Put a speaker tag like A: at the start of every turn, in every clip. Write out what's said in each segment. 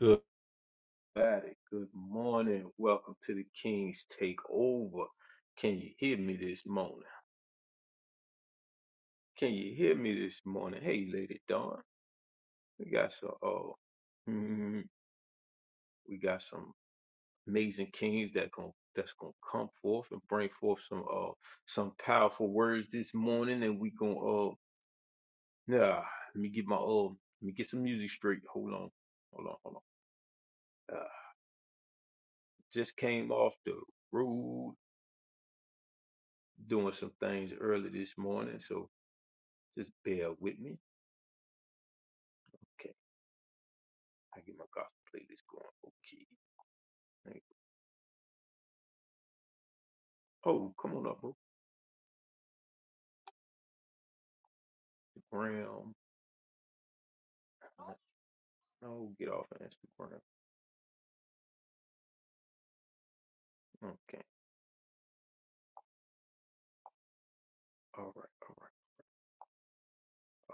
A: Good Friday. Good morning. Welcome to the King's Takeover. Can you hear me this morning? Can you hear me this morning? Hey, Lady Dawn. We got some. Oh, mm, we got some amazing kings that gon' that's gonna come forth and bring forth some uh some powerful words this morning, and we gonna uh nah. Let me get my uh let me get some music straight. Hold on, hold on, hold on. Uh, just came off the road doing some things early this morning, so Just bear with me. Okay, I get my gospel playlist going. Okay. Like, Oh, come on up, bro. Instagram. Uh, No, get off of Instagram. Okay. All right. All right.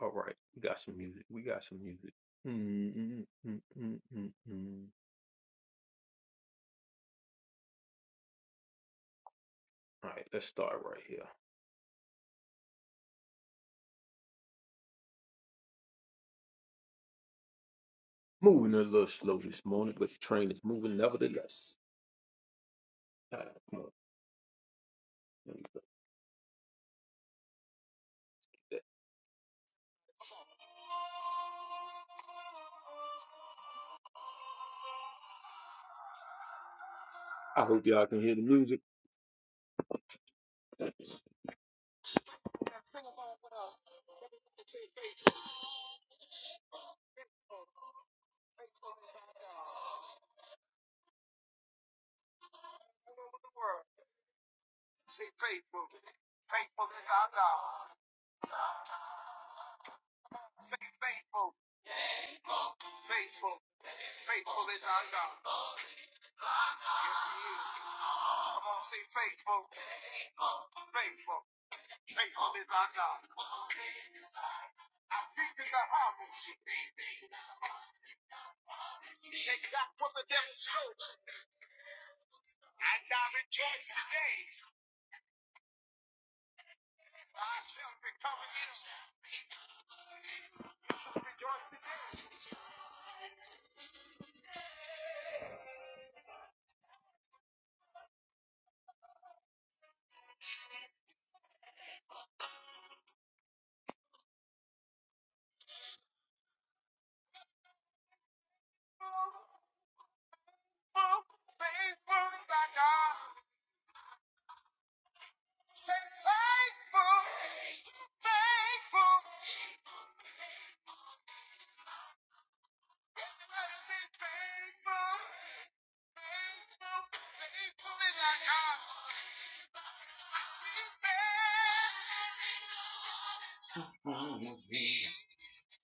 A: All right. We got some music. We got some music. Mm, mm, mm, mm, mm. All right. Let's start right here. Moving a little slow this morning, but the train is moving nevertheless. All right, come on. Let me look at that. I hope y'all can hear the music.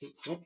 A: You can't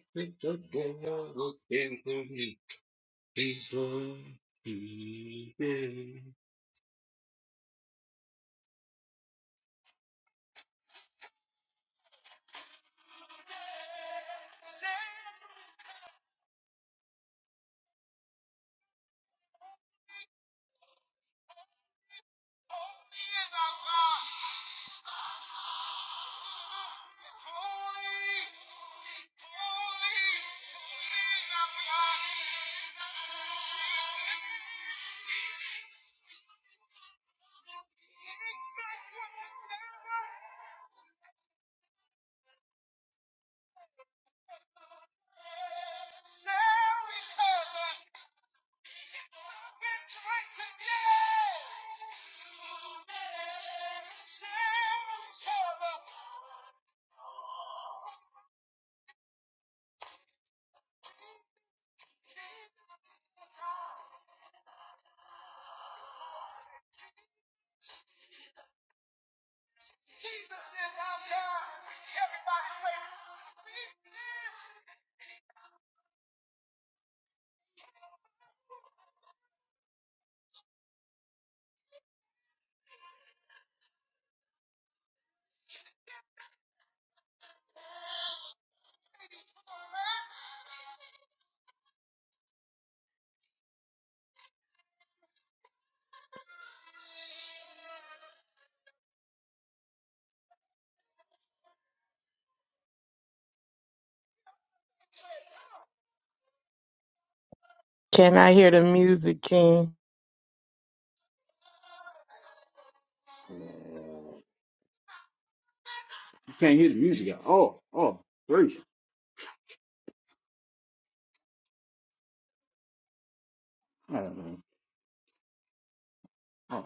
B: Can I hear the music, King?
A: hear the music. at Oh, oh, gracious. Um, uh,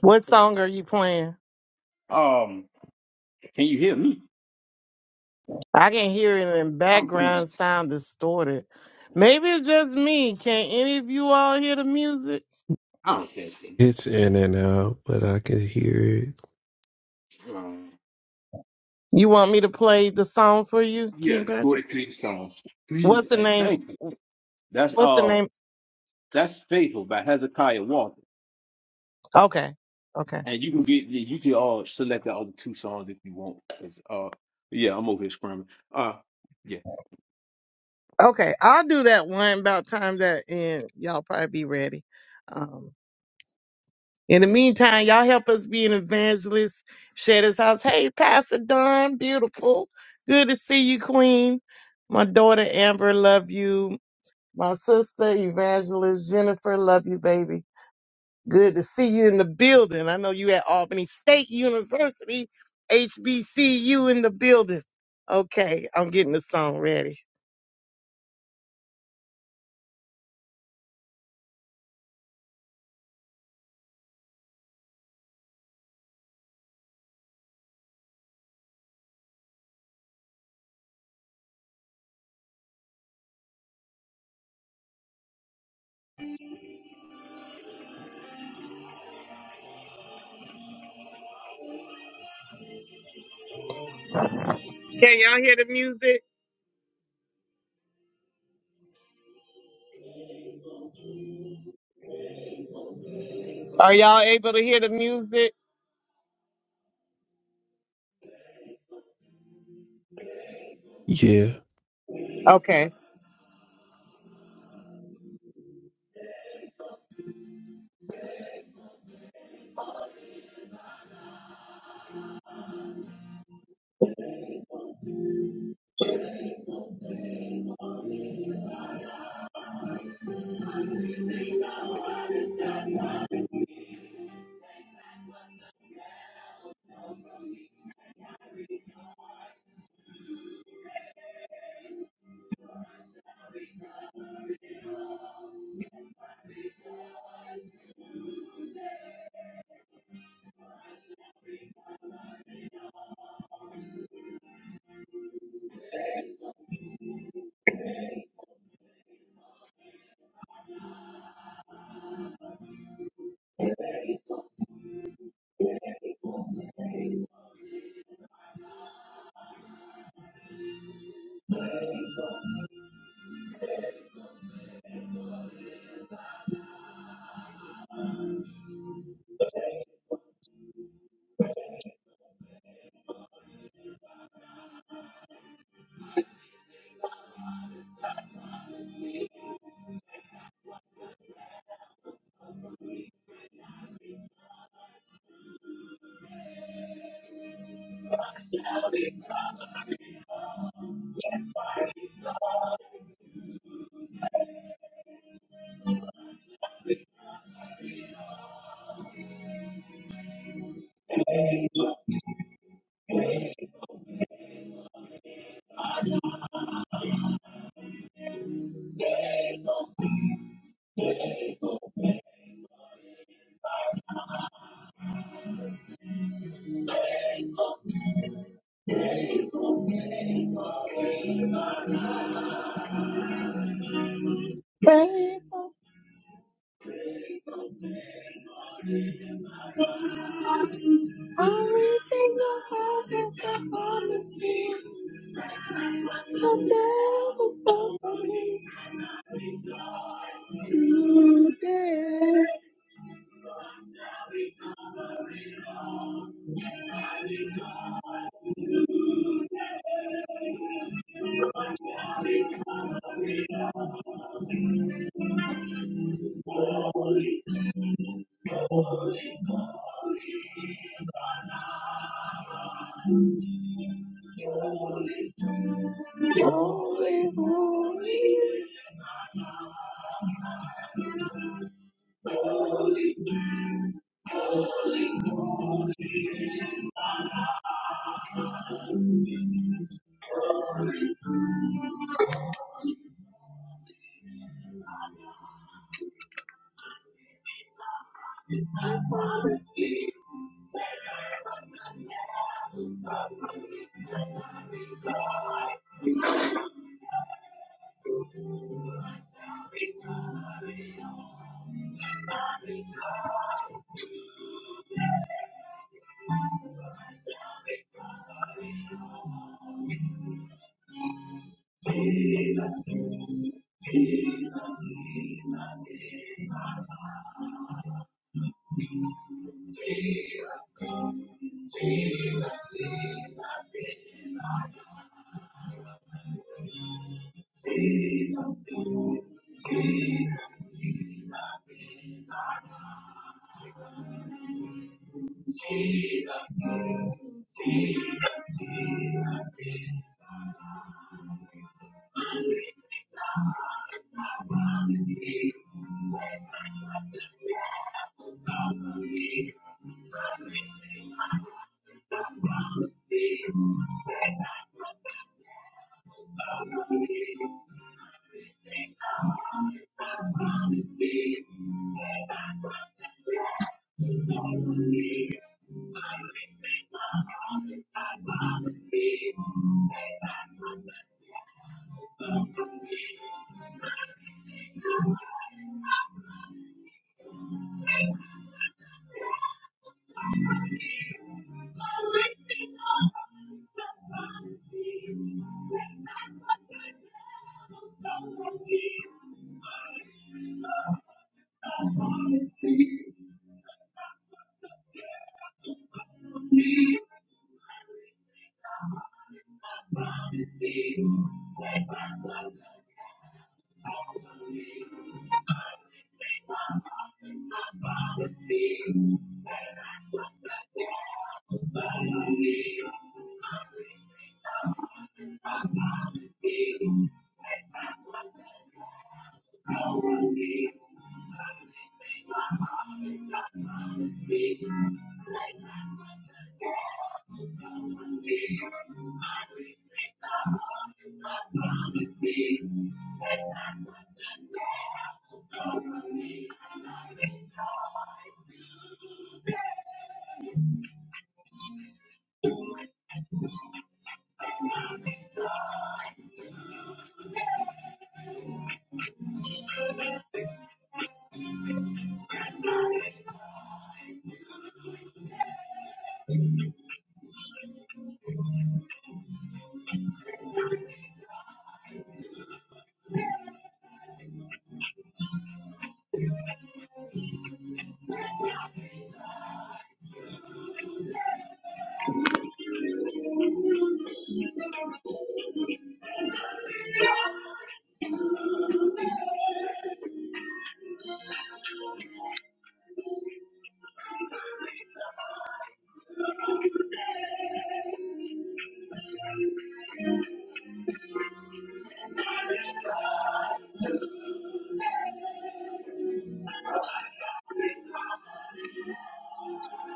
B: What song are you playing?
A: um, can you hear me?
B: I can hear it in the
A: I'm playing
B: background sound distorted. Maybe it's just me. Can any of you all hear the music?
A: out that thing.
C: It's in and out, but I can hear it.
A: Um,
B: You want me to play the song for you,
A: yeah,
B: King Patrick?
A: 43 songs. Please
B: What's the
A: and
B: name?
A: thank you. That's
B: What's the
A: uh,
B: name?
A: that's Faithful by Hezekiah Walker.
B: Okay. Okay.
A: And you can get you can uh select the other two songs if you want. 'Cause, uh, yeah, I'm over here scrambling. Uh, yeah.
B: Okay. I'll do that one about time that and y'all probably be ready. Um In the meantime, y'all help us be an evangelist. Share this house. Hey, Pastor Don, beautiful. Good to see you, Queen. My daughter Amber, love you. My sister Evangelist Jennifer, love you, baby. Good to see you in the building. I know you at Albany State University, HBCU in the building. Okay, I'm getting the song ready. Can y'all hear the music? Are y'all able to hear the music?
C: Yeah.
B: Okay. Everything I have is the promise me. The devil's not for me today.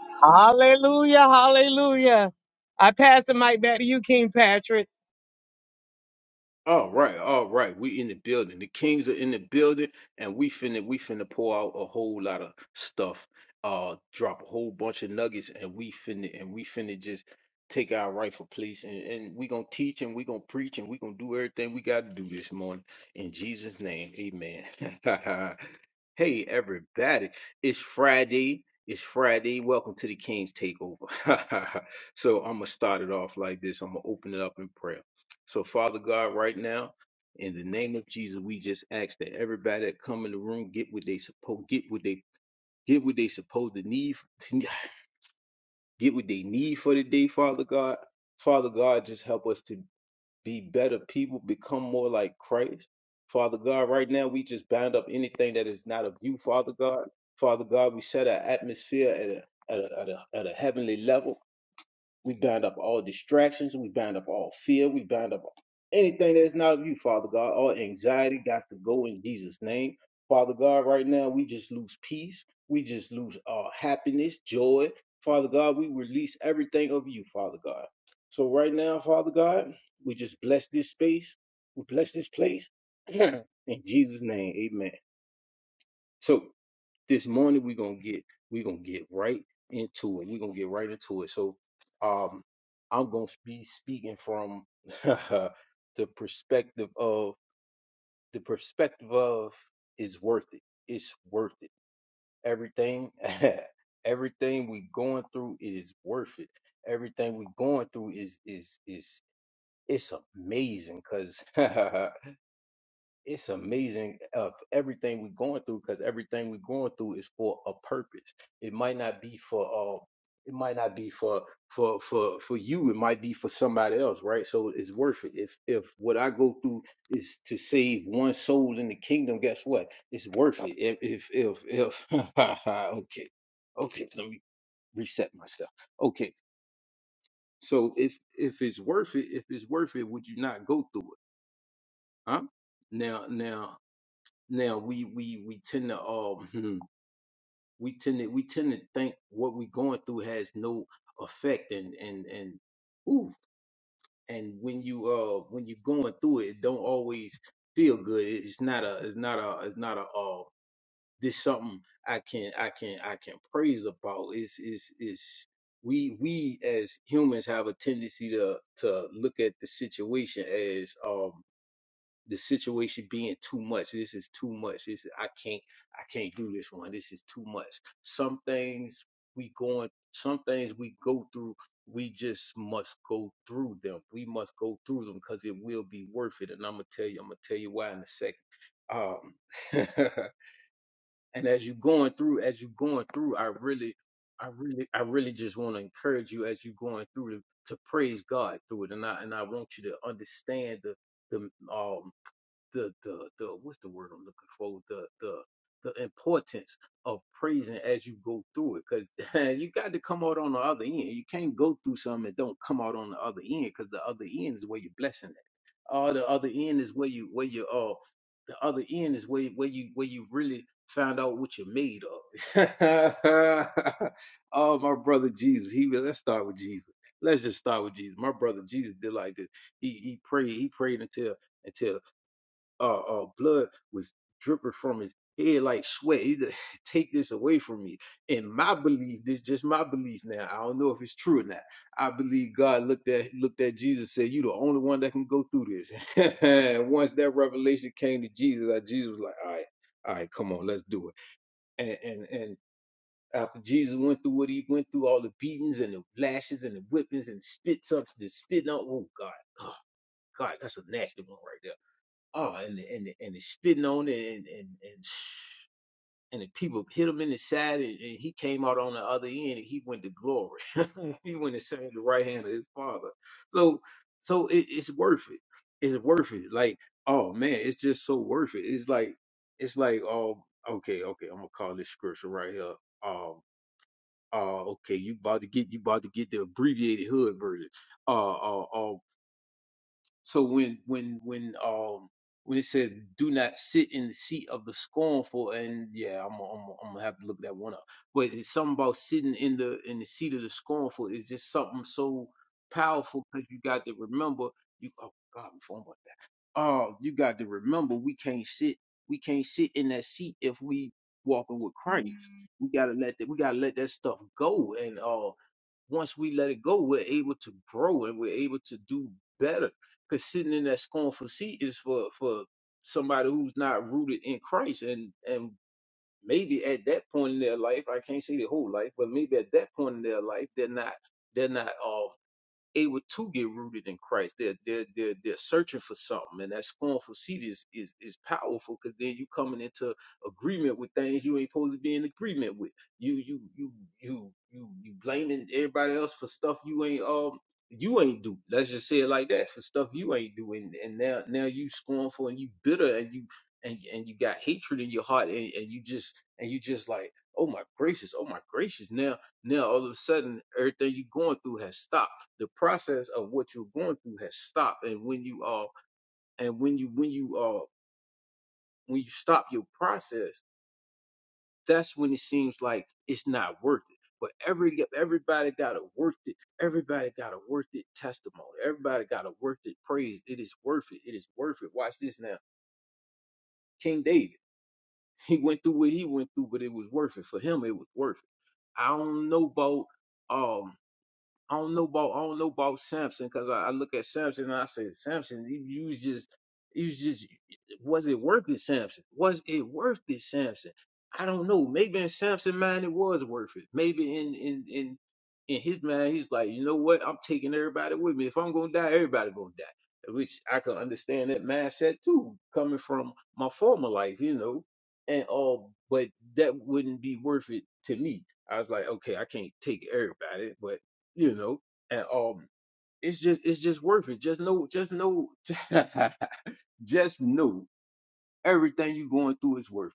B: Hallelujah, hallelujah. I pass the mic back to you, King Patrick.
A: All right, all right. We in the building. The Kings are in the building, and we finna we finna pour out a whole lot of stuff. Uh, drop a whole bunch of nuggets, and we finna and we finna just take our rightful place, and and we gonna teach, and we gonna preach, and we gonna do everything we gotta do this morning. In Jesus' name, Amen. hey, everybody! It's Friday. It's Friday. Welcome to the Kings Takeover. so I'm gonna start it off like this. I'm gonna open it up in prayer. So, Father God, right now, in the name of Jesus, we just ask that everybody that come in the room get what they supposed get what they get what they supposed to need get what they need for the day, Father God. Father God, just help us to be better people, become more like Christ. Father God, right now we just bind up anything that is not of you, Father God. Father God, we set our atmosphere at a at a, at a, at a heavenly level. We bind up all distractions. We bind up all fear. We bind up anything that is not of you, Father God. All anxiety got to go in Jesus' name. Father God, right now we just lose peace. We just lose uh, happiness, joy. Father God, we release everything of you, Father God. So right now, Father God, we just bless this space. We bless this place. in Jesus' name, amen. So this morning we're gonna get we're gonna get right into it. We're gonna get right into it. So um I'm gonna be speaking from the perspective of the perspective of it's worth it. It's worth it. Everything everything we're going through is worth it. Everything we're going through is is is it's amazing because it's amazing uh, everything we're going through because everything we're going through is for a purpose. It might not be for uh, it might not be for for for for you. It might be for somebody else, right? So it's worth it. If if what I go through is to save one soul in the kingdom, guess what? It's worth it. If if if, if okay, okay, let me reset myself. Okay, so if if it's worth it, if it's worth it, would you not go through it? Huh? Now now now we we we tend to um hmm, we tend to we tend to think what we're going through has no effect and and and ooh and when you uh when you're going through it, it don't always feel good. It's not a it's not a it's not a uh this something I can I can I can praise about. It's it's it's we we as humans have a tendency to to look at the situation as um the situation being too much. This is too much. This is, I can't I can't do this one. This is too much. Some things we going some things we go through we just must go through them. We must go through them because it will be worth it. And I'm gonna tell you, I'm gonna tell you why in a second. Um and as you going through, as you going through, I really I really I really just want to encourage you as you going through to, to praise God through it. And I and I want you to understand the the um the the the what's the word I'm looking for? The the the importance of praising as you go through it, because you got to come out on the other end. You can't go through something and don't come out on the other end, because the other end is where you're blessing it. Or the other end is where you where you uh the other end is where where you where you really find out what you're made of. oh, my brother Jesus, he was- let's start with Jesus. Let's just start with Jesus. My brother Jesus did like this. He he prayed. He prayed until until uh, uh, blood was dripping from his head like sweat. He just, Take this away from me. And my belief, this just my belief now. I don't know if it's true or not. I believe God looked at looked at Jesus, said, "You the only one that can go through this." and once that revelation came to Jesus, uh, Jesus was like, "All right, all right, come on, let's do it." And and and after Jesus went through what he went through, all the beatings and the lashes and the whippings and spits up, the spitting out. Oh God, oh God, that's a nasty one right there Oh, and the- and the- and they spitting on it, and and and, and the people hit him in the side, and, and he came out on the other end, and he went to glory. he went and sang the right hand of his father. So so it, it's worth it. It's worth it. Like oh man, it's just so worth it. It's like it's like oh okay okay, I'm gonna call this scripture right here. Um. uh, okay. You about to get you about to get the abbreviated hood version. Uh, uh. uh so when when when um when it said do not sit in the seat of the scornful and yeah I'm gonna- I'm gonna- I'm gonna have to look that one up. But it's something about sitting in the in the seat of the scornful is just something so powerful because you got to remember you oh god Oh, you got to remember we can't sit we can't sit in that seat if we walking with Christ. We gotta let that we gotta let that stuff go. And uh once we let it go, we're able to grow and we're able to do better. Cause sitting in that scornful seat is for for somebody who's not rooted in Christ and and maybe at that point in their life, I can't say the whole life, but maybe at that point in their life they're not they're not uh able to get rooted in Christ. They're they're they're, they're searching for something, and that scornful seed is is, is powerful because then you coming into agreement with things you ain't supposed to be in agreement with. You you you you you you blaming everybody else for stuff you ain't um you ain't do. Let's just say it like that for stuff you ain't do, and, and now now you scornful and you bitter and you and and you got hatred in your heart and, and you just and you just like oh my gracious oh my gracious now now all of a sudden everything you going through has stopped the process of what you're going through has stopped and when you are and when you when you are when you stop your process that's when it seems like it's not worth it but every everybody got a worth it everybody got a worth it testimony everybody got a worth it praise it is worth it it is worth it watch this now king david he went through what he went through but it was worth it for him it was worth it i don't know about um I don't know about I don't know about Samson because I, I look at Samson and I say Samson, you, you was just you was just was it worth it, Samson? Was it worth it, Samson? I don't know. Maybe in Samson mind it was worth it. Maybe in in in in his mind he's like, you know what? I'm taking everybody with me. If I'm gonna die, everybody gonna die. Which I can understand that mindset too, coming from my former life, you know. And all, but that wouldn't be worth it to me. I was like, okay, I can't take everybody, but you know and um it's just it's just worth it just know just know just know everything you're going through is worth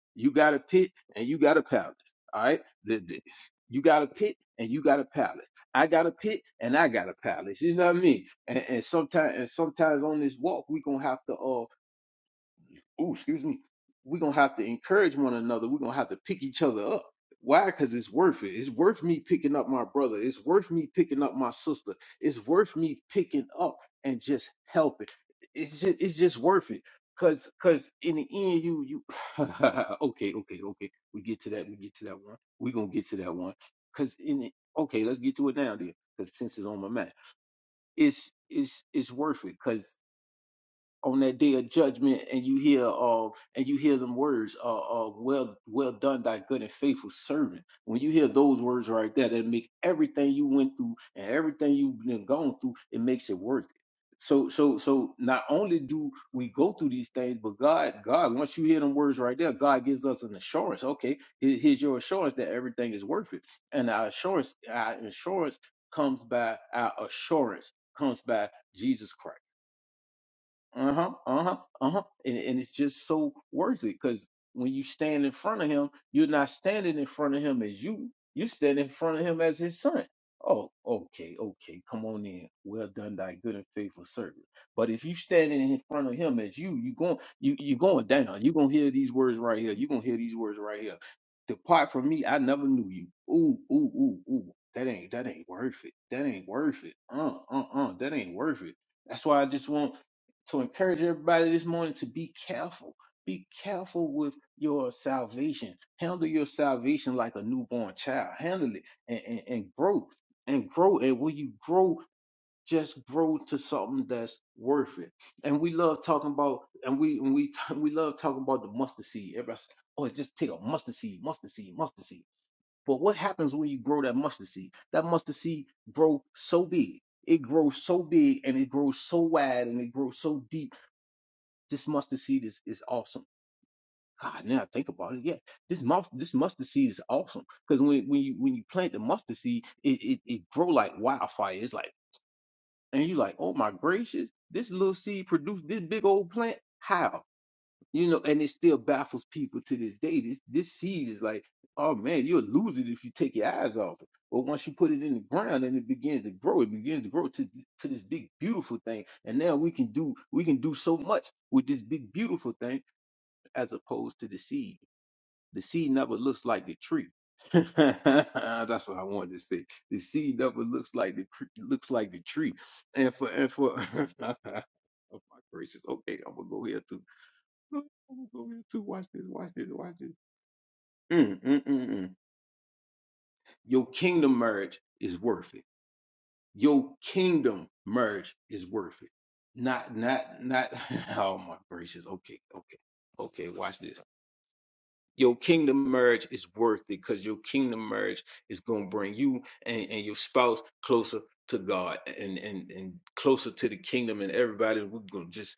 A: it. you got a pit and you got a palace all right the, the- you got a pit and you got a palace i got a pit and i got a palace you know what i mean and, and sometimes and sometimes on this walk we gonna have to uh ooh, excuse me, we're gonna have to encourage one another. We're gonna have to pick each other up. Why? Because it's worth it. It's worth me picking up my brother. It's worth me picking up my sister. It's worth me picking up and just helping. It's just, it's just worth it. Cause, cause in the end, you, you, okay, okay, okay. We get to that. We get to that one. We gonna get to that one. Cause in the, okay, let's get to it now then. Cause since it's on my mind, it's, it's, it's worth it on that day of judgment and you hear uh and you hear them words uh, uh well well done thy good and faithful servant when you hear those words right there that make everything you went through and everything you've been gone through it makes it worth it so so so not only do we go through these things but god god once you hear them words right there god gives us an assurance okay here- here's your assurance that everything is worth it and our assurance our assurance comes by our assurance comes by jesus christ uh-huh uh-huh uh-huh and, and it's just so worth it because when you stand in front of him you're not standing in front of him as you you stand in front of him as his son oh okay okay come on in well done thy good and faithful servant but if you standing in front of him as you you going you you going down you're gonna hear these words right here you're gonna hear these words right here depart from me i never knew you ooh ooh ooh ooh that ain't that ain't worth it that ain't worth it uh uh uh that ain't worth it that's why i just want to encourage everybody this morning to be careful. Be careful with your salvation. Handle your salvation like a newborn child. Handle it and, and, and grow and grow. And when you grow, just grow to something that's worth it. And we love talking about and we and we we love talking about the mustard seed. Everybody, say, oh, just take a mustard seed, mustard seed, mustard seed. But what happens when you grow that mustard seed? That mustard seed grow so big it grows so big and it grows so wide and it grows so deep this mustard seed is, is awesome. God, now I think about it, yeah, this must this mustard seed is awesome because when when you when you plant the mustard seed, it it, it grow like wildfire. It's like and you like, oh my gracious, this little seed produced this big old plant. How you know? And it still baffles people to this day. This this seed is like, oh man, you'll lose it if you take your eyes off it. But once you put it in the ground and it begins to grow, it begins to grow to to this big beautiful thing. And now we can do we can do so much with this big beautiful thing as opposed to the seed. The seed never looks like the tree. That's what I wanted to say. The seed never looks like the cre- looks like the tree. And for and for oh my gracious. Okay, I'm gonna go here too. I'm gonna go here too. Watch this. Watch this. Watch this. Mm, mm, mm, mm. Your kingdom marriage is worth it. Your kingdom marriage is worth it. Not not not. Oh my gracious. Okay. Okay. Okay. Watch this. your kingdom marriage is worth it because your kingdom marriage is going to bring you and, and your spouse closer to God and, and, and closer to the kingdom and everybody. We're going to just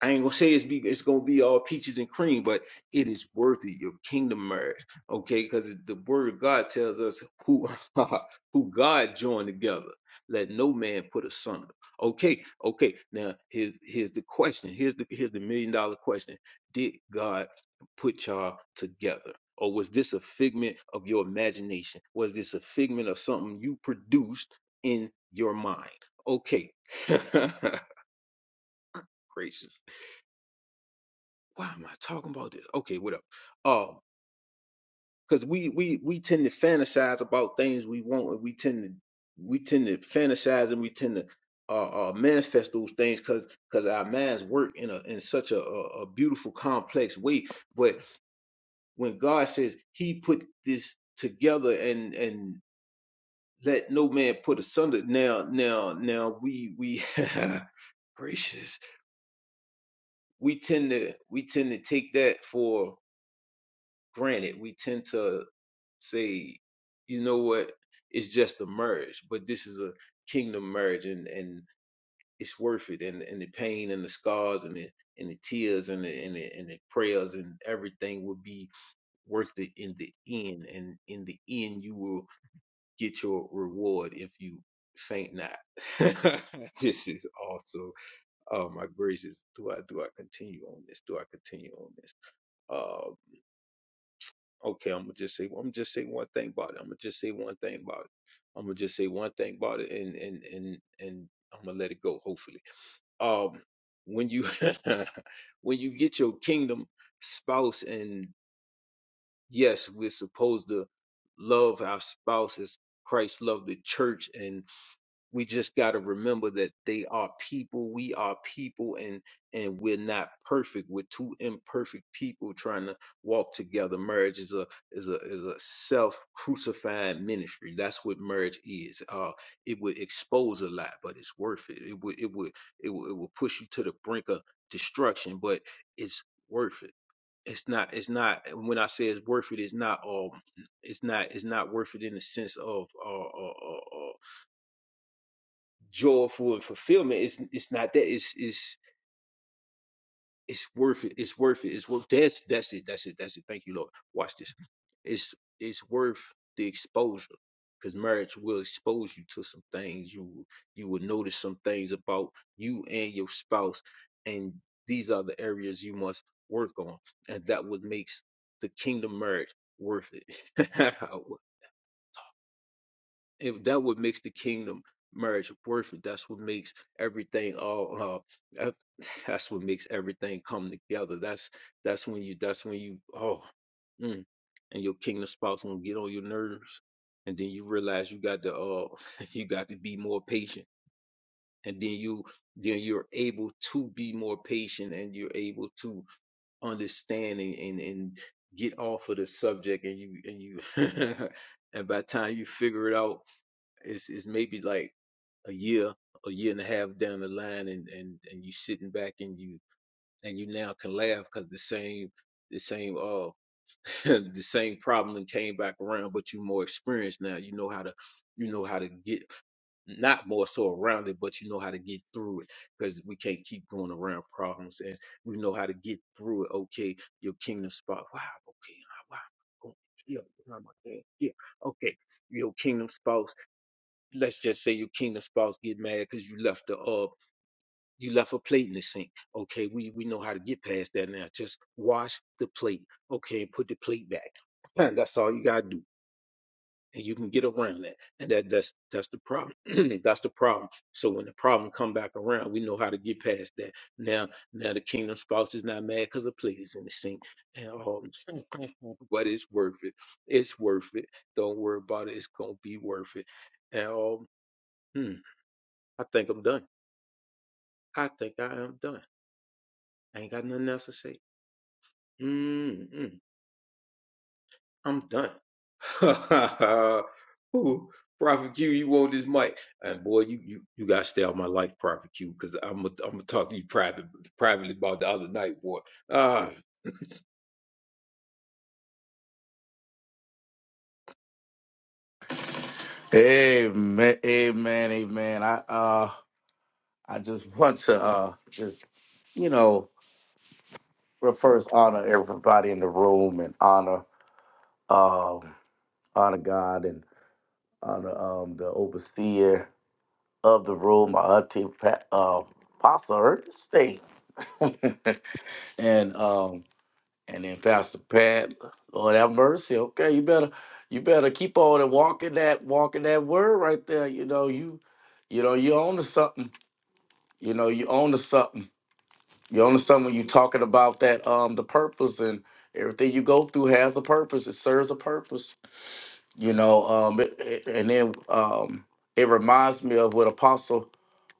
A: I ain't gonna say it's be it's gonna be all peaches and cream, but it is worthy your kingdom marriage, okay? Because the word of God tells us who who God joined together, let no man put asunder. Okay, okay. Now here's here's the question. Here's the here's the million dollar question. Did God put y'all together? Or was this a figment of your imagination? Was this a figment of something you produced in your mind? Okay. Gracious why am I talking about this? Okay, whatever. Um, because we we we tend to fantasize about things we want, and we tend to we tend to fantasize and we tend to uh, uh manifest those things because because our minds work in a in such a, a a beautiful complex way. But when God says He put this together and and let no man put asunder, now now now we we gracious we tend to we tend to take that for granted. We tend to say, you know what, it's just a merge, but this is a kingdom merge, and and it's worth it, and and the pain and the scars and the and the tears and the and the, and the prayers and everything will be worth it in the end, and in the end you will get your reward if you faint not. this is also oh my gracious. Do I do I continue on this? Do I continue on this? Uh Okay, I'm gonna just say I'm gonna just say one thing about it. I'm gonna just say one thing about it. I'm gonna just say one thing about it, and and and and I'm gonna let it go. Hopefully, um, when you when you get your kingdom spouse, and yes, we're supposed to love our spouse as Christ loved the church, and we just got to remember that they are people we are people and and we're not perfect we're two imperfect people trying to walk together marriage is a is a is a self crucifying ministry that's what marriage is uh it would expose a lot but it's worth it it would it would it would, it would push you to the brink of destruction but it's worth it it's not it's not when i say it's worth it it's not um it's not it's not worth it in the sense of uh, uh, uh, uh, joyful and fulfillment. It's it's not that. It's it's it's worth it. It's worth it. It's worth that's that's it. That's it. That's it. Thank you, Lord. Watch this. It's it's worth the exposure. Because marriage will expose you to some things. You will- you will notice some things about you and your spouse. And these are the areas you must work on. And that what makes the kingdom marriage worth it. it, that what makes the kingdom marriage worth it. That's what makes everything all. Uh, that- that's what makes everything come together. That's that's when you. That's when you. Oh, mm, and your kingdom spouse gonna get on your nerves, and then you realize you got to. Uh, you got to be more patient, and then you. Then you're able to be more patient, and you're able to understand and and, and get off of the subject, and you and you. and by the time you figure it out it's it's maybe like a year, a year and a half down the line, and and and you sitting back and you and you now can laugh because the same the same uh the same problem came back around, but you more experienced now. You know how to you know how to get not more so around it, but you know how to get through it because we can't keep going around problems, and we know how to get through it. Okay, your kingdom spot. Wow. Okay. Wow. Yeah. Yeah. Okay. Your kingdom spouse let's just say your kingdom spouse get mad because you left the uh you left a plate in the sink. Okay, we we know how to get past that now. Just wash the plate. Okay, and put the plate back. And that's all you gotta do, and you can get around that. And that that's that's the problem. that's the problem. So when the problem come back around, we know how to get past that. Now now the kingdom spouse is not mad because the plate is in the sink. And um, but it's worth it. It's worth it. Don't worry about it. It's gonna be worth it. And um. hmm, I think I'm done. I think I am done. I ain't got nothing else to say. Mm-mm. I'm done. Ooh, Prophet Q, you want this mic? And boy, you you you gotta stay out my life, Prophet Q, because I'm gonna I'm gonna talk to you privately privately about the other night, boy. Ah,
D: Amen, amen, amen. I uh, I just want to uh, just you know, well, first honor everybody in the room and honor um, honor God and honor um the overseer of the room, my auntie Pat, uh, Pastor Ernest State, and um, and then Pastor Pat. Lord have mercy. Okay, you better you better keep on and walking that walking that word right there. You know you. You know, you own to something You know, you own to something. You own to something when you talking about that um the purpose and everything you go through has a purpose. It serves a purpose. You know, um it, it- and then um it reminds me of what Apostle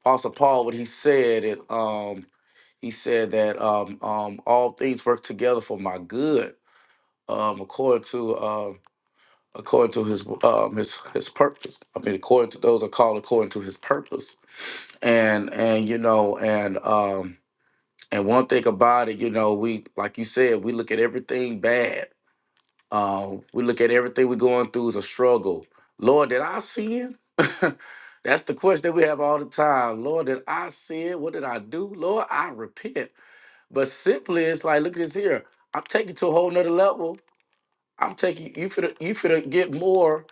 D: Apostle Paul what he said it um he said that um um all things work together for my good um according to um according to his um his his purpose. I mean according to those are called according to his purpose. And and you know and um And one thing about it, you know, we like you said, we look at everything bad. Um, we look at everything we're going through as a struggle. Lord, did I sin? That's the question that we have all the time. Lord, did I sin? What did I do? Lord, I repent. But simply, it's like, look at this here. I'm taking it to a whole nother level. I'm taking you for the you for get more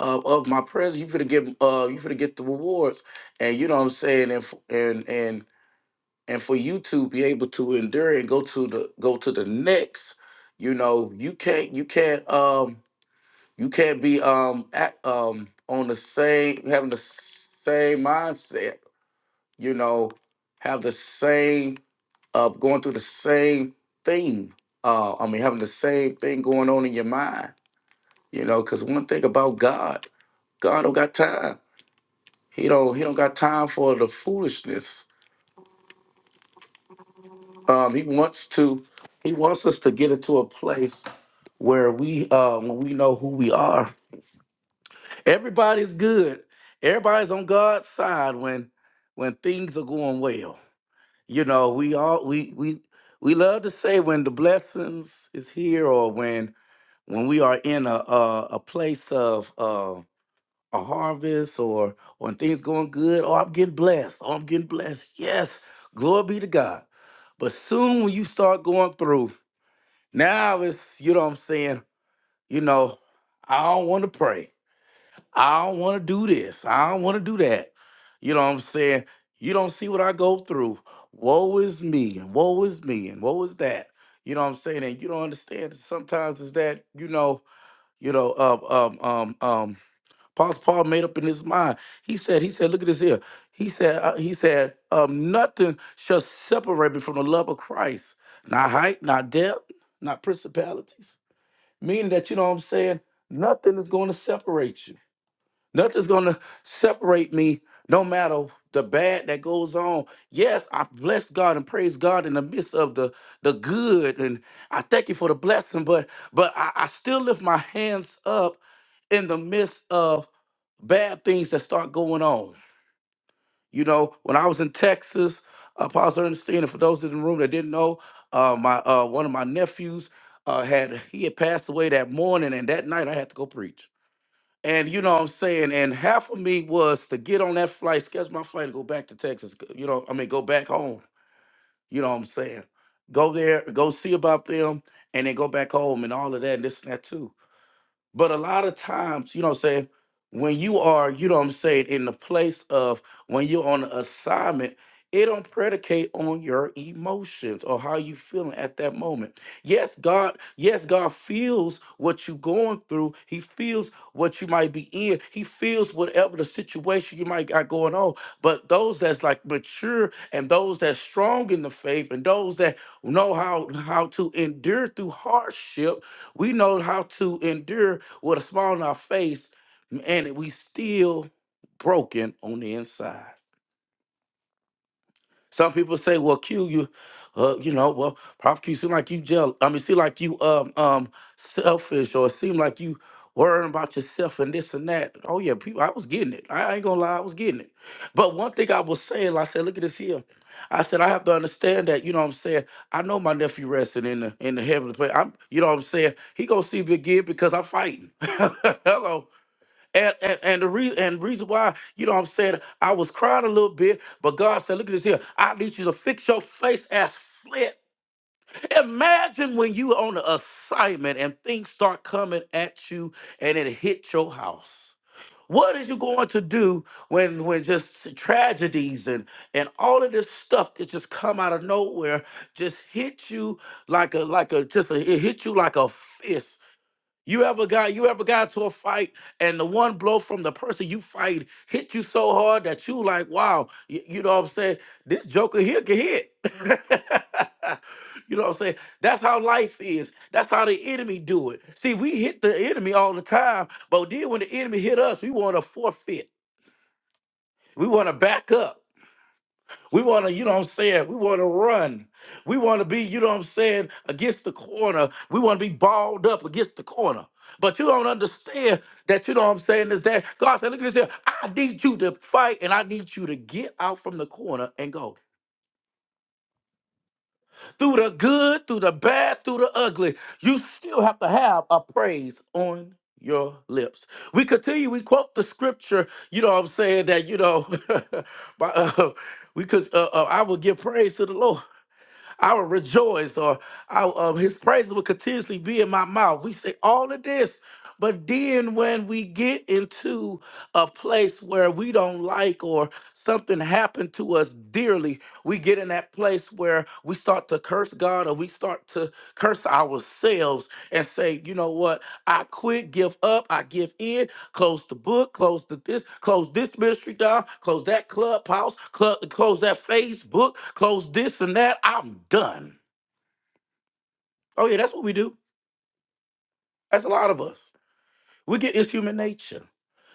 D: uh, of my presence. You for get uh you for get the rewards. And you know what I'm saying? And f- and and and for you to be able to endure and go to the go to the next you know you can't you can't um you can't be um at, um on the same having the same mindset you know have the same uh going through the same thing uh i mean having the same thing going on in your mind you know because one thing about god god don't got time he don't he don't got time for the foolishness Um, he wants to. He wants us to get into a place where we, uh, when we know who we are. Everybody's good. Everybody's on God's side when, when things are going well. You know, we all we we we love to say when the blessings is here or when when we are in a a, a place of uh, a harvest or when things going good. Oh, I'm getting blessed. Oh, I'm getting blessed. Yes, glory be to God. But soon when you start going through now it's, you know what I'm saying? You know, I don't want to pray. I don't want to do this. I don't want to do that. You know what I'm saying? You don't see what I go through. Woe is me, and woe is me, and woe is that. You know what I'm saying? And you don't understand that sometimes it's that, you know, you know, um, um, um, um, Apostle Paul made up in his mind. He said, he said, look at this here. He said, uh, he said, um, nothing shall separate me from the love of Christ. Not height, not depth, not principalities meaning that you know what I'm saying nothing is going to separate you. Nothing's going to separate me, no matter the bad that goes on. Yes, I bless God and praise God in the midst of the the good, and I thank you for the blessing. But but I, I still lift my hands up in the midst of bad things that start going on. You know, when I was in Texas, uh, Apostle Ernestine, and for those in the room that didn't know, uh, my uh, one of my nephews uh, had he had passed away that morning, and that night I had to go preach. And you know what I'm saying? And half of me was to get on that flight, schedule my flight, and go back to Texas. go- You know, I mean, go back home. You know what I'm saying? Go there, go see about them, and then go back home and all of that and this and that too. But a lot of times, you know what I'm saying, when you are, you know what I'm saying, in the place of when you're on an assignment, it don't predicate on your emotions or how you feeling at that moment. Yes, God, yes, God feels what you going through. He feels what you might be in. He feels whatever the situation you might got going on. But those that's like mature and those that's strong in the faith and those that know how how to endure through hardship, we know how to endure with a smile on our face, and we still broken on the inside. Some people say, "Well, Q, you, uh, you know, well, Prof Q, seem like you jealous. I mean, seem like you um um selfish, or seem like you worrying about yourself and this and that." Oh yeah, people, I was getting it. I ain't gonna lie, I was getting it. But one thing I was saying, I said, "Look at this here." I said, "I have to understand that." You know what I'm saying? I know my nephew resting in the in the heavenly place. I'm, you know what I'm saying? He gonna see me again because I'm fighting. Hello, and, and, and the reason and reason why, you know what I'm saying, I was crying a little bit, but God said, look at this here. I need you to fix your face as flint. Imagine when you on an assignment and things start coming at you and it hit your house. What is you going to do when when just tragedies and and all of this stuff that just come out of nowhere just hit you like a like a just a, it hit you like a fist you ever got you ever got to a fight and the one blow from the person you fight hit you so hard that you like, wow, y- you, know what I'm saying? This joker here can hit. you know what I'm saying? That's how life is. That's how the enemy do it. See, we hit the enemy all the time, but then when the enemy hit us, we want to forfeit. We want to back up. We want to, you know what I'm saying? We want to run. We want to be, you know what I'm saying, against the corner. We want to be balled up against the corner. But you don't understand that, you know what I'm saying, is that God said, look at this here. I need you to fight and I need you to get out from the corner and go. Through the good, through the bad, through the ugly, you still have to have a praise on your lips. We continue, we quote the scripture, you know what I'm saying, that, you know, by, uh, we could uh, uh, I will give praise to the Lord. I will rejoice, or I, uh, his praises will continuously be in my mouth. We say all of this, but then when we get into a place where we don't like or something happened to us dearly, we get in that place where we start to curse God or we start to curse ourselves and say, you know what, I quit, give up, I give in close the book, close the this, close this ministry down, close that clubhouse, club, close that Facebook, close this and that. I'm done. Oh yeah, that's what we do. That's a lot of us. We get it's human nature.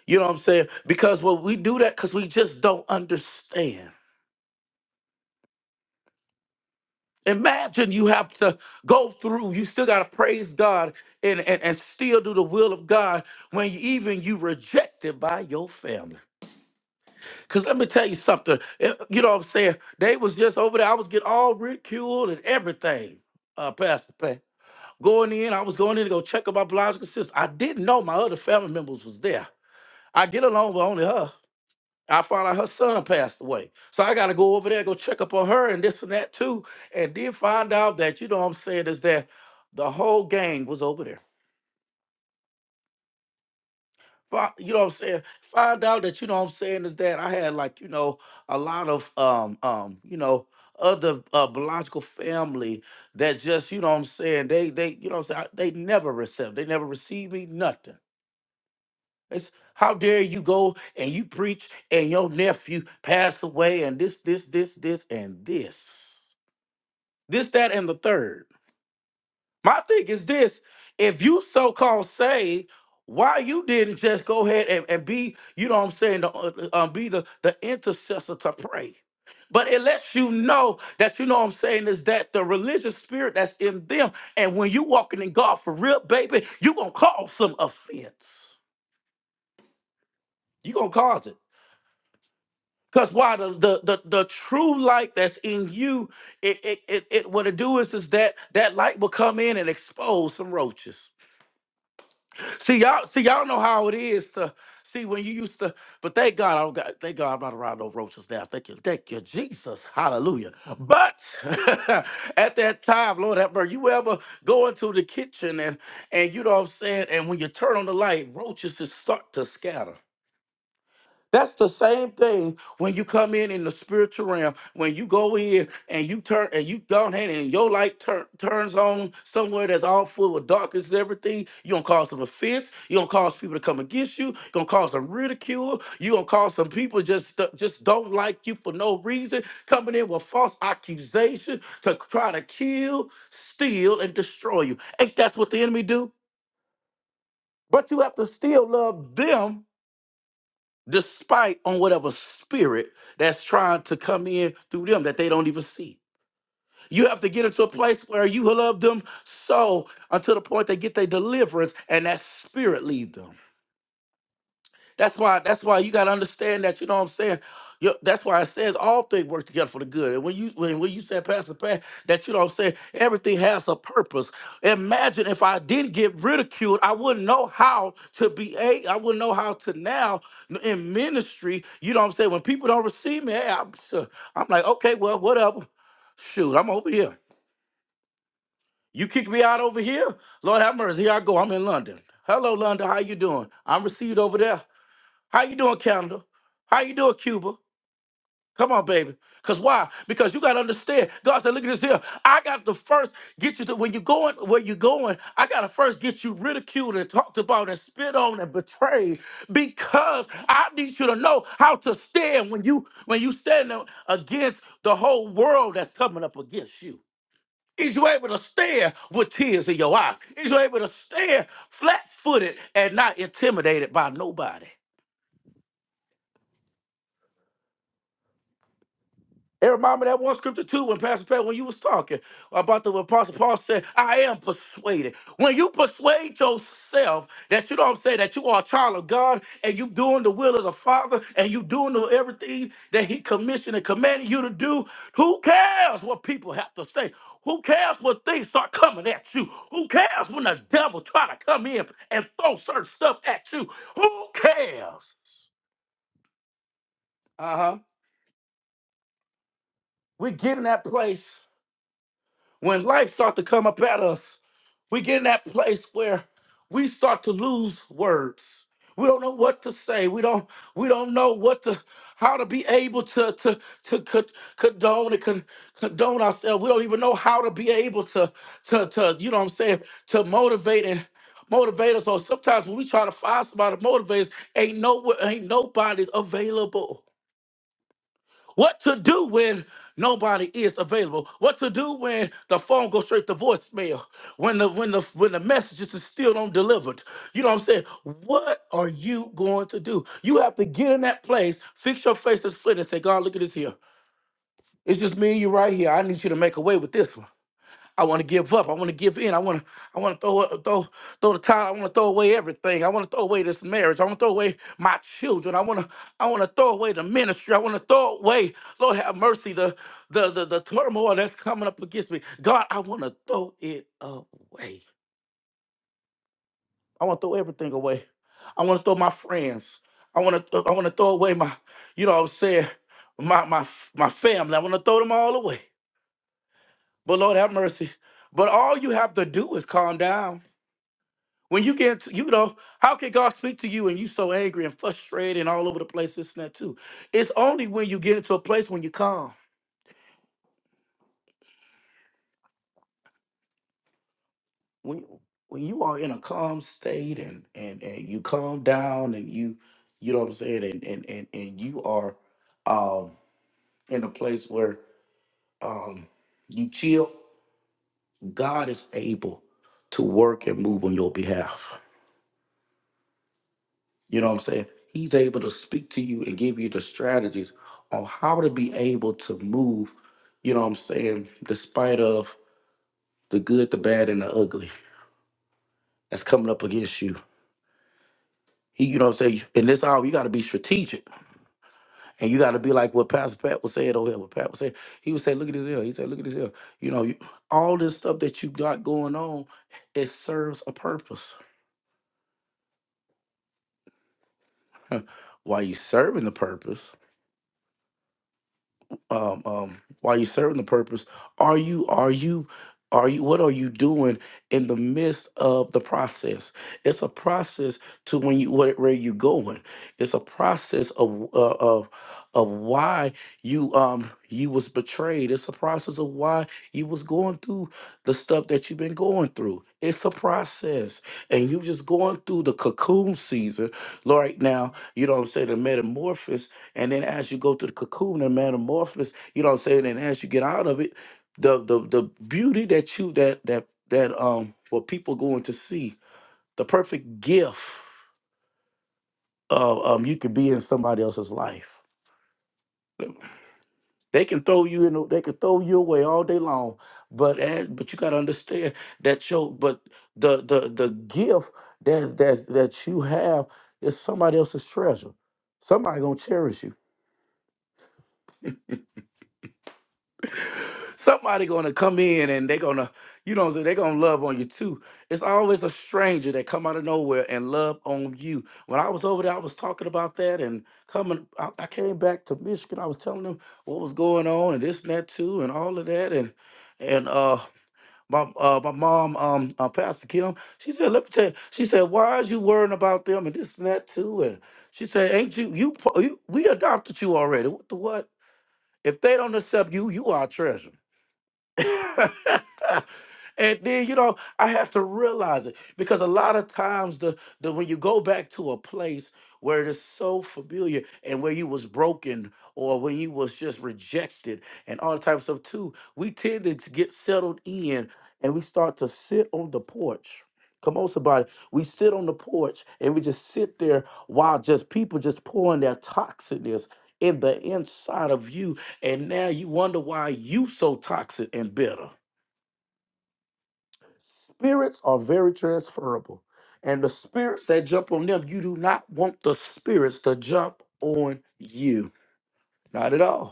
D: You know what I'm saying? Because when we do that, because we just don't understand. Imagine you have to go through, you still gotta praise God and, and, and still do the will of God when you, even you rejected by your family. Cause let me tell you something. eh, You know what I'm saying? They was just over there. I was getting all ridiculed and everything. Uh, Pastor Pat. Going in, I was going in to go check on my biological sister. I didn't know my other family members was there. I get along with only her. I found out her son passed away. So I gotta go over there, go check up on her and this and that too. And then find out that, you know what I'm saying, is that the whole gang was over there. fi- you know what I'm saying, find out that you know what I'm saying is that I had like, you know, a lot of um um, you know, other uh biological family that just, you know what I'm saying, they they you know what I'm saying, they never received, they never received me nothing. It's how dare you go and you preach and your nephew passed away and this, this, this, this, and this. This, that, and the third. My thing is this: if you so called saved, why you didn't just go ahead and, and be, you know what I'm saying, the, uh, uh, um, be the, the intercessor to pray. But it lets you know that you know what I'm saying is that the religious spirit that's in them, and when you walking in God for real, baby, you gonna cause some offense. You gonna cause it. Cause why the the the, the true light that's in you, it, it it it what it do is is that that light will come in and expose some roaches. See y'all, see y'all know how it is to see when you used to. But thank God, I don't got. Thank God, I'm not around no roaches now. Thank you, thank you, Jesus, Hallelujah. But at that time, Lord, have mercy. You ever go into the kitchen and and you know what I'm saying, and when you turn on the light, roaches just start to scatter. That's the same thing when you come in in the spiritual realm. When you go in and you turn and you go ahead and your light turn turns on somewhere that's all full of darkness and everything, you're gonna cause some offense. You're gonna cause people to come against you. You're gonna cause some ridicule. You're gonna cause some people just th- just don't like you for no reason. Coming in with false accusation to try to kill, steal, and destroy you. Ain't that's what the enemy do? But you have to still love them despite on whatever spirit that's trying to come in through them that they don't even see. You have to get into a place where you love them so until the point they get their deliverance and that spirit leave them. That's why. That's why you gotta understand that. You know what I'm saying? Yo- that's why it says all things work together for the good. And when you when, when you said Pastor Pat, that you know what I'm saying, everything has a purpose. Imagine if I didn't get ridiculed, I wouldn't know how to be a. I wouldn't know how to now in ministry. You know what I'm saying? When people don't receive me, hey, I'm, sure, I'm like, okay, well, whatever. Shoot, I'm over here. You kick me out over here. Lord have mercy. Here I go. I'm in London. Hello, London. How you doing? I'm received over there. How you doing, Canada? How you doing, Cuba? Come on, baby. Cause why? Because you gotta understand. God said, look at this here. I got to first get you to when you're going where you're going, I gotta first get you ridiculed and talked about and spit on and betrayed. Because I need you to know how to stand when you when you stand up against the whole world that's coming up against you. Is you able to stand with tears in your eyes? Is you able to stand flat-footed and not intimidated by nobody? It reminded me of that one scripture too when Pastor Pat, when you was talking about the apostle Paul said, I am persuaded. When you persuade yourself that you don't say that you are a child of God and you doing the will of the Father and you doing the, everything that He commissioned and commanded you to do, who cares what people have to say? Who cares what things start coming at you? Who cares when the devil try to come in and throw certain stuff at you? Who cares? Uh-huh. We're getting that place When life starts to come up at us, we get in that place where we start to lose words. We don't know what to say. We don't we don't know what to how to be able to to to co- condone and con- condone ourselves. We don't even know how to be able to to to you know what I'm saying to motivate and motivate us. Or sometimes when we try to find somebody to motivate us, ain't no ain't nobody's available. What to do when nobody is available? What to do when the phone goes straight to voicemail? When the when the when the messages is still don't delivered? You know what I'm saying? What are you going to do? You have to get in that place, fix your face to split, and say, God, look at this here. It's just me and you right here. I need you to make a way with this one. I want to give up. I want to give in. I want to. I want to throw uh, throw throw the towel. I want to throw away everything. I want to throw away this marriage. I want to throw away my children. I want to. I want to throw away the ministry. I want to throw away. Lord have mercy. The the the, the turmoil that's coming up against me. God, I want to throw it away. I want to throw everything away. I want to throw my friends. I want to. I want to throw away my. You know what I'm saying. My my my family. I want to throw them all away. But Lord have mercy. But all you have to do is calm down. When you get, you know, how can God speak to you and you so angry and frustrated and all over the place, this and that too? It's only when you get into a place when you calm, when when you are in a calm state and and and you calm down and you, you know what I'm saying, and and and and you are, um, in a place where um you chill. God is able to work and move on your behalf. You know what I'm saying? He's able to speak to you and give you the strategies on how to be able to move, you know what I'm saying, despite of the good, the bad, and the ugly that's coming up against you. He, you know what I'm saying? In this hour, you got to be strategic. And you got to be like what Pastor Pat was saying over here, what Pat was saying. He would say, look at this here. He said, look at this here. You know, you, all this stuff that you got going on, it serves a purpose. While you serving the purpose? um, um, while you're serving the purpose, are you are you are you what are you doing in the midst of the process? It's a process to when you where, where you going. It's a process of uh, of of why you um you was betrayed. It's a process of why you was going through the stuff that you've been going through. It's a process, and you just going through the cocoon season right now. You know what I'm saying? The metamorphosis and then as you go through the cocoon and metamorphosis, you know what I'm saying? And as you get out of it, the the the beauty that you that that that um for people going to see, the perfect gift of um you could be in somebody else's life. They can throw you in, the- they can throw you away all day long, but as, but you gotta understand that your but the the the gift that that that you have is somebody else's treasure. Somebody gonna cherish you Somebody gonna come in and they're gonna, you know, what I'm saying, they gonna love on you too. It's always a stranger that come out of nowhere and love on you. When I was over there, I was talking about that and coming. I, I came back to Michigan. I was telling them what was going on and this and that too and all of that and and uh my uh my mom um uh, Pastor Kim she said let me tell you she said why is you worrying about them and this and that too and she said ain't you you, po- you we adopted you already what the what if they don't accept you you are a treasure yeah, and then, you know, I have to realize it because a lot of times the, the when you go back to a place where it is so familiar and where you was broken or when you was just rejected and all types of stuff too, we tend to get settled in and we start to sit on the porch. Come on, somebody. We sit on the porch and we just sit there while just people just pouring their toxicness in the inside of you. And now you wonder why you so toxic and bitter. Spirits are very transferable. And the spirits that jump on them, you do not want the spirits to jump on you. Not at all.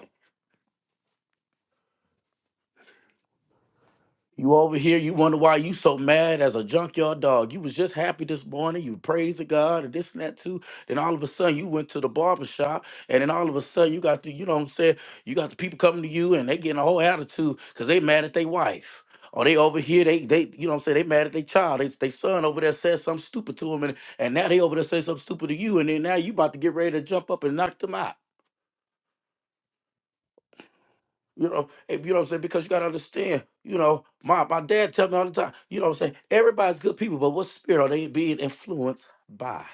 D: You over here, you wonder why you so mad as a junkyard dog. You was just happy this morning, you praise the God and this and that too. Then all of a sudden you went to the barber shop, and then all of a sudden you got the, you know what I'm saying, you got the people coming to you and they getting a whole attitude because they mad at their wife. Or they over here, they they you know what I'm saying, they mad at their child. They, they son over there said something stupid to him and, and now they over there say something stupid to you, and then now you about to get ready to jump up and knock them out. You know, and you know what I'm saying? Because you gotta understand, you know, my my dad tell me all the time, you know what I'm saying, everybody's good people, but what spirit are they being influenced by?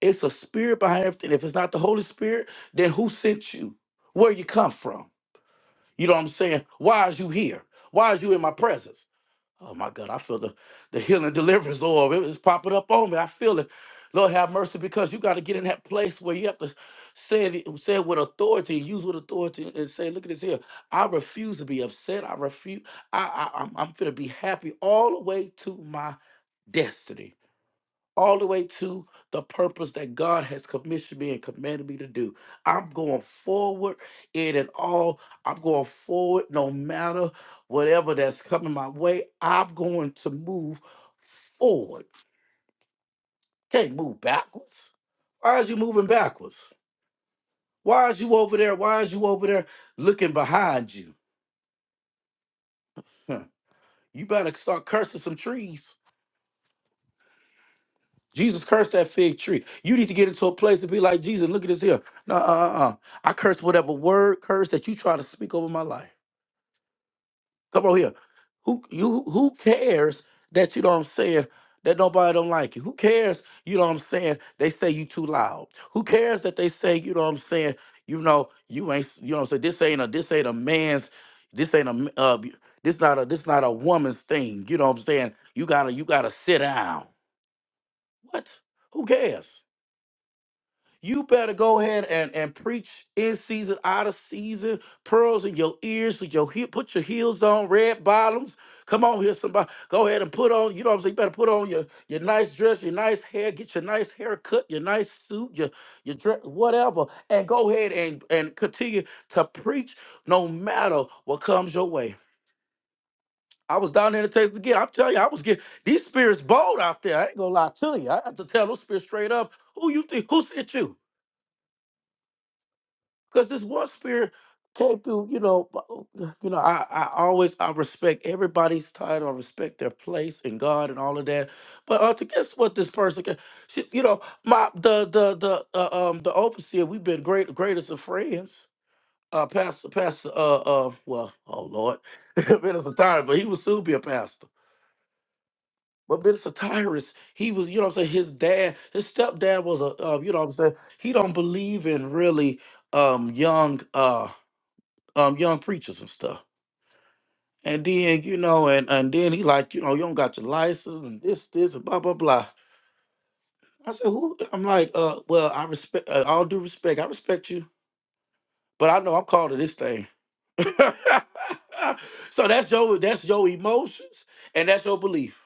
D: It's a spirit behind everything. If it's not the Holy Spirit, then who sent you? Where you come from? You know what I'm saying? Why is you here? Why is you in my presence? Oh my God, I feel the, the healing deliverance, Lord. It was popping up on me. I feel it. Lord, have mercy because you got to get in that place where you have to say it, say it with authority, use with authority, and say, "Look at this here. I refuse to be upset. I refuse. I, I I'm, I'm gonna be happy all the way to my destiny." all the way to the purpose that God has commissioned me and commanded me to do. I'm going forward in it all. I'm going forward no matter whatever that's coming my way. I'm going to move forward. Can't move backwards. Why is you moving backwards? Why is you over there? Why is you over there looking behind you? Huh. You better start cursing some trees Jesus cursed that fig tree. You need to get into a place to be like Jesus. Look at this here. No, uh, uh, uh. I curse whatever word curse that you try to speak over my life. Come on here. Who you? Who cares that you know what I'm saying? That nobody don't like you. Who cares? You know what I'm saying? They say you too loud. Who cares that they say you know what I'm saying? You know you ain't. You know what I'm saying? This ain't a. This ain't a man's. This ain't a. m- Uh, this not a. This not a woman's thing. You know what I'm saying? You gotta. You gotta sit down. What? Who cares? You better go ahead and, and preach in season, out of season, pearls in your ears, with your heel, put your heels on, red bottoms. Come on here, somebody. Go ahead and put on, you know what I'm saying? You better put on your, your nice dress, your nice hair, get your nice haircut, your nice suit, your your dress, whatever. And go ahead and, and continue to preach no matter what comes your way. I was down there in Texas again. I'm telling you, I was getting these spirits bold out there. I ain't gonna lie to you. I have to tell those spirits straight up. Who you think? Who sent you? because this war spirit came through. You know, b- you know. I, I always I respect everybody's title. I respect their place in God and all of that. But uh, to guess what this person can, she, you know, my the the the uh, um the overseer. We've been great greatest of friends. Uh, pastor, pastor. Uh, uh. Well, oh Lord, minister Tyrus, but he will soon be a pastor. But minister Tyrus, he was, you know, what I'm saying his dad, his stepdad was a, uh, you know, what I'm saying he don't believe in really um young. uh um young preachers and stuff. And then, you know, and and then he like, you know, you don't got your license and this, this, and blah, blah, blah. I said, who? I'm like, uh, well, I respect, uh, all due respect, I respect you, but I know I'm called to this thing. so that's your that's your emotions and that's your belief.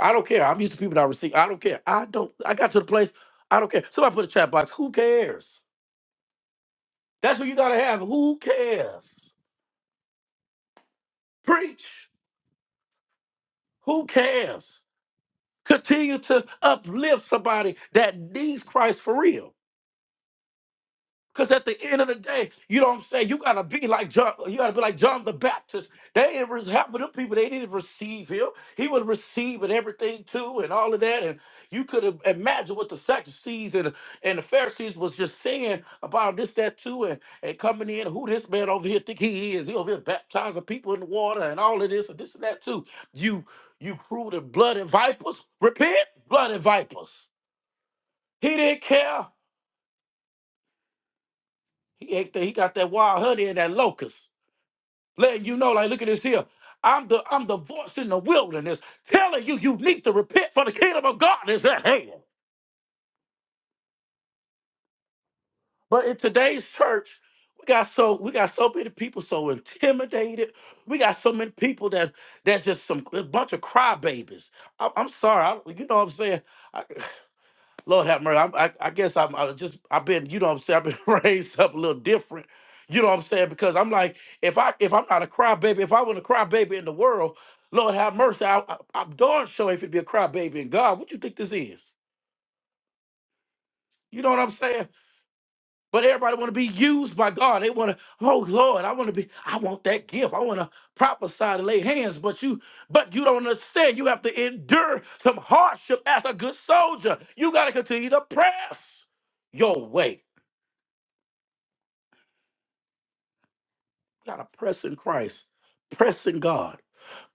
D: I don't care. I'm used to people that receive. I don't care. I don't. I got to the place. I don't care. Somebody put a chat box. Who cares? That's what you gotta have. Who cares? Preach. Who cares? Continue to uplift somebody that needs Christ for real. Cause at the end of the day, you know what I'm saying. You gotta be like John. You gotta be like John the Baptist. They didn't re- half of them people. They didn't receive him. He was receiving everything too, and all of that. And you could im- imagine what the Sadducees and and the Pharisees was just saying about this, that too, and and coming in. Who this man over here think he is? He over here baptizing people in the water and all of this and this and that too. You you crude and blood and vipers. Repent, blood and vipers. He didn't care. He ate that. He got that wild honey and that locust. letting you know, like, look at this here. I'm the I'm the voice in the wilderness telling you you need to repent for the kingdom of God is at hand. But in today's church, we got so we got so many people so intimidated. We got so many people that that's just some a bunch of crybabies. I'm, I'm sorry, I, you know what I'm saying. Lord have mercy. I'm, I, I guess I'm I was just I've been you know what I'm saying I've been raised up a little different. You know what I'm saying because I'm like if I if I'm not a crybaby if I was a crybaby in the world, Lord have mercy. I, I, I'm darn sure if it'd be a crybaby in God. What you think this is? You know what I'm saying? But everybody want to be used by God. They want to. Oh Lord, I want to be. I want that gift. I want to prophesy to lay hands. But you, but you don't understand. You have to endure some hardship as a good soldier. You got to continue to press your way. We gotta press in Christ, press in God,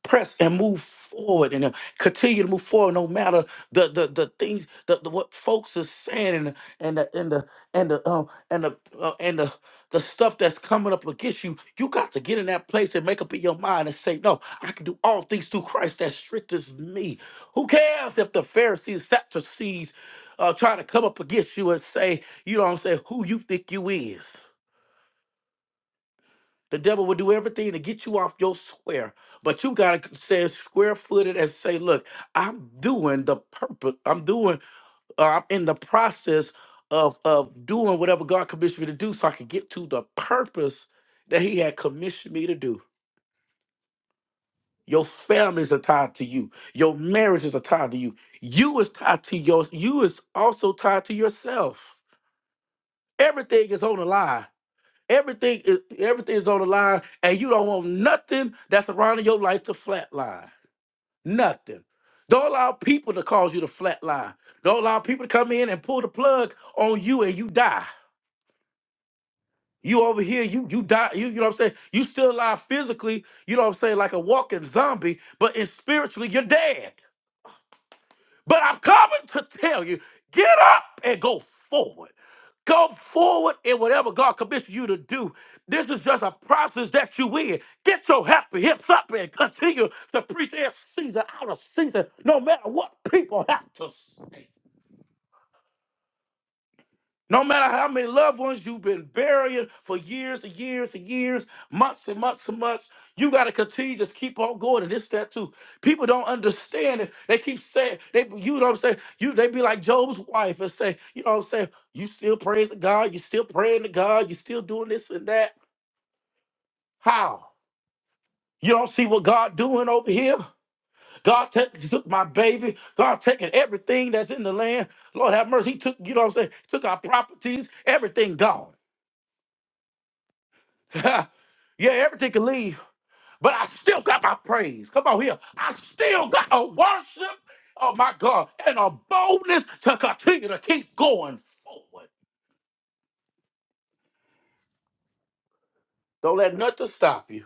D: press and move forward, and uh, continue to move forward no matter the the the things the, the what folks are saying and the and the and the and the um and the uh, and the the stuff that's coming up against you. You got to get in that place and make up in your mind and say, no, I can do all things through Christ that strengthens me. Who cares if the Pharisees, Sadducees, uh, trying to come up against you and say, you know what I'm saying, who you think you is? The devil will do everything to get you off your square, but you gotta stay square footed and say, "Look, I'm doing the purpose. I'm doing. Uh, I'm in the process of of doing whatever God commissioned me to do, so I can get to the purpose that He had commissioned me to do." Your families are tied to you. Your marriages are tied to you. You is tied to your. You is also tied to yourself. Everything is on the line Everything is everything is on the line, and you don't want nothing that's around your life to flatline. Nothing. Don't allow people to cause you to flatline. Don't allow people to come in and pull the plug on you and you die. You over here, you you die. You, you know what I'm saying? You still alive physically, you know what I'm saying, like a walking zombie, but in spiritually, you're dead. But I'm coming to tell you, get up and go forward. Go forward in whatever God commissions you to do. This is just a process that you in. Get your happy hips up and continue to preach in season out of season, no matter what people have to say. No matter how many loved ones you've been burying for years and years and years, months and months and months, you got to continue just keep on going and this, that, too. People don't understand it. They keep saying, they, you know what I'm saying? You, they be like Job's wife and say, you know what I'm saying? You still praising God. You still praying to God. You still doing this and that. How? You don't see what God doing over here? God took took my baby. God taking everything that's in the land. Lord have mercy. He took, you know what I'm saying? He took our properties. Everything gone. yeah, everything can leave, but I still got my praise. Come on here. I still got a worship, oh my God, and a boldness to continue to keep going forward. Don't let nothing stop you.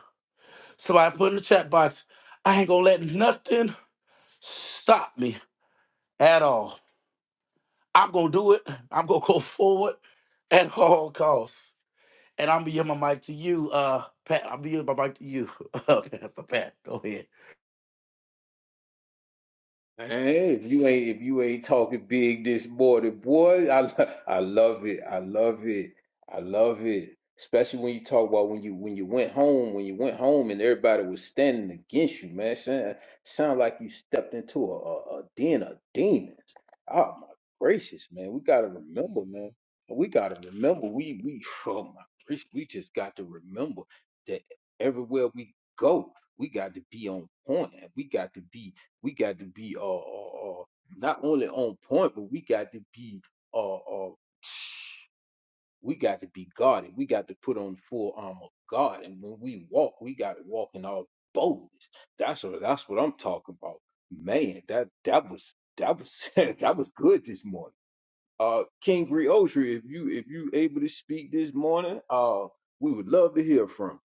D: Somebody put in the chat box, I ain't gonna let nothing stop me at all. I'm gonna do it. I'm gonna go forward at all costs. And I'm gonna give my mic to you, uh, Pat. I'm gonna give my mic to you, Pastor Pat. Go ahead.
A: Hey, if you ain't if you ain't talking big this morning, boy, I lo- I love it. I love it. I love it. Especially when you talk about when you when you went home, when you went home and everybody was standing against you, man. Sound, sound like you stepped into a, a, a den of demons. Oh my gracious, man. We gotta remember, man. We gotta remember. We we oh my gracious, we just got to remember that everywhere we go, we got to be on point and we got to be we got to be uh, uh, uh not only on point, but we got to be uh, uh we got to be guarded. We got to put on full armor of God, and when we walk, we got to walk in all boldness. That's what that's what I'm talking about, man. That that was that was that was good this morning. Uh, King Griotry, if you if you able to speak this morning, uh, we would love to hear from. you.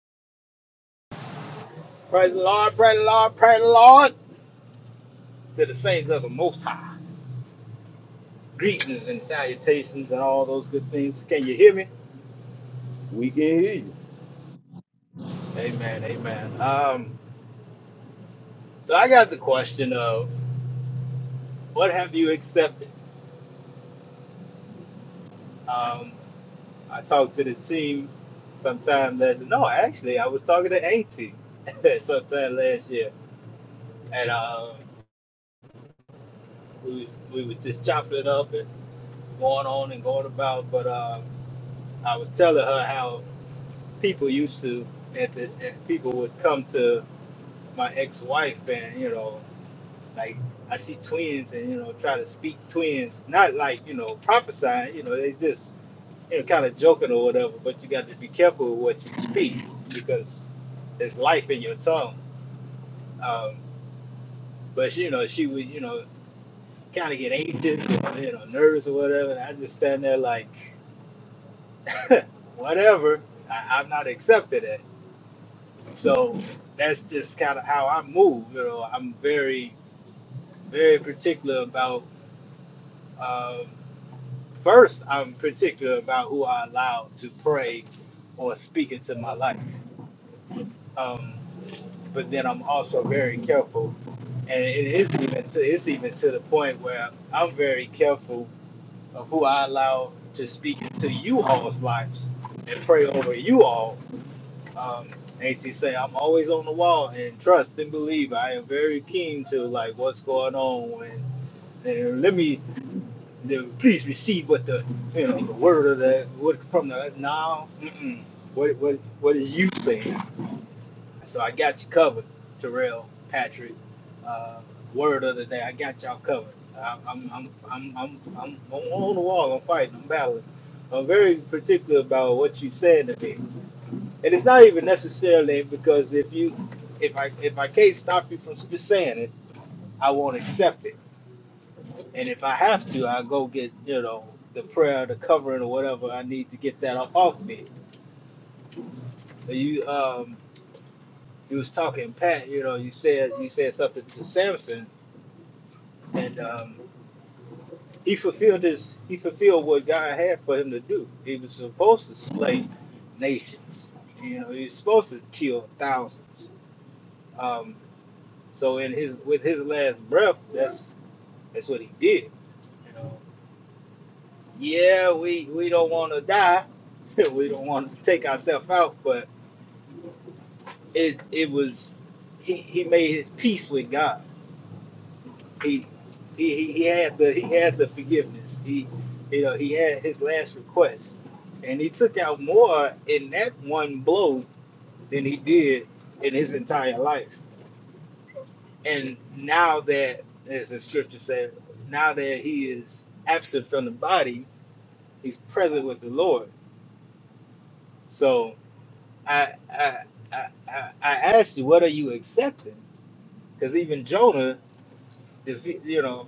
E: Praise the Lord, praise the Lord, praise the Lord. To the saints of the Most High. Greetings and salutations and all those good things. Can you hear me?
A: We can hear you.
E: Amen, amen. Um, so I got the question of what have you accepted? Um, I talked to the team sometime last. No, actually, I was talking to Auntie sometime last year, and um, we was, we was just chopping it up and going on and going about. But um, I was telling her how. people used to at the at people would come to my ex-wife and you know like I see twins and you know try to speak twins not like you know prophesying you know they just you know kind of joking or whatever but you got to be careful with what you speak because there's life in your tongue um, but you know she would you know kind of get anxious or, you know nervous or whatever and I just stand there like whatever I, I'm not accepting it So that's just kind of how I move. You know, I'm very, very particular about. Um, first, I'm particular about who I allow to pray or speak into my life. Um, but then I'm also very careful, and it is even to, it's even to the point where I'm very careful of who I allow to speak into you all's lives and pray over you all Um, AC say I'm always on the wall and trust and believe. I am very keen to like what's going on and and let me the, please receive what the you know the word of the what from the now mm-mm, what what what is you saying? So I got you covered, Terrell, Patrick. Uh, word of the day, I got y'all covered. I, I'm I'm I'm I'm I'm I'm on the wall. I'm fighting. I'm battling. I'm very particular about what you said to me and it's not even necessarily because if you if i if i can't stop you from saying it i won't accept it and if i have to i'll go get you know the prayer the covering or whatever i need to get that off, off me But you um you was talking pat you know you said you said something to samson and um he fulfilled his he fulfilled what god had for him to do he was supposed to slay nations you know he was supposed to kill thousands um So in his with his last breath, that's that's what he did. You know, yeah, we we don't want to die, we don't want to take ourselves out, but it it was he, he made his peace with God. He he he he had the he had the forgiveness. He you know he had his last request, and he took out more in that one blow than he did in his entire life. And now that, as the scripture says, now that he is absent from the body, he's present with the Lord. So I I I, I I asked you, what are you accepting? Because even Jonah, defe- you know,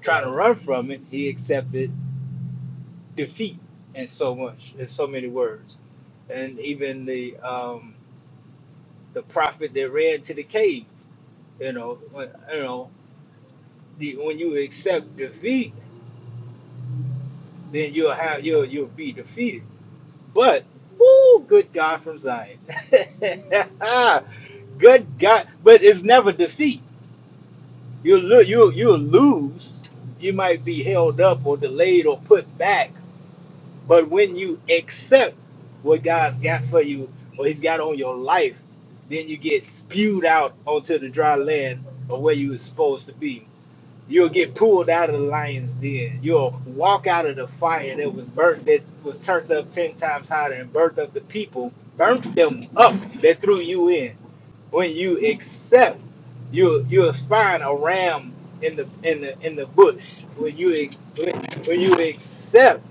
E: trying to run from it, he accepted defeat in so much, in so many words. And even the um, the prophet that ran to the cave, you know, when, you know, the, when you accept defeat then you'll have you'll you'll be defeated. But woo, good God from Zion, good God! But it's never defeat. You'll lo- you you'll lose. You might be held up or delayed or put back. But when you accept what God's got for you or He's got on your life, then you get spewed out onto the dry land of where you were supposed to be. You'll get pulled out of the lion's den. You'll walk out of the fire that was burnt, that was turned up ten times hotter and burnt up the people, burnt them up that threw you in. When you accept, you you'll find a ram in the in the in the bush. When you when you accept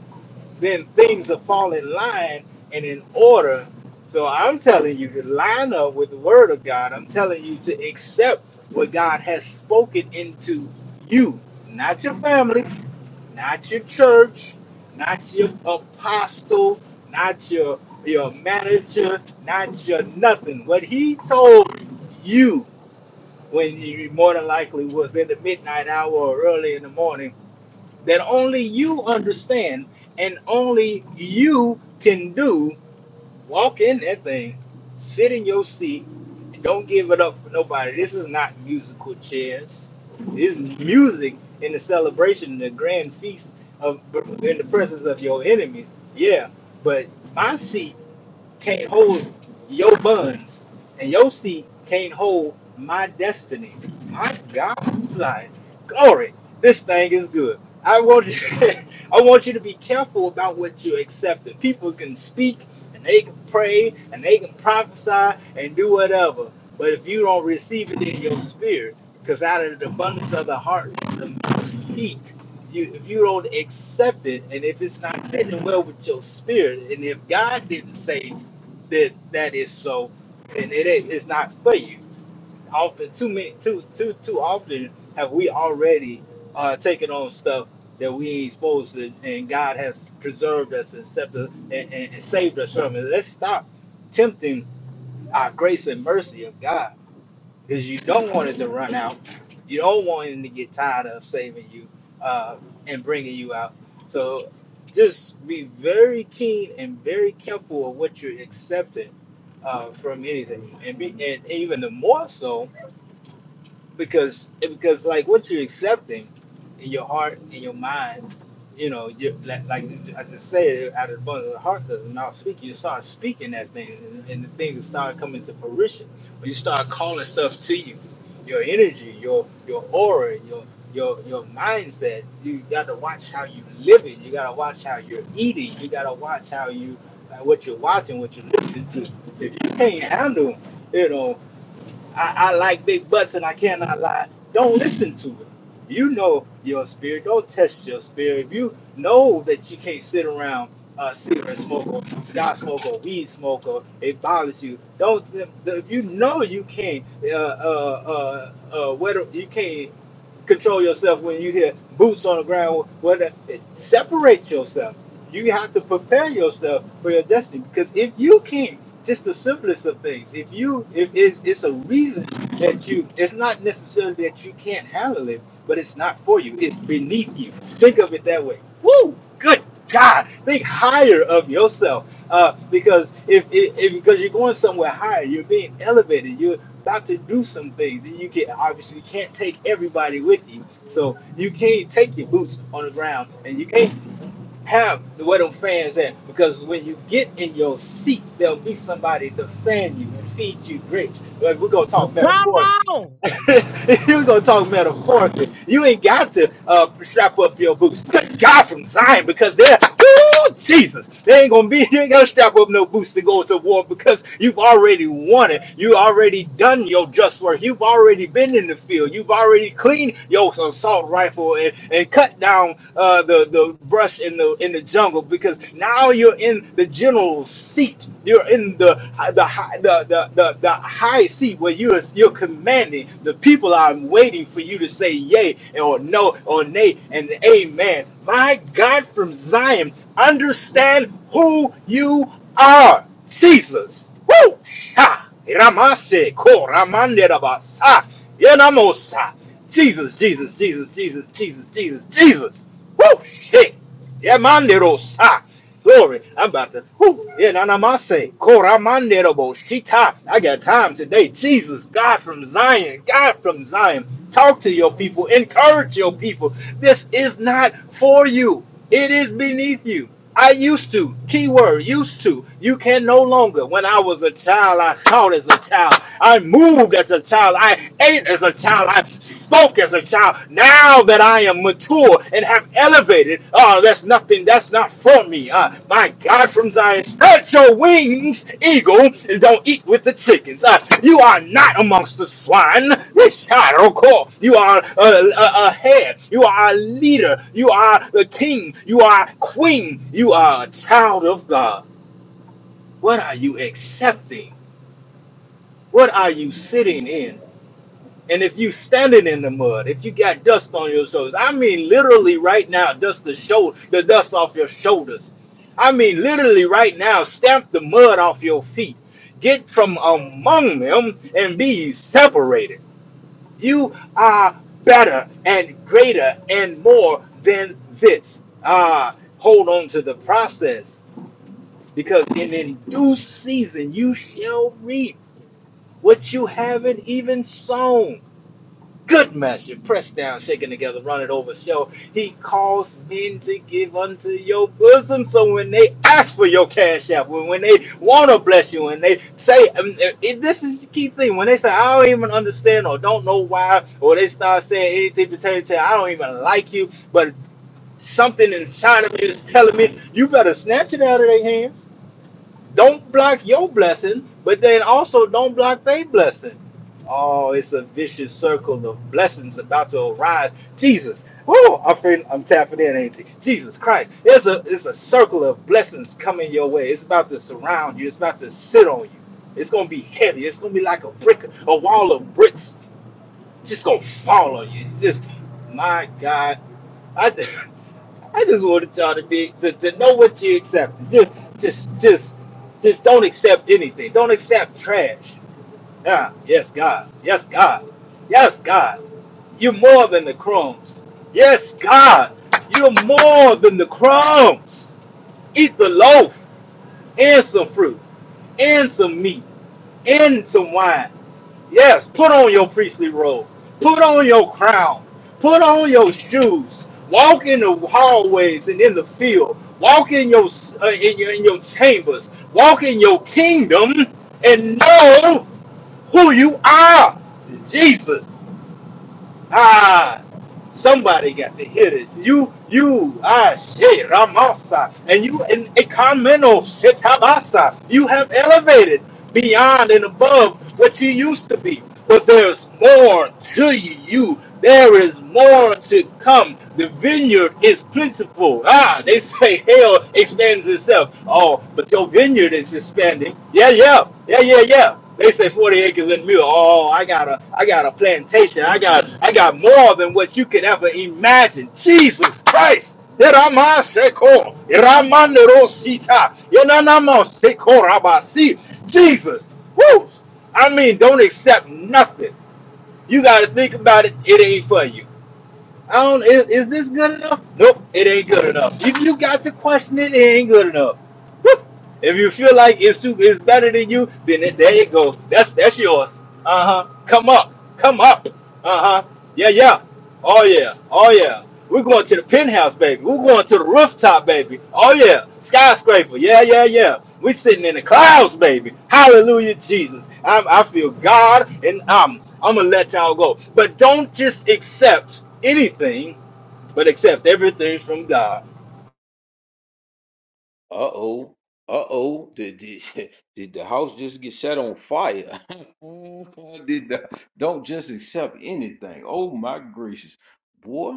E: then things will fall in line and in order. So I'm telling you to line up with the word of God. I'm telling you to accept what God has spoken into you, not your family, not your church, not your apostle, not your your manager, not your nothing. What he told you when you more than likely was in the midnight hour or early in the morning that only you understand and only you can do. Walk in that thing, sit in your seat, and don't give it up for nobody. This is not musical chairs. This is music in the celebration, the grand feast of in the presence of your enemies. Yeah, but my seat can't hold your buns, and your seat can't hold my destiny. My God, like, glory, this thing is good. I want you, I want you to be careful about what you accept. And People can speak, and they can pray, and they can prophesy, and do whatever. But if you don't receive it in your spirit, because out of the abundance of the heart, the mouth speak you if you don't accept it and if it's not sitting well with your spirit and if God didn't say that that is so then it is it's not for you. Often too many too too too often have we already uh taken on stuff that we ain't supposed to and God has preserved us and saved us and, and, and saved us from it. Let's stop tempting our grace and mercy of God because you don't want it to run out. You don't want him to get tired of saving you uh, and bringing you out. So just be very keen and very careful of what you're accepting uh, from anything, and, be, and even the more so because because like what you're accepting in your heart in your mind you know you like, like i just said out of the abundance of the heart does not speak you start speaking that thing and, and the things start coming to fruition when you start calling stuff to you your energy your your aura your your your mindset you got to watch how you live it you got to watch how you're eating you got to watch how you like what you're watching what you're listening to if you can't handle you know I, I like big butts and I cannot lie. Don't listen to it. You know your spirit. Don't test your spirit. If you know that you can't sit around a cigarette smoker, cigar smoker, weed smoker, it bothers you. Don't. If you know you can't, uh, uh, uh, uh, whether you can't control yourself when you hear boots on the ground. Whether it separates yourself, you have to prepare yourself for your destiny. Because if you can't, just the simplest of things. If you, if it's, it's a reason that you, it's not necessarily that you can't handle it, but it's not for you. It's beneath you. Think of it that way. Woo! Good God! Think higher of yourself uh, because if, if, if because you're going somewhere higher, you're being elevated. You're about to do some things, and you can obviously can't take everybody with you. So you can't take your boots on the ground, and you can't have the where them fans at because when you get in your seat, there'll be somebody to fan you and feed you grapes. Like we're gonna talk metaphorically. We're gonna talk metaphorically. You ain't got to uh, strap up your boots. Thank God from Zion because they're Woo! Jesus, they ain't gonna be. You ain't gonna strap up no boots to go to war because you've already won it. You already done your just work. You've already been in the field. You've already cleaned your assault rifle and, and cut down uh, the the brush in the in the jungle because now you're in the general's seat. You're in the the high the the, the, the high seat where you're you're commanding. The people are waiting for you to say yay or no or nay and amen. My God from Zion, understand who you are. Jesus. Woo! Ha! Ramase ko ramande rabasa. Yenamosa. Jesus, Jesus, Jesus, Jesus, Jesus, Jesus, Jesus. Woo! Shit. Yeah, manderos. Ah, glory. I'm about to. Whew. Yeah, nanamase. Koramanderobo. Shita. I got time today. Jesus, God from Zion. God from Zion. Talk to your people. Encourage your people. This is not for you. It is beneath you. I used to, keyword, used to. You can no longer. When I was a child, I thought as a child. I moved as a child. I ate as a child. I spoke as a child. Now that I am mature and have elevated, oh, that's nothing. That's not for me. Uh, my God from Zion, spread your wings, eagle, and don't eat with the chickens. Uh, you are not amongst the swine. Which I don't call. You are a, a, a head. You are a leader. You are the king. You are queen. You are a child of God. What are you accepting? What are you sitting in? And if you standing in the mud, if you got dust on your shoulders, I mean literally right now, dust the shoulder, the dust off your shoulders. I mean literally right now, stamp the mud off your feet. Get from among them and be separated. You are better and greater and more than this. Ah, hold on to the process, because in in due season you shall reap what you haven't even sown good measure, pressed down, shaken together, running over. So he calls men to give unto your bosom. So when they ask for your cash app, when, when they want to bless you, and they say, um, uh, it- this is the key thing, when they say, I don't even understand or don't know why, or they start saying anything pertaining to, I don't even like you, but something inside of me is telling me, you better snatch it out of their hands. Don't block your blessing, but then also don't block their blessing. Oh, it's a vicious circle of blessings about to arise. Jesus. Oh, I'm feeling, I'm tapping in, ain't it? Jesus Christ. It's a it's a circle of blessings coming your way. It's about to surround you. It's about to sit on you. It's gonna be heavy. It's gonna be like a brick, a wall of bricks just gonna fall on you. Just my God, I just, I just wanted y'all to be to, to know what you accept. Just just just just don't accept anything. Don't accept trash. Yeah, yes God, yes God, yes God. You're more than the crumbs. Yes God, you're more than the crumbs. Eat the loaf and some fruit, and some meat, and some wine. Yes, put on your priestly robe, put on your crown, put on your shoes, walk in the hallways and in the field, walk in your uh, in your in your chambers, walk in your kingdom, and know who you are, Jesus. Ah, somebody got to hear this. You, you, ah, shit, Ramasa, and you in Ekameno, Shetabasa. You have elevated beyond and above what you used to be. But there's more to you. you. There is more to come. The vineyard is plentiful. Ah, they say hell expands itself. Oh, but your vineyard is expanding. Yeah, yeah, yeah, yeah, yeah. They say 40 acres and mule. Oh, I got a I got a plantation. I got I got more than what you could ever imagine. Jesus Christ. Iramaseko, iramanderosita, yenanamaseko rabasi. Jesus. Woo! I mean, don't accept nothing. You gotta think about it. It ain't for you. I don't. Is, is this good enough? Nope, it ain't good enough. If you got to question it, it ain't good enough. Woo! If you feel like it's too, it's better than you, then it, there you go. That's that's yours. Uh huh. Come up, come up. Uh huh. Yeah, yeah. Oh yeah, oh yeah. We're going to the penthouse, baby. We're going to the rooftop, baby. Oh yeah skyscraper. Yeah, yeah, yeah. We sitting in the clouds, baby. Hallelujah, Jesus. I'm, I feel God, and I'm I'm gonna let y'all go. But don't just accept anything, but accept everything from God.
A: Uh oh. Uh oh. Did, did did the house just get set on fire? did the, don't just accept anything. Oh my gracious, boy!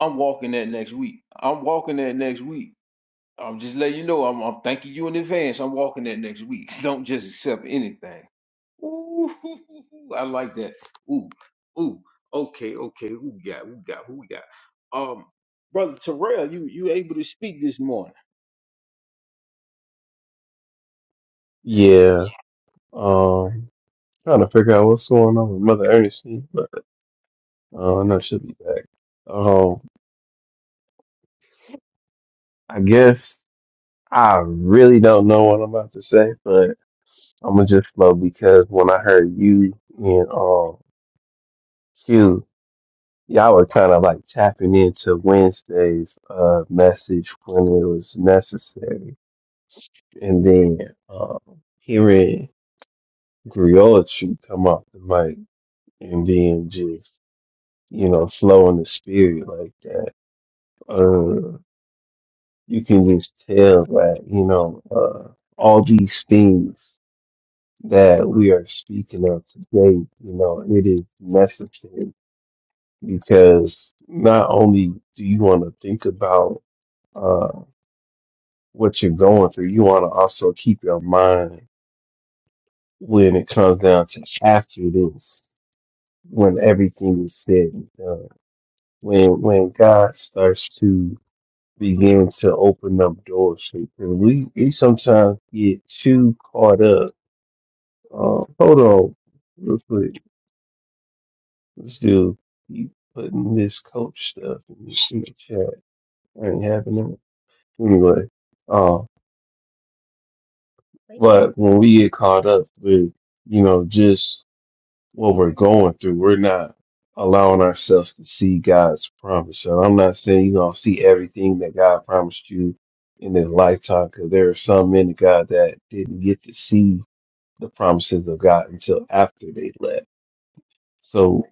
A: I'm walking that next week. I'm walking that next week. I'm just letting you know. I'm, I'm thanking you in advance. I'm walking that next week. Don't just accept anything. Ooh, I like that. Ooh, ooh. Okay, okay. Who we got? Who we got? Who we got? Um, brother Terrell, you you able to speak this morning?
C: Yeah. Um, trying to figure out what's going on with Mother Ernestine, but uh, no, she'll be back. Um, I guess I really don't know what I'm about to say, but I'm gonna just flow because when I heard you and um Q, y'all were kind of like tapping into Wednesday's uh message when it was necessary, and then um hearing Griotry come off the mic. and being just, you know, flow in the spirit like that. Uh, you can just tell that, you know, uh, all these things that we are speaking of today, you know, it is necessary because not only do you want to think about uh, what you're going through, you want to also keep your mind when it comes down to after this, when everything is said and done, when when God starts to begin to open up doors for you. 'Cause We we sometimes get too caught up. Uh, hold on, real quick. Let's do keep putting this coach stuff in the in the chat. ain't happening anyway. Uh, but when we get caught up with you know just what we're going through. We're not allowing ourselves to see God's promise. And I'm not saying you're going to see everything that God promised you in this lifetime, because there are some men of God that didn't get to see the promises of God until after they left. So.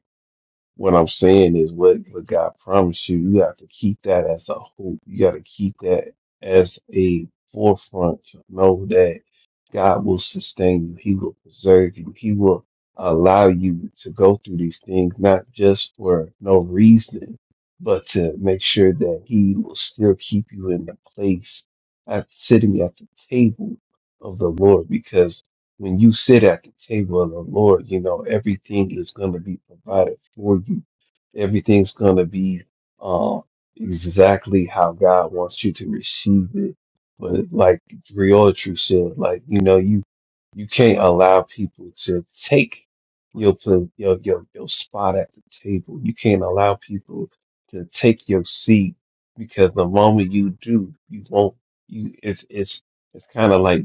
C: What I'm saying is what, what God promised you, you got to keep that as a hope. You got to keep that as a forefront. Know that God will sustain you. He will preserve you. He will allow you to go through these things, not just for no reason, but to make sure that He will still keep you in the place at sitting at the table of the Lord. Because when you sit at the table of the Lord, you know, everything is going to be provided for you. Everything's going to be um, exactly how God wants you to receive it. But like True said, like, you know, you, you can't allow people to take your, pla- your, your, your spot at the table. You can't allow people to take your seat because the moment you do, you won't, you, it's, it's, it's kind of like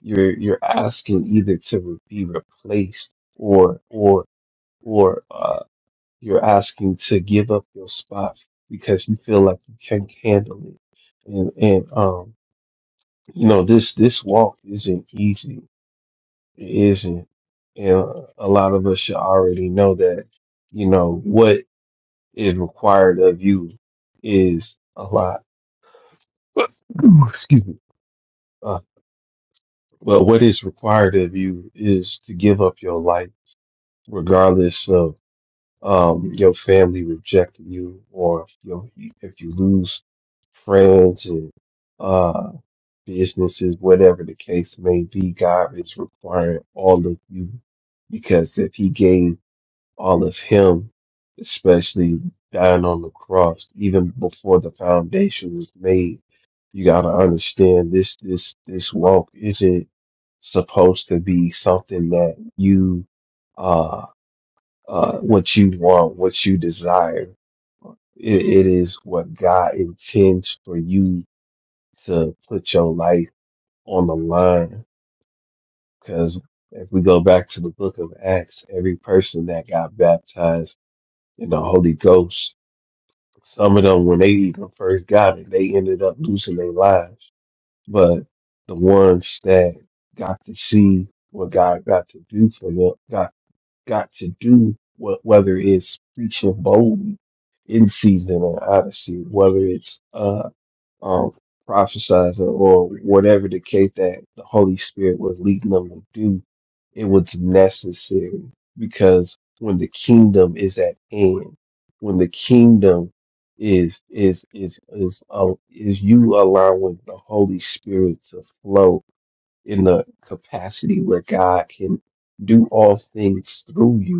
C: you're you're asking either to re- be replaced or or or uh, you're asking to give up your spot because you feel like you can't handle it. And and um, you know this this walk isn't easy. It isn't, and a lot of us should already know that. You know what is required of you is a lot. Excuse me. Uh, well, what is required of you is to give up your life regardless of um, your family rejecting you or if you, if you lose friends and uh, businesses, whatever the case may be, God is requiring all of you because if He gave all of Him, especially dying on the cross, even before the foundation was made, you got to understand this this this walk isn't supposed to be something that you uh, uh, what you want, what you desire. It, it is what God intends for you to put your life on the line. Because if we go back to the book of Acts, every person that got baptized in the Holy Ghost, some of them, when they even first got it, they ended up losing their lives. But the ones that got to see what God got to do for them, got to do, wh- whether it's preaching boldly in season and out of season, whether it's uh, um, prophesizing or whatever the case that the Holy Spirit was leading them to do, it was necessary because when the kingdom is at hand, when the kingdom is is is is uh, is you allowing the Holy Spirit to flow in the capacity where God can do all things through you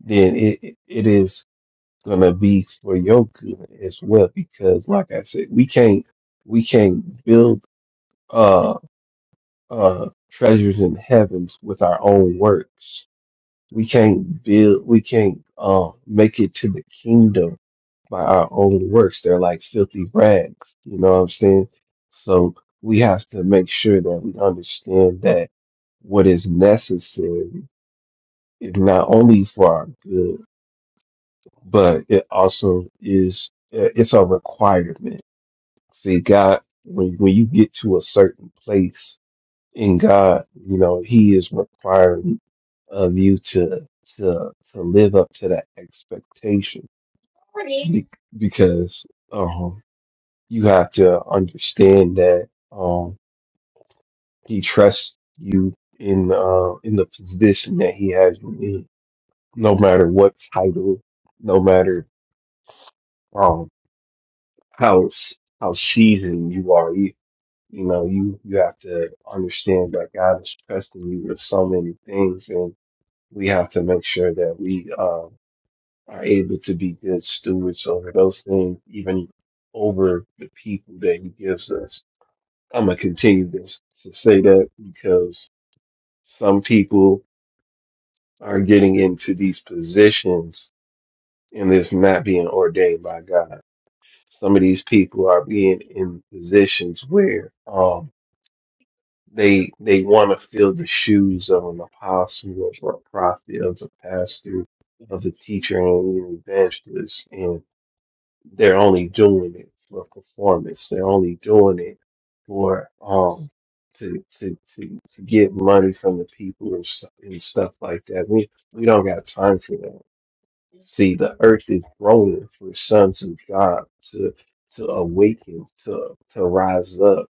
C: then it it is gonna be for your good as well. Because like I said, we can't we can't build uh uh treasures in heavens with our own works. We can't build we can't uh make it to the kingdom by our own works. They're like filthy rags, you know what I'm saying? So we have to make sure that we understand that what is necessary is not only for our good but it also is uh, it's a requirement. See, God, when when you get to a certain place in God, you know He is requiring of you to to to live up to that expectation, Be- because um, you have to understand that um, He trusts you in uh, in the position that He has you in, no matter what title, no matter. um, how how seasoned you are. You you know you you have to understand that God is trusting you with so many things, and we have to make sure that we um, are able to be good stewards over those things, even over the people that He gives us. I'm gonna continue this to say that because some people are getting into these positions and it's not being ordained by God some of these people are being in positions where um, They they want to fill the shoes of an apostle, of a prophet, of a pastor, of a teacher, and an evangelist, and they're only doing it for performance. They're only doing it for um to to to to get money from the people and, stu- and stuff like that. We we don't got time for that. See, the earth is groaning for sons of God to to awaken, to to rise up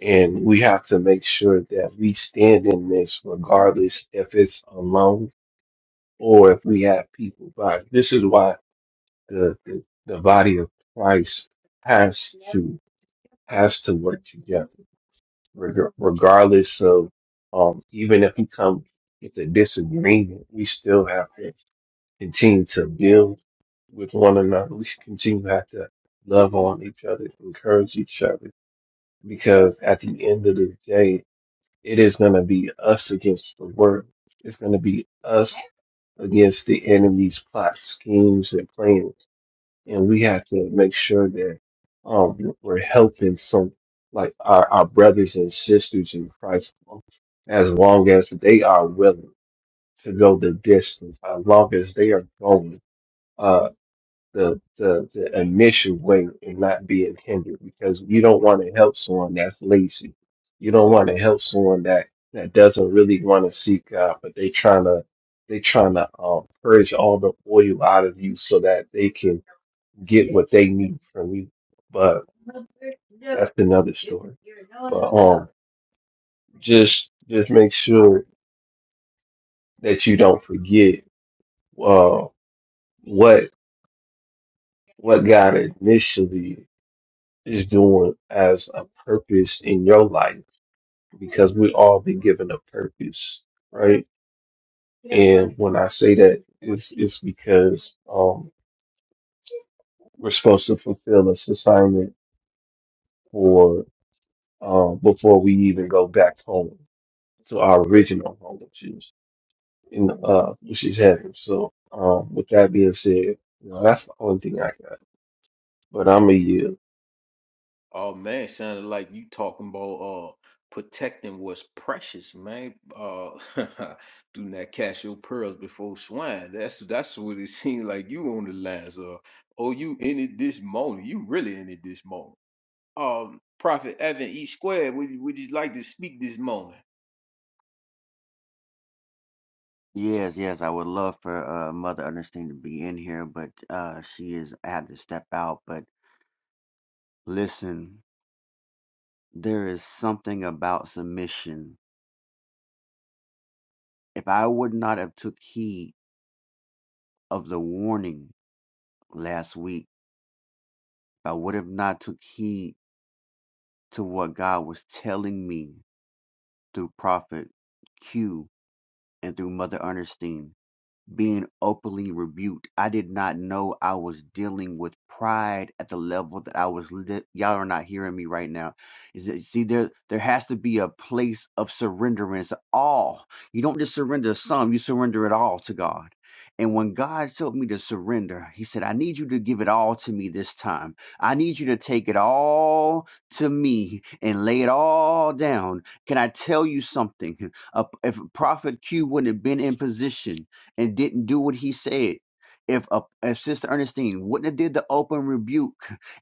C: and we have to make sure that we stand in this regardless if it's alone or if we have people by. This is why the, the, the body of Christ has to has to work together, reg- regardless of um, even if we come with a disagreement, we still have to continue to build with one another. We should continue to have to love on each other, encourage each other, because at the end of the day, it is going to be us against the world. It's going to be us against the enemy's plots, schemes, and plans. And we have to make sure that um, we're helping some, like our, our brothers and sisters in Christ, as long as they are willing to go the distance, as long as they are going. uh, to, to, to admit weight and not being hindered because you don't want to help someone that's lazy. You don't want to help someone that, that doesn't really want to seek God, but they trying to they trying to um, purge all the oil out of you so that they can get what they need from you. But that's another story. But um, just just make sure that you don't forget uh, what what God initially is doing as a purpose in your life because we all been given a purpose, right? And when I say that, it's, it's because um, we're supposed to fulfill this assignment for um, before we even go back home to our original home, which is in uh, which is heaven. So, um, with that being said, you know, that's the only thing I got. But I'm a yield.
A: Oh man, sounded like you talking about uh protecting what's precious, man. Uh do not cast your pearls before swine. That's that's what it seemed like you on the lines of. Oh, you in it this morning. You really in it this morning. Um Prophet Evan E. Squared, would you would you like to speak this morning?
F: Yes, yes, I would love for uh, Mother Ernestine to be in here, but uh, she is had to step out. But listen, there is something about submission. If I would not have took heed of the warning last week, I would have not took heed to what God was telling me through Prophet Q and through Mother Ernestine. being openly rebuked. I did not know I was dealing with pride at the level that I was. Li- Y'all are not hearing me right now. Is that, see, there there has to be a place of surrenderance. All you don't just surrender some, you surrender it all to God. And when God told me to surrender, He said, "I need you to give it all to me this time. I need you to take it all to me and lay it all down." Can I tell you something? Uh, if Prophet Q wouldn't have been in position and didn't do what he said. If a, if Sister Ernestine wouldn't have did the open rebuke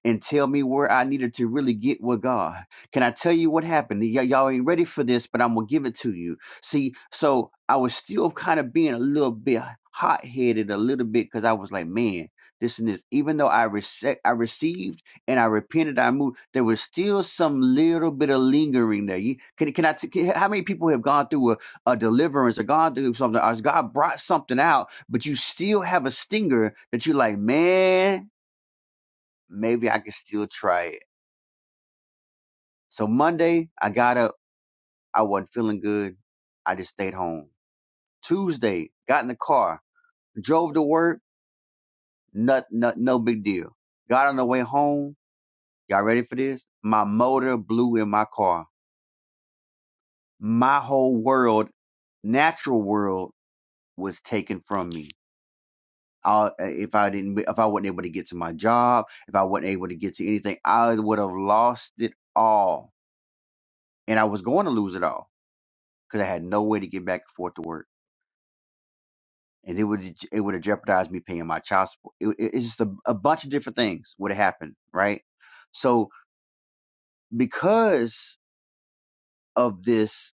F: and tell me where I needed to really get with God, can I tell you what happened? Y- y'all ain't ready for this, but I'm gonna give it to you. See, so I was still kind of being a little bit hot headed, a little bit, because I was like, man, this and this. Even though I rece- I received and I repented, I moved. There was still some little bit of lingering there. You, can can I? T- can, how many people have gone through a a deliverance or God do something or God brought something out, but you still have a stinger that you're like, man, maybe I can still try it. So Monday, I got up. I wasn't feeling good. I just stayed home. Tuesday, got in the car, drove to work. Not, not, no big deal. Got on the way home. Y'all ready for this? My motor blew in my car. My whole world, natural world, was taken from me I, if I didn't, if I wasn't able to get to my job, if I wasn't able to get to anything, I would have lost it all, and I was going to lose it all because I had no way to get back and forth to work, and it would it would have jeopardized me paying my child support. It, it- it's just a, a bunch of different things would have happened, right? So because of this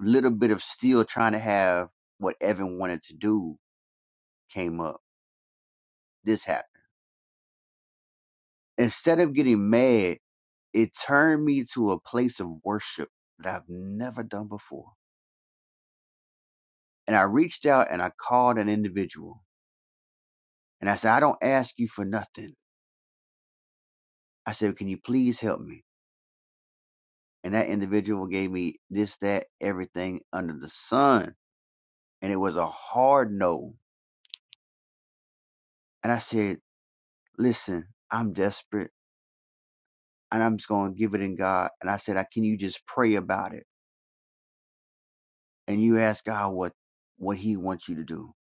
F: little bit of still trying to have what Evan wanted to do came up, this happened Instead of getting mad, it turned me to a place of worship that I've never done before. And I reached out and I called an individual. And I said, I don't ask you for nothing. I said, Can you please help me? And that individual gave me this, that, everything under the sun. And it was a hard no. And I said, Listen, I'm desperate and I'm just going to give it in God. And I said, "I- Can you just pray about it? And you ask God what, what He wants you to do.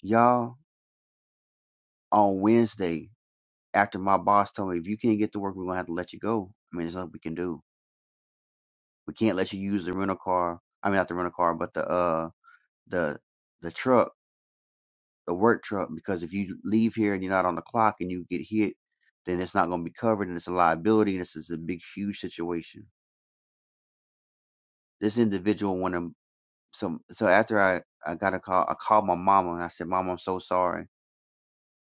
F: Y'all, on Wednesday, after my boss told me, if you can't get to work, we're gonna have to let you go. I mean, there's nothing we can do. We can't let you use the rental car. I mean, not the rental car, but the uh the the truck, the work truck, because if you leave here and you're not on the clock and you get hit, then it's not gonna be covered and it's a liability and this is a big huge situation. This individual wanted some. So after I I got a call, I called my mama and I said, Mama, I'm so sorry.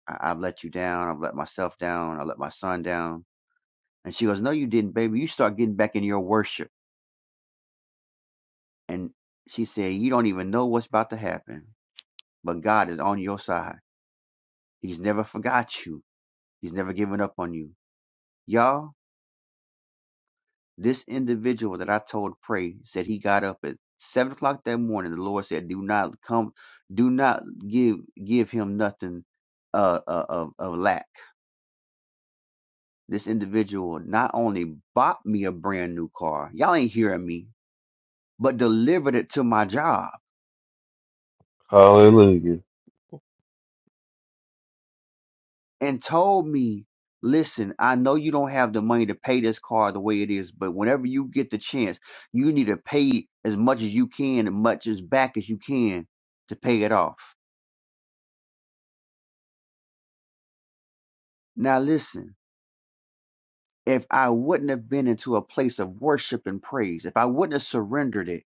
F: I, I've let you down. I've let myself down. I let my son down. And she goes, No, you didn't, baby. You start getting back in your worship. And she said, You don't even know what's about to happen, but God is on your side. He's never forgot you, He's never given up on you. Y'all, this individual that I told to pray said he got up at seven o'clock that morning. The Lord said, Do not come, do not give give him nothing uh, uh of, of lack. This individual not only bought me a brand new car, y'all ain't hearing me, but delivered it to my job.
C: Hallelujah.
F: and told me, listen, I know you don't have the money to pay this car the way it is, but whenever you get the chance, you need to pay as much as you can and much as back as you can to pay it off. Now listen, if I wouldn't have been into a place of worship and praise, if I wouldn't have surrendered it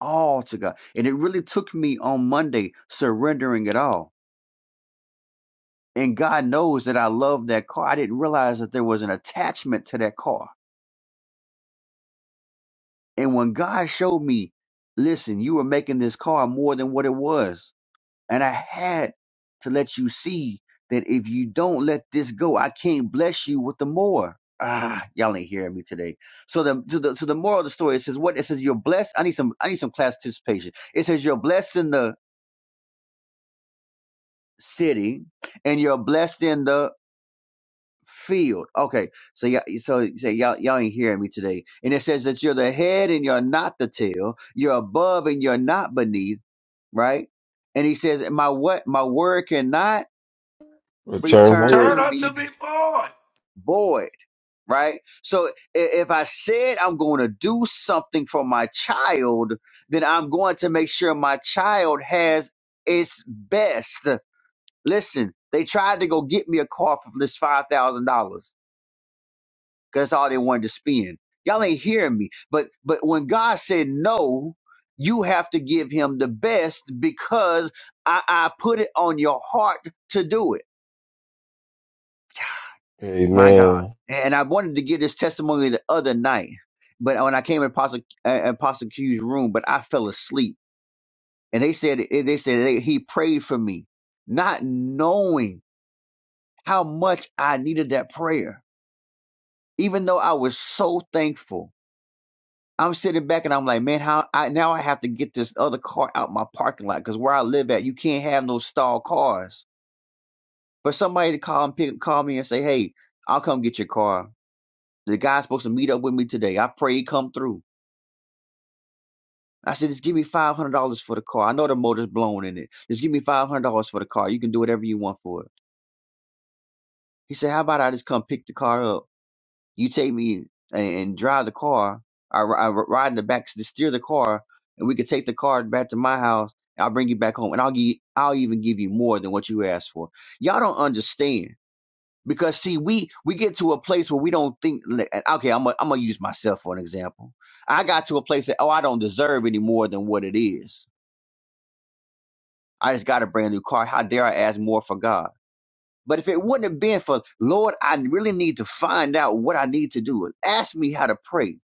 F: all to God, and it really took me on Monday surrendering it all. And God knows that I love that car. I didn't realize that there was an attachment to that car And when God showed me, listen, you were making this car more than what it was. And I had to let you see that if you don't let this go, I can't bless you with the more. Ah, y'all ain't hearing me today. So the to the so the moral of the story it says what it says you're blessed. I need some I need some class participation. It says you're blessed in the city and you're blessed in the field. Okay, so y'all, so you say y'all, y'all ain't hearing me today. And it says that you're the head and you're not the tail. You're above and you're not beneath. Right. And he says, my what? My word cannot
C: Return
F: return
C: void.
D: Turn
F: to
D: unto
F: me
D: me, boy.
F: void. Right. So i- if I said I'm going to do something for my child, then I'm going to make sure my child has its best. Listen, they tried to go get me a car for this five thousand dollars 'cause That's all they wanted to spend. Y'all ain't hearing me. But but when God said no, you have to give him the best because I, I put it on your heart to do it. My God.
C: Amen.
F: And I wanted to give this testimony the other night, but when I came in Apostle uh, Apostle Q's room, but I fell asleep. And they said eh, they said they, he prayed for me, not knowing how much I needed that prayer. Even though I was so thankful I'm sitting back and I'm like, man, how I now I have to get this other car out my parking lot because where I live at, you can't have no stalled cars. For somebody to call and pick, call me and say, hey, I'll come get your car. The guy's supposed to meet up with me today. I pray he come through. I said, just give me five hundred dollars for the car. I know the motor's blown in it. Just give me five hundred dollars for the car. You can do whatever you want for it. He said, how about I just come pick the car up? You take me and, drive the car. I, ri- I ride in the back to steer the car, and we could take the car back to my house. And I'll bring you back home, and I'll give I'll even give you more than what you asked for. Y'all don't understand because see, we we get to a place where we don't think. li- and, Okay, I'm i I'm gonna use myself for an example. I got to a place that oh, I don't deserve any more than what it is. I just got a brand new car. How dare I ask more for God? But if it wouldn't have been for Lord, I really need to find out what I need to do. Ask me how to pray.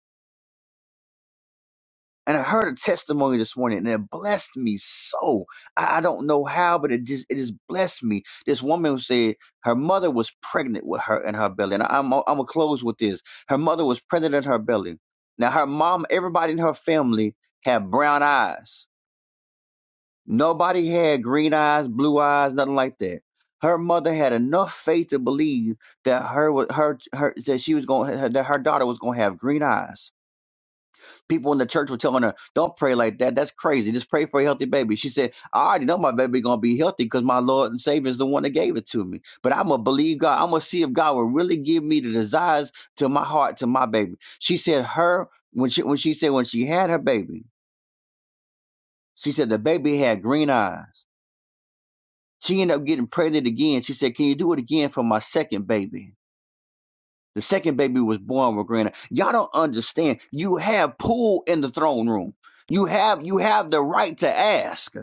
F: and I heard a testimony this morning, and it blessed me so. I, I don't know how, but it just it just blessed me. This woman said her mother was pregnant with her in her belly, and I'm I'm gonna close with this. Her mother was pregnant in her belly. Now her mom, everybody in her family had brown eyes. Nobody had green eyes, blue eyes, nothing like that. Her mother had enough faith to believe that her wa- her her that she was going that her daughter was going to have green eyes people in the church were telling her, "Don't pray like that. That's crazy. Just pray for a healthy baby." She said, "I already know my baby gonna be healthy because my Lord and Savior is the one that gave it to me. But I'm gonna believe God. I'm gonna see if God will really give me the desires to my heart to my baby." She said, "Her when she when she said when she had her baby, she said the baby had green eyes." She ended up getting pregnant again. She said, "Can you do it again for my second baby?" The second baby was born with granite. Y'all don't understand. You have pool in the throne room. You have you have the right to ask.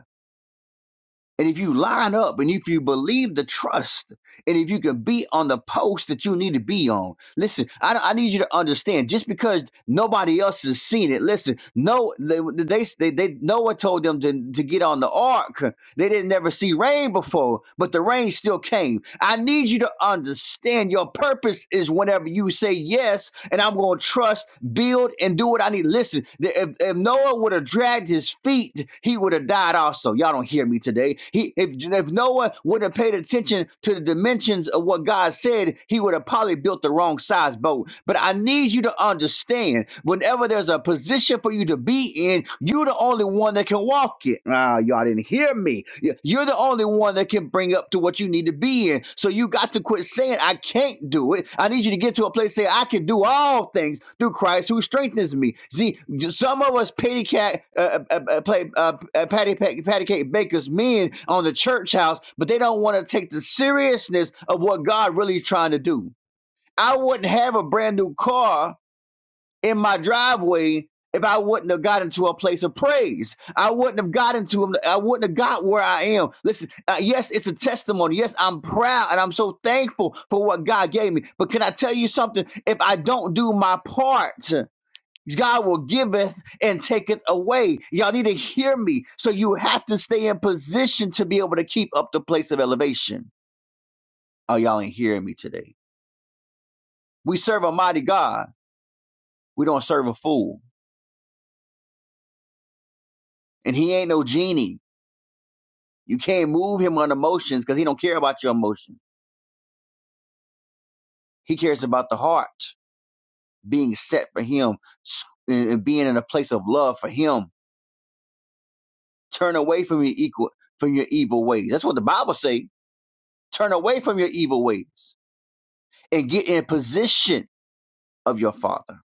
F: And if you line up and if you believe the trust and if you can be on the post that you need to be on. Listen, I, I need you to understand just because nobody else has seen it. Listen, no they they they, they Noah told them to, to get on the ark they didn't never see rain before, but the rain still came. I need you to understand your purpose is whenever you say yes, and I'm going to trust, build, and do what I need. Listen, the- if, if Noah would have dragged his feet, he would have died also. Y'all don't hear me today. He, if, if Noah would have paid attention to the dimensions of what God said, he would have probably built the wrong size boat. But I need you to understand whenever there's a position for you to be in. You're the only one that can walk it. Ah, y'all didn't hear me. Y- You're the only one that can bring up to what you need to be in. So you got to quit saying, I can't do it. I need you to get to a place saying I can do all things through Christ who strengthens me. See, j- some of us patty cat, uh, uh, uh, uh, play, uh, uh, patty, patty, patty cake bakers men on the church house, but they don't want to take the seriousness of what God really is trying to do. I wouldn't have a brand new car in my driveway if I wouldn't have gotten to a place of praise. I wouldn't have gotten to him. I wouldn't have got where I am. Listen, uh, yes, it's a testimony. Yes, I'm proud and I'm so thankful for what God gave me. But can I tell you something? If I don't do my part, God will giveth and taketh away. Y'all need to hear me. So you have to stay in position to be able to keep up the place of elevation. Oh, y'all ain't hearing me today. We serve a mighty God. We don't serve a fool. And he ain't no genie. You can't move him on emotions because he don't care about your emotion. He cares about the heart being set for him and being in a place of love for him. Turn away from your equal from your evil ways. That's what the Bible say. Turn away from your evil ways and get in position of your father.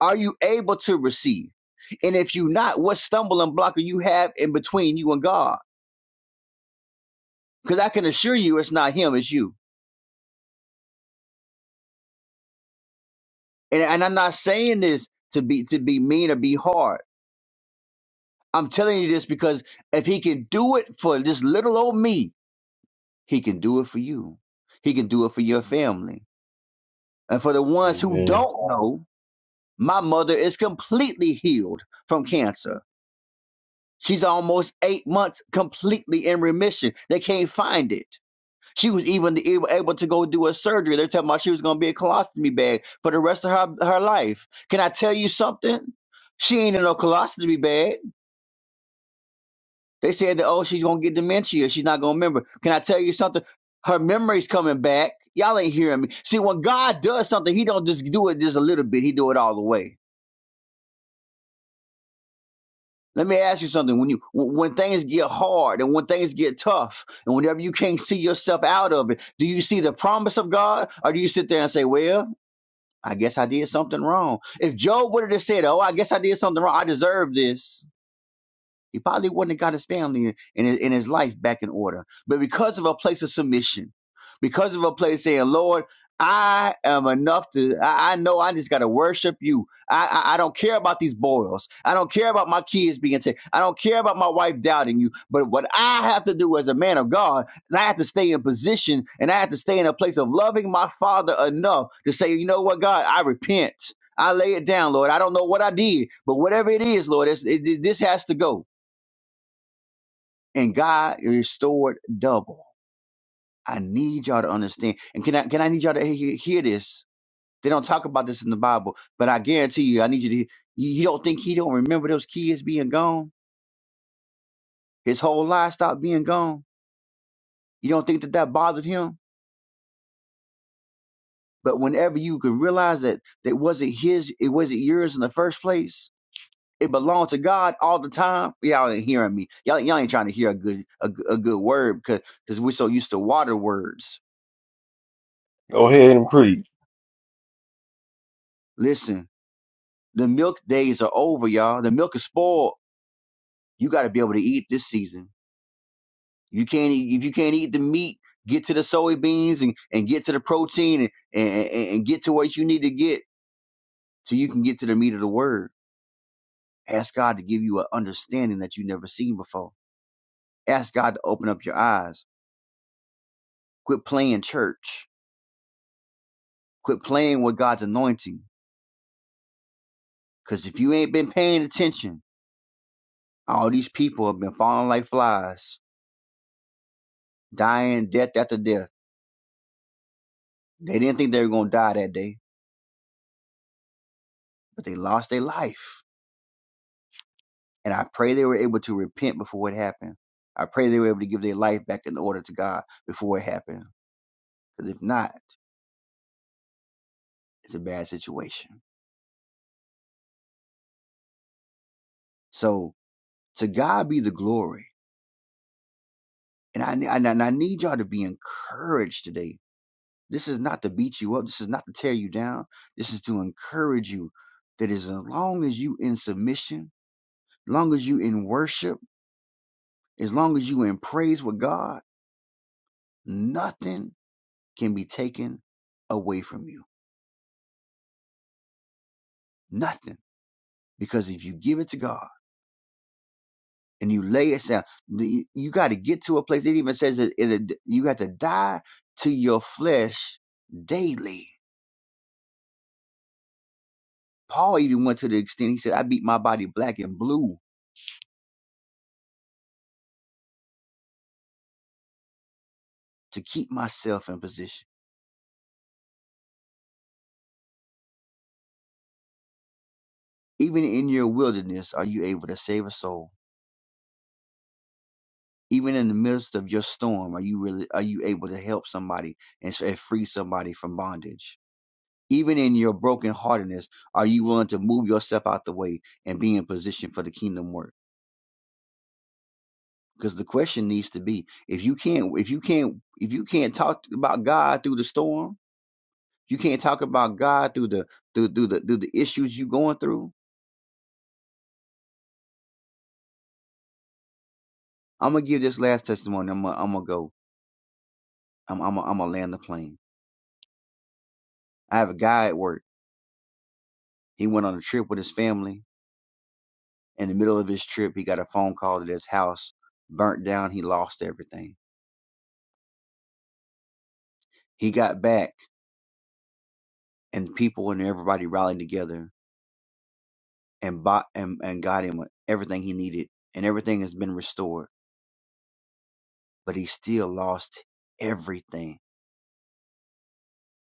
F: Are you able to receive? And if you not, what stumbling block do you have in between you and God? Because I can assure you, it's not him, it's you. And, and I'm not saying this to be to be mean or be hard I'm telling you this because if he can do it for this little old me, he can do it for you. He can do it for your family. And for the ones who
C: Amen.
F: don't know, my mother is completely healed from cancer. She's almost eight months completely in remission. They can't find it. She was even the- able able to go do a surgery. They're talking about she was going to be a colostomy bag for the rest of her, her life. Can I tell you something? She ain't in no colostomy bag. They said that oh she's gonna get dementia, she's not gonna remember. Can I tell you something? Her memory's coming back. Y'all ain't hearing me. See, when God does something, He don't just do it just a little bit. He do it all the way. Let me ask you something. When you when things get hard and when things get tough and whenever you can't see yourself out of it, do you see the promise of God or do you sit there and say, "Well, I guess I did something wrong"? If Job would have just said, "Oh, I guess I did something wrong. I deserve this," He probably wouldn't have got his family and his, and his life back in order. But because of a place of submission, because of a place saying, Lord, I am enough to, I, I know I just got to worship you. I, I, I don't care about these boils. I don't care about my kids being sick. I don't care about my wife doubting you. But what I have to do as a man of God is I have to stay in position and I have to stay in a place of loving my father enough to say, you know what, God, I repent. I lay it down, Lord. I don't know what I did, but whatever it is, Lord, it's, it, this has to go and God restored double. I need y'all to understand. And can I can I need y'all to hear, hear this? They don't talk about this in the Bible, but I guarantee you, I need you to. hear- You you don't think he don't remember those kids being gone? His whole livestock being gone. You don't think that that bothered him? But whenever you could realize that that wasn't his, it wasn't yours in the first place. It belonged to God all the time. Y'all ain't hearing me. Y'all, y'all ain't trying to hear a good a, good- a good word because because we're so used to water words.
C: Go ahead and preach.
F: Listen, The milk days are over, y'all. The milk is spoiled. You got to be able to eat this season. You can't eat, if you can't eat the meat, get to the soybeans and, and get to the protein and, and, and and get to what you need to get so you can get to the meat of the word. Ask God to give you an understanding that you never seen before. Ask God to open up your eyes. Quit playing church. Quit playing with God's anointing. Because if you ain't been paying attention, all these people have been falling like flies, dying death after death. They didn't think they were going to die that day but they lost their life. And I pray they were able to repent before it happened. I pray they were able to give their life back in order to God before it happened. Because if not, it's a bad situation. So to God be the glory. And I, and I and I need y'all to be encouraged today. This is not to beat you up. This is not to tear you down. This is to encourage you that as long as you in submission, as long as you in worship, as long as you in praise with God, nothing can be taken away from you Nothing. Because if you give it to God and you lay it down, the- you got to get to a place. It even says that it, you got to die to your flesh daily. Paul even went to the extent, he said, I beat my body black and blue to keep myself in position. Even in your wilderness, are you able to save a soul? Even in the midst of your storm, are you really are you able to help somebody and s- and free somebody from bondage? Even in your brokenheartedness, are you willing to move yourself out the way and be in position for the kingdom work? Because the question needs to be: if you can't, if you can't, if you can't talk about God through the storm, you can't talk about God through the through through the through the issues you going through. I'm gonna give this last testimony. I'm gonna I'm gonna go. I'm I'm gonna, I'm gonna land the plane. I have a guy at work. He went on a trip with his family. In the middle of his trip, he got a phone call that his house burnt down. He lost everything. He got back. and people and everybody rallied together and bought and, and got him everything he needed and everything has been restored but he still lost everything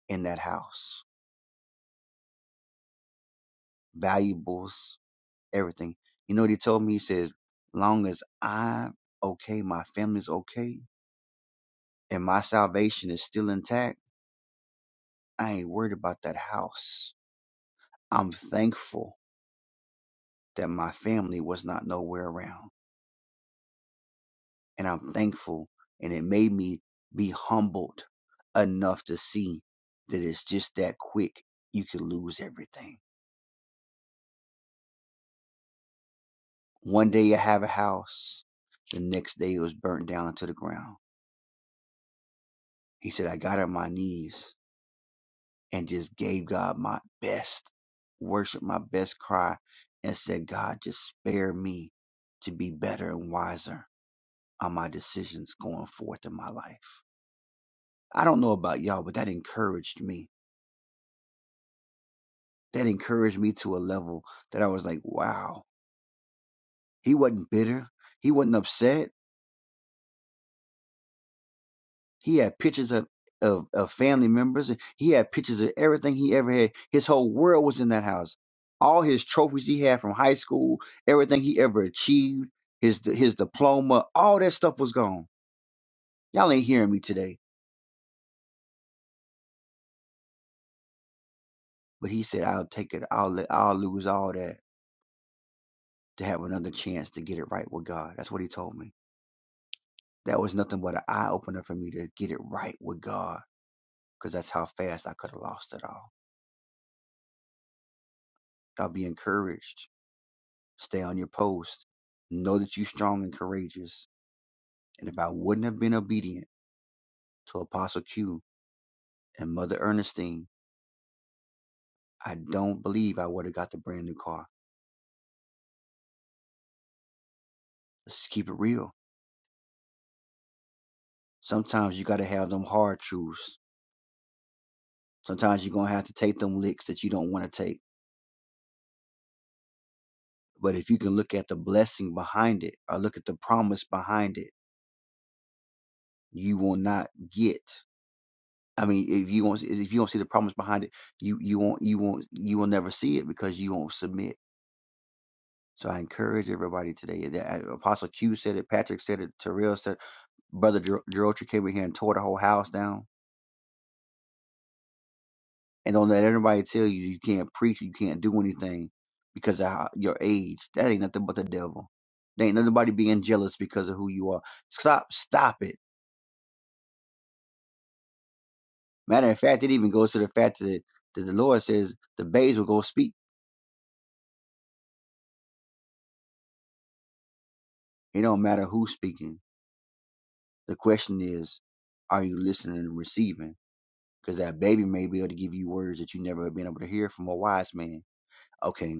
F: in that house valuables everything you know what he told me he says long as i'm okay my family's okay and my salvation is still intact i ain't worried about that house i'm thankful that my family was not nowhere around and I'm thankful. And it made me be humbled enough to see that it's just that quick. You can lose everything. One day you have a house, the next day it was burnt down to the ground. He said, I got on my knees and just gave God my best, worshiped my best cry, and said, God, just spare me to be better and wiser on my decisions going forth in my life. I don't know about y'all, but that encouraged me that encouraged me to a level that I was like, wow, he wasn't bitter. He wasn't upset. He had pictures of, of, of family members. He had pictures of everything he ever had. His whole world was in that house. All his trophies he had from high school, everything he ever achieved, his his diploma, all that stuff was gone. Y'all ain't hearing me today. But he said, I'll take it. I'll let, I'll lose all that to have another chance to get it right with God. That's what he told me. That was nothing but an eye opener for me to get it right with God because that's how fast I could have lost it all. Y'all be encouraged. Stay on your post. Know that you're strong and courageous. And if I wouldn't have been obedient to Apostle Q and Mother Ernestine, I don't believe I would have got the brand new car. Let's just keep it real. Sometimes you got to have them hard truths. Sometimes you're going to have to take them licks that you don't want to take. But if you can look at the blessing behind it or look at the promise behind it, you will not get. I mean, if you won't, if you don't see the problems behind it, you you won't you won't you will never see it because you won't submit. So I encourage everybody today. That uh, Apostle Q said it, Patrick said it, Terrell said, it, Brother Jer- Jerotra came in here and tore the whole house down. And don't let anybody tell you you can't preach, you can't do anything because of how, your age. That ain't nothing but the devil. There ain't nobody being jealous because of who you are. Stop, stop it. Matter of fact, it even goes to the fact that, that the Lord says the babes will go speak. It don't matter who's speaking The question is, are you listening and receiving? Because that baby may be able to give you words that you never have been able to hear from a wise man. Okay,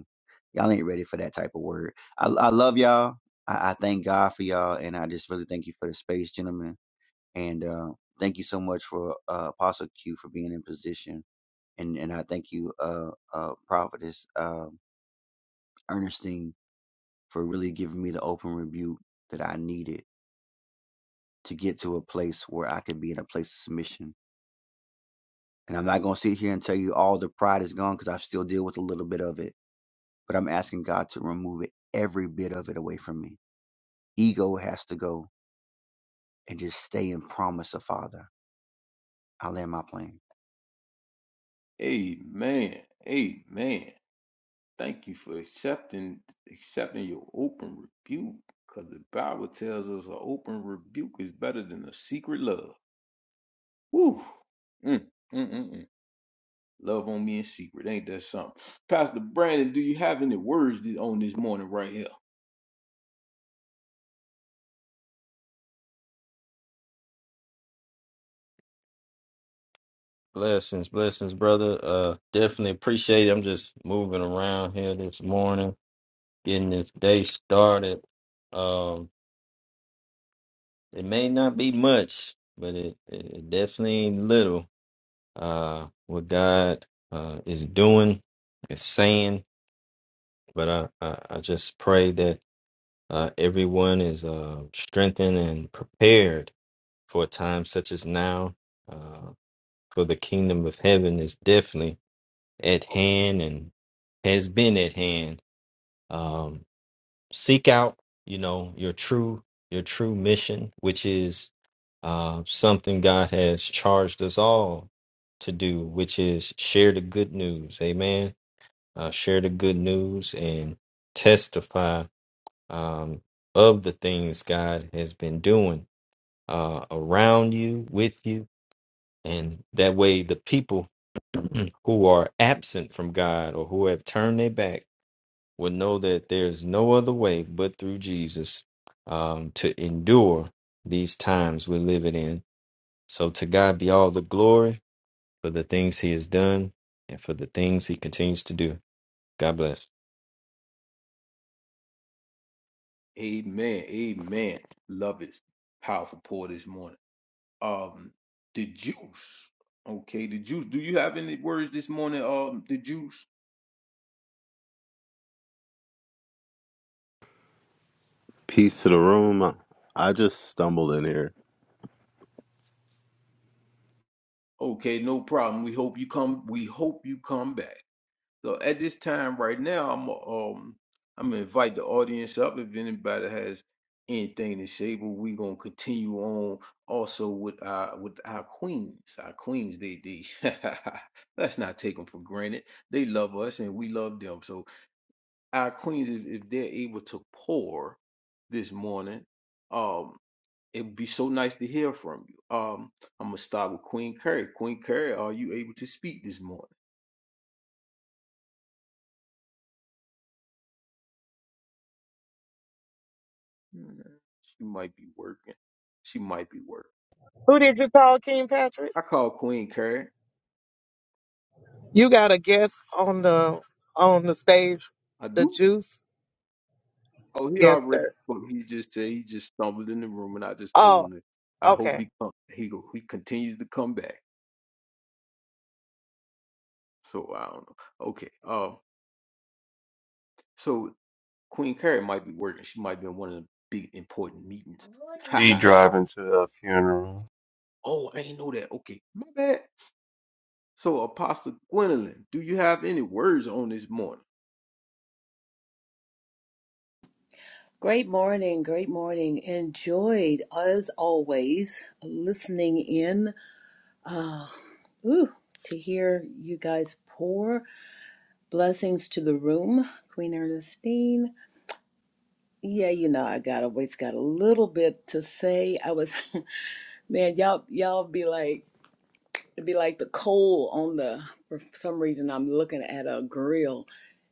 F: y'all ain't ready for that type of word. I, I love y'all. I, I thank God for y'all, and I just really thank you for the space, gentlemen. And uh, thank you so much for uh, Apostle Q for being in position, and and I thank you, uh, uh, Prophetess um Ernestine, for really giving me the open rebuke that I needed to get to a place where I could be in a place of submission And I'm not going to sit here and tell you all the pride is gone because I still deal with a little bit of it. But I'm asking God to remove it, every bit of it away from me. Ego has to go and just stay in promise of Father. I land my plane.
A: Amen. Amen. Thank you for accepting accepting your open rebuke. Because the Bible tells us an open rebuke is better than a secret love. Woo. Mm, mm, mm, mm. Love on me in secret. Ain't that something? Pastor Brandon, do you have any words on this morning right here?
G: Blessings, blessings, brother. Uh, definitely appreciate it. I'm just moving around here this morning, getting this day started. Um, it may not be much, but it, it it definitely ain't little. Uh, what God uh is doing, is saying. But I, I, I just pray that uh everyone is uh strengthened and prepared for a time such as now. Uh, for the kingdom of heaven is definitely. at hand and has been at hand. Um, seek out, you know, your true your true mission, which is uh, something God has charged us all to do, which is share the good news. Amen. Uh, share the good news and testify um, of the things God has been doing uh, around you, with you. And that way, the people who are absent from God or who have turned their back will know that there's no other way but through Jesus um, to endure these times we're living in. So to God be all the glory for the things he has done and for the things he continues to do. God bless.
A: Amen. Amen. Love it. Powerful pour this morning. Um, the juice. Okay, the juice. Do you have any words this morning? Um, the juice.
H: Peace to the room. I just stumbled in here.
A: Okay, no problem. We hope you come. We hope you come back. So at this time right now, I'm um I'm gonna invite the audience up if anybody has anything to say, but we're gonna continue on also with our with our queens, our queens. They they let's not take them for granted. They love us and we love them. So our queens, if, if they're able to pour this morning, um, it would be so nice to hear from you. Um, I'm gonna start with Queen Curry. Queen Curry, are you able to speak this morning? Mm, She might be working. She might be working.
B: Who did you call King Patrick?
A: I call Queen Carrie.
B: You got a guest on the on the stage,
A: I
B: the
A: do.
B: juice?
A: Oh, he
B: Yes,
A: already.
B: sir.
A: But he just said he just stumbled in the room, and I just told
B: Oh,
A: him that I hope
B: okay.
A: he come. He go. He continues to come back. So I don't know. Okay. Uh. So Queen Carrie might be working. She might be in one of the big important meetings. Ha
C: She
A: ha. So-
C: driving to a funeral.
A: Oh, I ain't know that. Okay, my bad. So Apostle Gwendolyn, do you have any words on this morning?
I: Great morning, great morning. Enjoyed as always listening in. Uh, ooh, to hear you guys pour blessings to the room, Queen Ernestine. Yeah, you know I got always got a little bit to say. I was, man, y'all y'all be like it'd be like the coal on the. For some reason, I'm looking at a grill,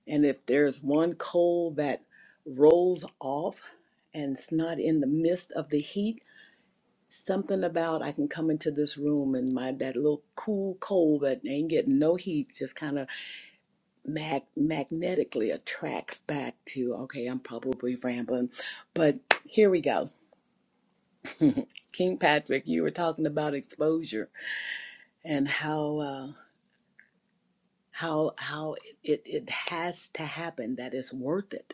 I: and if there's one coal that rolls off and it's not in the midst of the heat something about I can come into this room and my that little cool cold that ain't getting no heat just kind of mag- magnetically attracts back to okay, I'm probably rambling, but here we go. King Patrick, you were talking about exposure and how uh, how how it it has to happen that it's worth it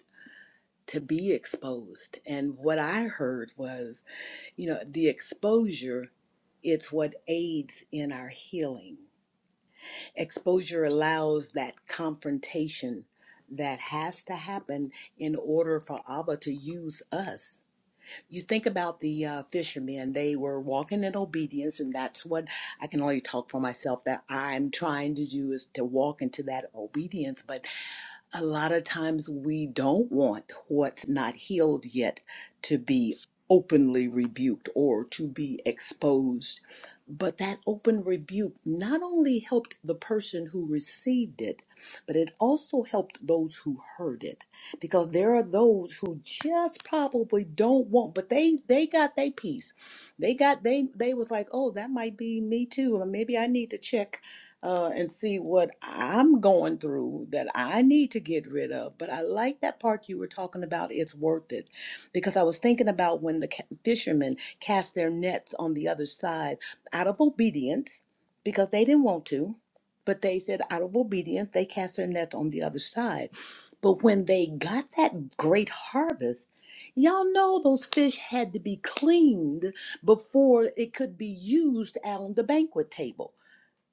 I: to be exposed. And what I heard was, you know, the exposure it's what aids in our healing Exposure allows that confrontation that has to happen in order for Abba to use us. You think about the uh, fishermen, they were walking in obedience, and that's what I can only talk for myself that I'm trying to do is to walk into that obedience. But a lot of times we don't want what's not healed yet to be openly rebuked or to be exposed. But that open rebuke not only helped the person who received it, but it also helped those who heard it. Because there are those who just probably don't want, but they they got their piece. They got they they was like, oh, that might be me too. Or maybe I need to check uh, and see what I'm going through that I need to get rid of. But I like that part you were talking about. It's worth it because I was thinking about when the ca- fishermen cast their nets on the other side out of obedience because they didn't want to, but they said out of obedience, they cast their nets on the other side. But when they got that great harvest, y'all know those fish had to be cleaned before it could be used on the banquet table.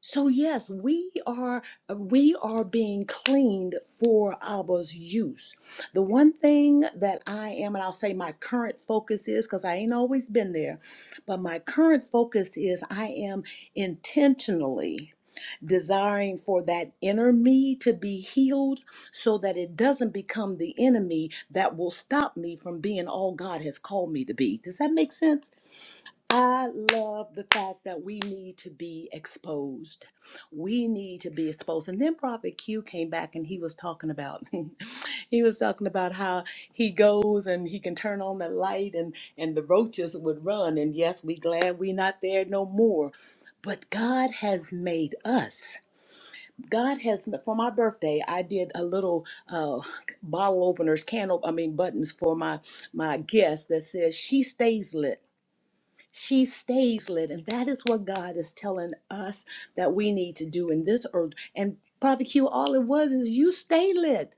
I: So yes, we are uh, we are being cleaned for Abba's use. The one thing that I am, and I'll say my current focus is because I ain't always been there, but my current focus is I am intentionally desiring for that inner me to be healed so that it doesn't become the enemy that will stop me from being all God has called me to be. Does that make sense? I love the fact that we need to be exposed. We need to be exposed. And then Prophet Q came back and he was talking about he was talking about how he goes and he can turn on the light and and the roaches would run. And yes, we glad we not there no more. But God has made us. God has for my birthday. I did a little uh, bottle openers, can op- I mean buttons for my my guest that says she stays lit. She stays lit, and that is what God is telling us that we need to do in this earth. And Prophet Q, all it was is you stay lit.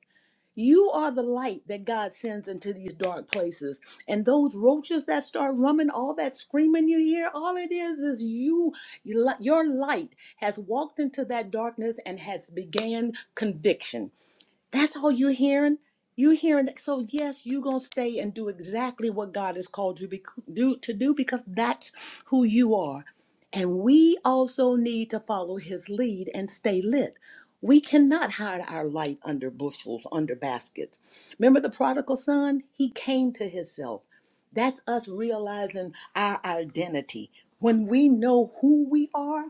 I: You are the light that God sends into these dark places. And those roaches that start rumming, all that screaming you hear, all it is is you, you li- your light has walked into that darkness and has began conviction. That's all you're hearing. You're hearing that. So yes, you're gonna stay and do exactly what God has called you bec do to do because that's who you are. And we also need to follow His lead and stay lit. We cannot hide our light under bushels, under baskets. Remember the prodigal son? He came to himself. That's us realizing our identity. When we know who we are,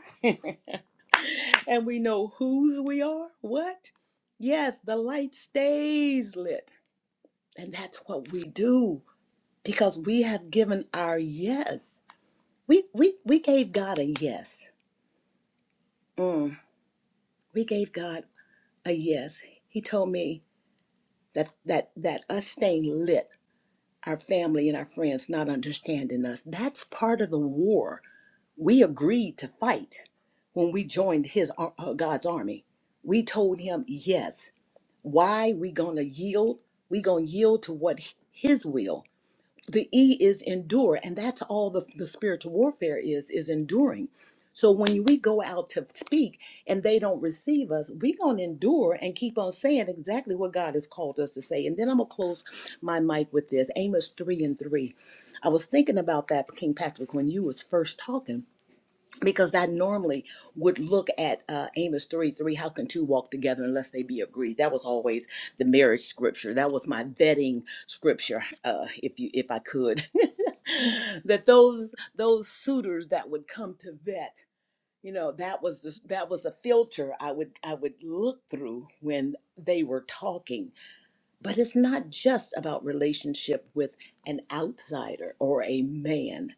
I: and we know whose we are. What? Yes, the light stays lit. And that's what we do because we have given our yes. We we we gave God a yes. Mm, we gave God a yes. He told me that that that us staying lit, our family and our friends not understanding us. That's part of the war we agreed to fight when we joined his ar- uh, God's army. We told him yes why we gonna yield we gonna yield to what his will the e is endure and that's all the, the spiritual warfare is is enduring so when we go out to speak and they don't receive us we gonna endure and keep on saying exactly what god has called us to say and then i'm gonna close my mic with this amos 3 and 3 i was thinking about that king patrick when you was first talking because I normally would look at uh, Amos 3 3, how can two walk together unless they be agreed? That was always the marriage scripture. That was my vetting scripture, uh, if you if I could. that those those suitors that would come to vet, you know, that was the, that was the filter I would I would look through when they were talking. But it's not just about relationship with an outsider or a man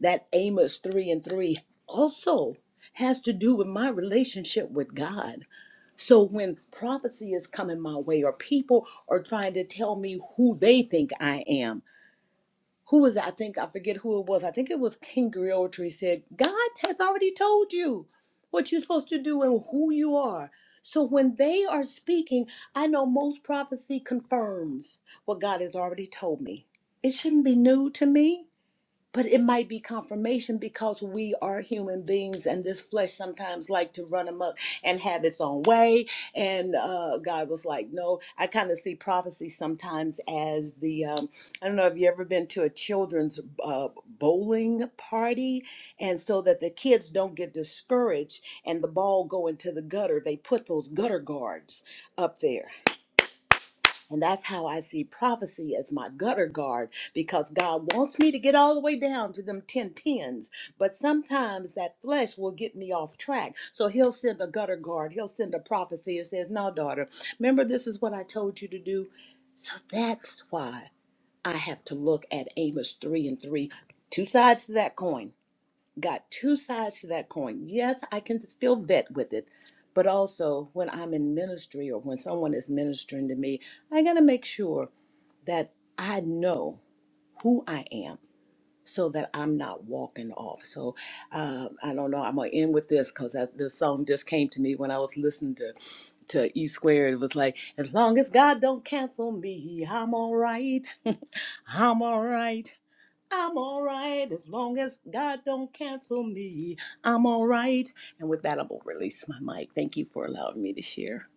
I: that Amos 3 and 3 also has to do with my relationship with God. So when prophecy is coming my way or people are trying to tell me who they think I am, who is I think I forget who it was. I think it was King Griotry said, God has already told you what you're supposed to do and who you are. So when they are speaking, I know most prophecy confirms what God has already told me. It shouldn't be new to me but it might be confirmation because we are human beings and this flesh sometimes like to run amok and have its own way and uh, god was like no i kind of see prophecy sometimes as the um, i don't know if you ever been to a children's uh, bowling party and so that the kids don't get discouraged and the ball go into the gutter they put those gutter guards up there and that's how I see prophecy as my gutter guard because God wants me to get all the way down to them 10 pins. But sometimes that flesh will get me off track. So he'll send a gutter guard, he'll send a prophecy and says, No, daughter, remember this is what I told you to do. So that's why I have to look at Amos 3 and 3, two sides to that coin got two sides to that coin. Yes, I can still vet with it, but also when I'm in ministry or when someone is ministering to me, I got to make sure that I know who I am so that I'm not walking off. So um, I don't know. I'm going to end with this because this song just came to me when I was listening to. To E squared, it was like, as long as God don't cancel me, I'm all right. I'm all right. I'm all right as long as God don't cancel me. I'm all right. And with that, I will release my mic. Thank you for allowing me to share.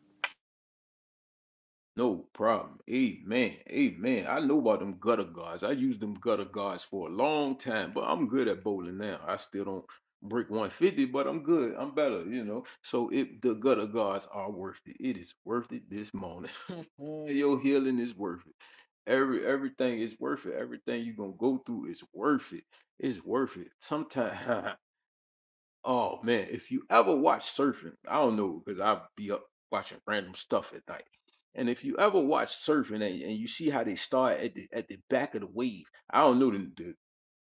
A: No problem. Amen. Amen. I know about them gutter guards. I used them gutter guards for a long time, but I'm good at bowling now. I still don't break 150, but I'm good. I'm better, you know. So it the gutter guards are worth it. It is worth it this morning. Your healing is worth it. Every everything is worth it. Everything you're gonna go through is worth it. It's worth it. Sometimes Oh man, if you ever watch surfing, I don't know because i be up watching random stuff at night. And if you ever watch surfing and, and you see how they start at the at the back of the wave, I don't know the, the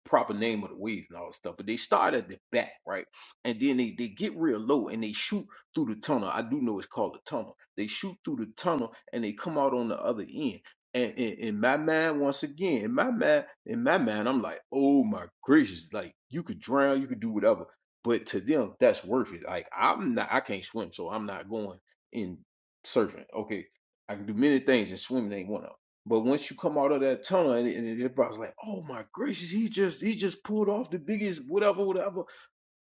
A: proper name of the wave and all that stuff, but they start at the back, right? And then they, they get real low and they shoot through the tunnel. I do know it's called a tunnel. They shoot through the tunnel and they come out on the other end. And in, in my mind, once again, in my mind, in my mind, I'm like, oh my gracious, like you could drown, you could do whatever but to them that's worth it. Like I'm not, I can't swim, so I'm not going in surfing. Okay, I can do many things, and swimming ain't one of them. But once you come out of that tunnel, and, and everybody's like, "Oh my gracious, he just he just pulled off the biggest whatever whatever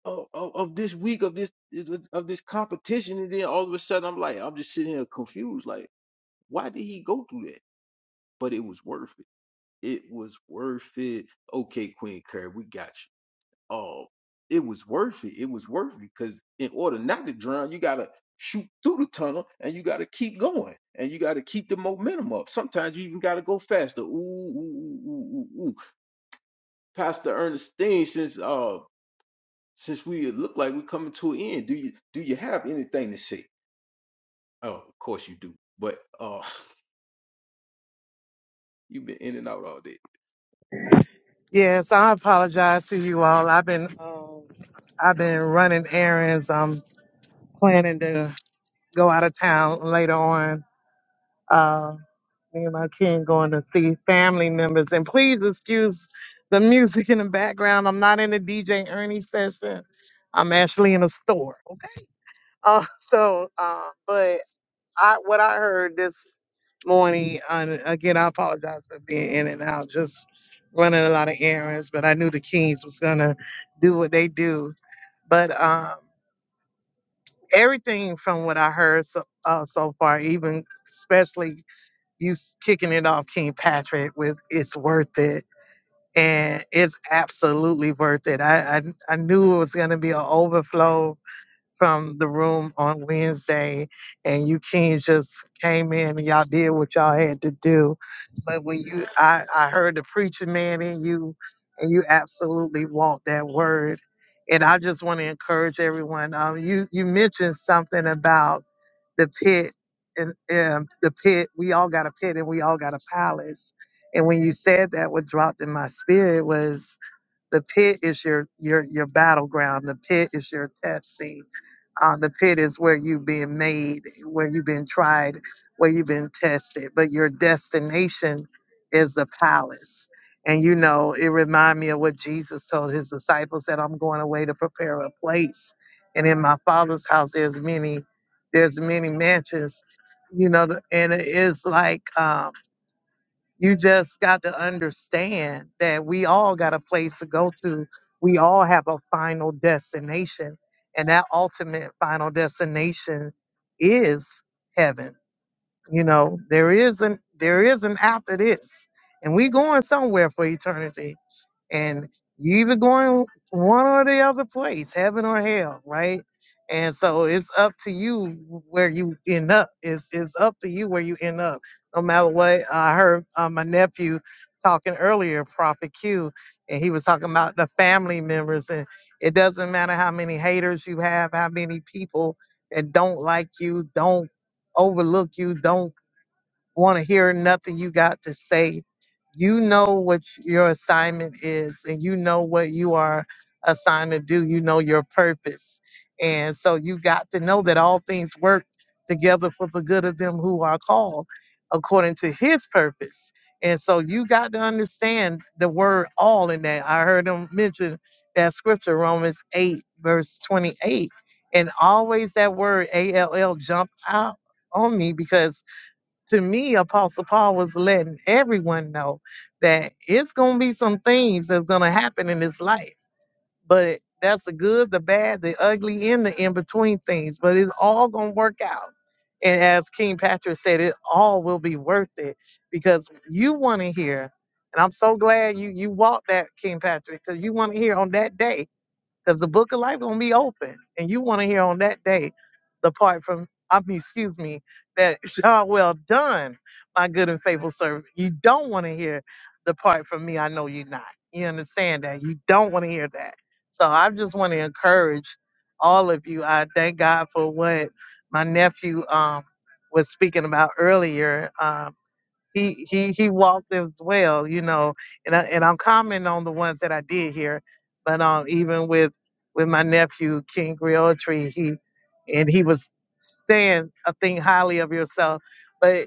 A: of, of, of this week of this of this competition," and then all of a sudden I'm like, I'm just sitting here confused, like, why did he go through that? But it was worth it. It was worth it. Okay, Queen Curry, we got you uh, it was worth it. It was worth it because in order not to drown, you gotta shoot through the tunnel and you gotta keep going and you gotta keep the momentum up. Sometimes you even gotta go faster. Ooh, ooh, ooh, ooh, ooh. ooh. Pastor Ernestine, since uh, since we look like we're coming to an end, do you do you have anything to say? Oh, of course you do, but uh, you've been in and out all day.
B: Yes, I apologize to you all. I've been um I've been running errands. I'm planning to go out of town later on Uh, me and my kid going to see family members. And please excuse the music in the background. I'm not in a DJ Ernie session. I'm actually in a store. Okay. Uh, so, uh, but I what I heard this morning, and again, I apologize for being in and out, just running a lot of errands. But I knew the Kings was gonna do what they do. But um, everything from what I heard so, uh, so far, even especially you s- kicking it off King Patrick with it's worth it. And it's absolutely worth it. I I, I knew it was gonna be an overflow from the room on Wednesday and you kings just came in and y'all did what y'all had to do. But when you I, I heard the preacher man in you and you absolutely walked that word. And I just want to encourage everyone. Um, you you mentioned something about the pit and um, the pit we all got a pit and we all got a palace and when you said that what dropped in my spirit was. The pit is your your your battleground. The pit is your test scene. Uh, the pit is where you've been made, where you've been tried, where you've been tested. But your destination is the palace. And you know, it remind me of what Jesus told his disciples that I'm going away to prepare a place. And in my father's house, there's many, there's many mansions, you know, and it is like, um, you just got to understand that we all got a place to go to. We all have a final destination. And that ultimate final destination is heaven. You know, there isn't there isn't after this. And we going somewhere for eternity and you either going one or the other place, heaven or hell, right? And so it's up to you where you end up. It's it's up to you where you end up. No matter what, I heard uh, my nephew talking earlier, Prophet Q, and he was talking about the family members, and it doesn't matter how many haters you have, how many people that don't like you, don't overlook you, don't want to hear nothing you got to say. You know what your assignment is and you know what you are assigned to do. You know your purpose. And so you got to know that all things work together for the good of them who are called according to his purpose. And so you got to understand the word all in that. I heard him mention that scripture, Romans 8, verse 28. And always that word, A L L, jump out on me because to me, Apostle Paul was letting everyone know that it's going to be some things that's going to happen in this life, but that's the good, the bad, the ugly, and the in between things. But it's all going to work out. And as King Patrick said, it all will be worth it because you want to hear. And I'm so glad you you walked that, King Patrick, because you want to hear on that day because the book of life gonna be open, and you want to hear on that day the part from I mean, excuse me, that y'all well done, my good and faithful servant. You don't want to hear the part from me. I know you're not. You understand that. You don't want to hear that. So I just want to encourage all of you. I thank God for what my nephew um was speaking about earlier. Um, he he he walked as well, you know. And I, and I'm commenting on the ones that I did hear, but um, even with with my nephew King Griotry, he and he was saying a thing highly of yourself, but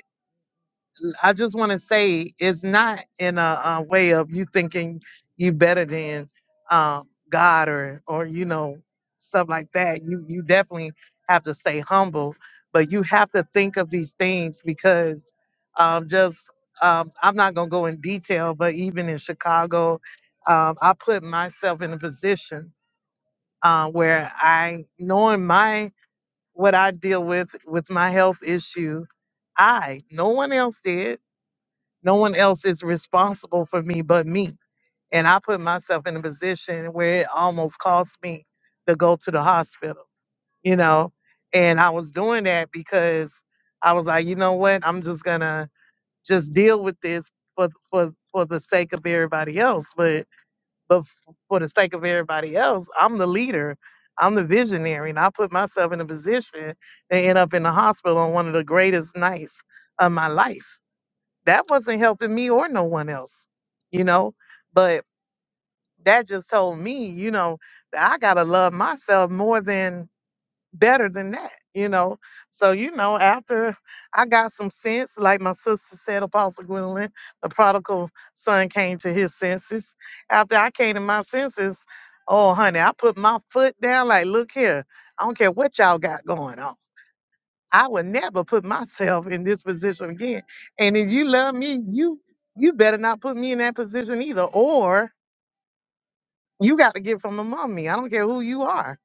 B: I just want to say it's not in a, a way of you thinking you better than um, God or or you know stuff like that. You you definitely have to stay humble, but you have to think of these things because um, just um, I'm not gonna go in detail, but even in Chicago, um, I put myself in a position uh, where I knowing my what I deal with with my health issue, I no one else did. No one else is responsible for me but me. And I put myself in a position where it almost cost me to go to the hospital, you know? And I was doing that because I was like, you know what? I'm just gonna just deal with this for for for the sake of everybody else. But but f- for the sake of everybody else, I'm the leader. I'm the visionary, and I put myself in a position to end up in the hospital on one of the greatest nights of my life that wasn't helping me or no one else, you know. But that just told me, you know, that I gotta love myself more than better than that, you know. So, you know, after I got some sense, like my sister said, Apostle Gwendolyn, the prodigal son came to his senses. After I came to my senses, oh honey, I put my foot down like, look here, I don't care what y'all got going on. I would never put myself in this position again. And if you love me, you you better not put me in that position either. Or you got to get from among me. I don't care who you are.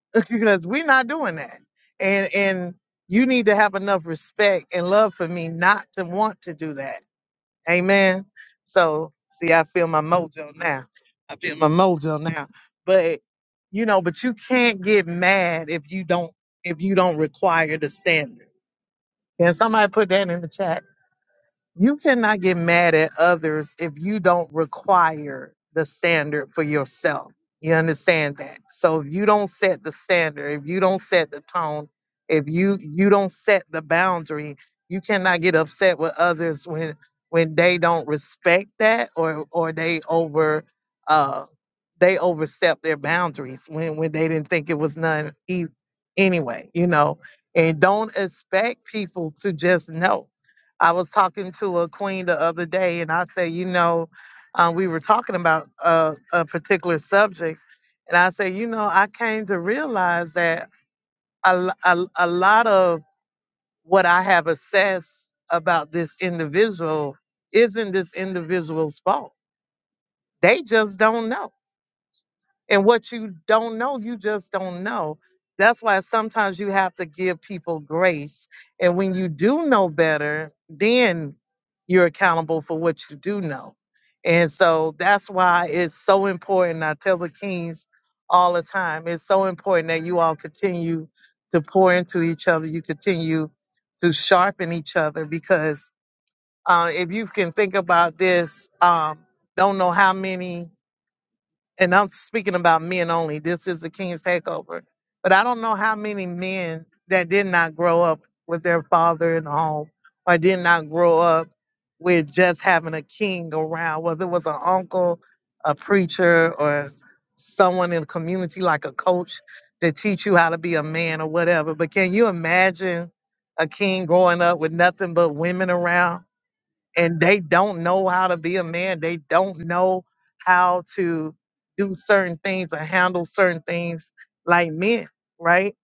B: because we're not doing that. And and you need to have enough respect and love for me not to want to do that. Amen. So see, I feel my mojo now. I feel my mojo now. But you know, but you can't get mad if you don't if you don't require the standard can somebody put that in the chat? You cannot get mad at others if you don't require the standard for yourself. You understand that? So if you don't set the standard, if you don't set the tone, if you you don't set the boundary, you cannot get upset with others when when they don't respect that or or they over uh they overstep their boundaries when when they didn't think it was none e- anyway, you know. And don't expect people to just know I was talking to a queen the other day, and I said, you know, uh, we were talking about a, a particular subject, and I said, you know, I came to realize that a, l- a l- a lot of what I have assessed about this individual isn't this individual's fault. They just don't know and what you don't know, you just don't know. That's why sometimes you have to give people grace. And when you do know better, then you're accountable for what you do know. And so that's why it's so important. I tell the kings all the time it's so important that you all continue to pour into each other. You continue to sharpen each other because uh, if you can think about this, um, don't know how many and I'm speaking about men only. This is the King's Takeover. But I don't know how many men that did not grow up with their father in the home or did not grow up with just having a king around, whether it was an uncle, a preacher, or someone in the community like a coach that teach you how to be a man or whatever. But can you imagine a king growing up with nothing but women around? and they don't know how to be a man. They don't know how to do certain things or handle certain things like men, right?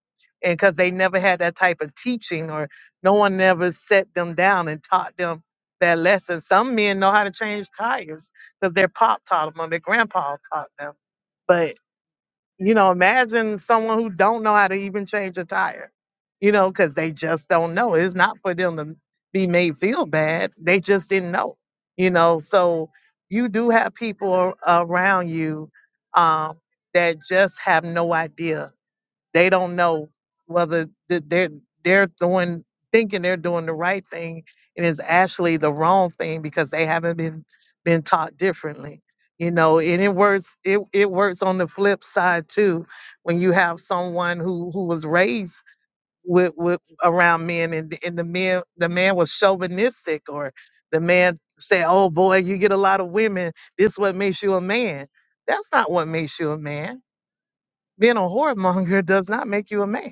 B: And because they never had that type of teaching or no one never set them down and taught them that lesson. Some men know how to change tires because their pop taught them or their grandpa taught them you know imagine someone who don't know how to even change a tire you know because they just don't know it's not for them to be made feel bad they just didn't know you know so you do have people around you um, that just have no idea they don't know whether th- they're they're doing thinking they're doing the right thing and it's actually the wrong thing because they haven't been been taught differently. You know, and it works it, it works on the flip side too when you have someone who who was raised with, with around men and, and the man the man was chauvinistic or the man said, Oh boy, you get a lot of women. This what makes you a man. That's not what makes you a man. Being a whoremonger does not make you a man.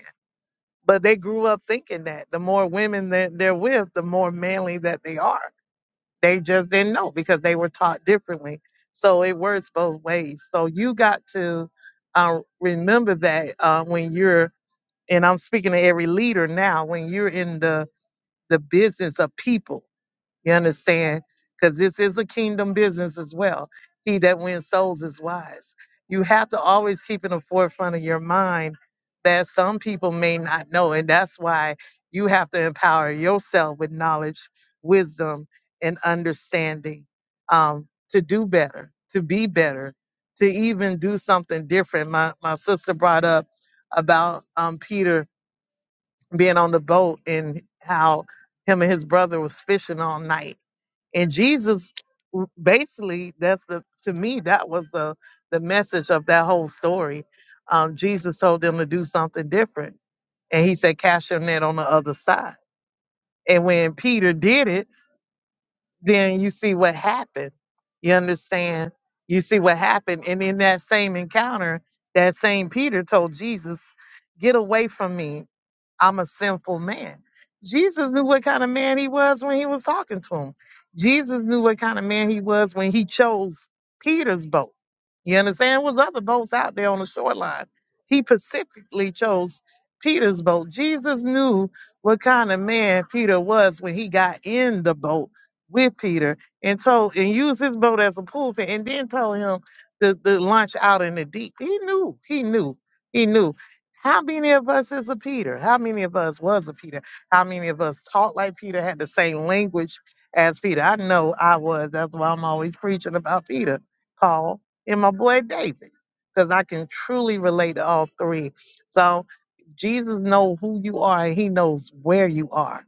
B: But they grew up thinking that the more women that they're with, the more manly that they are. They just didn't know because they were taught differently. So it works both ways. So you got to uh, remember that uh, when you're, and I'm speaking to every leader now, when you're in the, the business of people, you understand? Because this is a kingdom business as well. He that wins souls is wise. You have to always keep in the forefront of your mind that some people may not know. And that's why you have to empower yourself with knowledge, wisdom, and understanding um, to do better, to be better, to even do something different. My, my sister brought up about um, Peter being on the boat and how him and his brother was fishing all night and Jesus, w- basically, that's the to me that was the the message of that whole story. Um, Jesus told them to do something different, and he said, "Cast your net on the other side." And when Peter did it, then you see what happened. You understand? You see what happened, and in that same encounter, that same Peter told Jesus, "Get away from me! I'm a sinful man. Jesus knew what kind of man he was when he was talking to him. Jesus knew what kind of man he was when he chose Peter's boat. You understand? There was other boats out there on the shoreline. He specifically chose Peter's boat. Jesus knew what kind of man Peter was when he got in the boat with Peter and told and used his boat as a pulpit and then told him to, to launch out in the deep. He knew, he knew, he knew. How many of us is a Peter? How many of us was a Peter? How many of us talked like Peter, had the same language as Peter? I know I was. That's why I'm always preaching about Peter, Paul, and my boy David, because I can truly relate to all three. So Jesus knows who you are and he knows where you are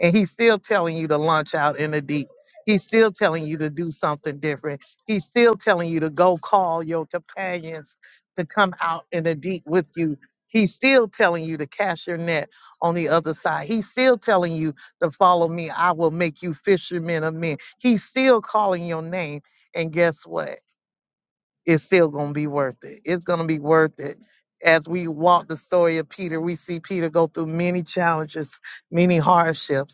B: and he's still telling you to launch out in the deep. He's still telling you to do something different. He's still telling you to go call your companions to come out in the deep with you. He's still telling you to cast your net on the other side. He's still telling you to follow me. I will make you fishermen of men. He's still calling your name. And guess what? It's still going to be worth it. It's going to be worth it. As we walk the story of Peter, we see Peter go through many challenges, many hardships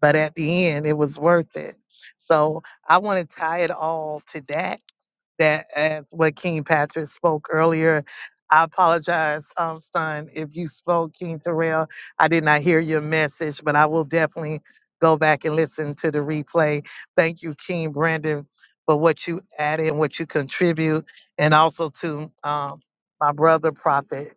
B: but at the end it was worth it so i want to tie it all to that that as what king patrick spoke earlier i apologize um son if you spoke king terrell i did not hear your message but i will definitely go back and listen to the replay thank you king brandon for what you added and what you contribute and also to um my brother prophet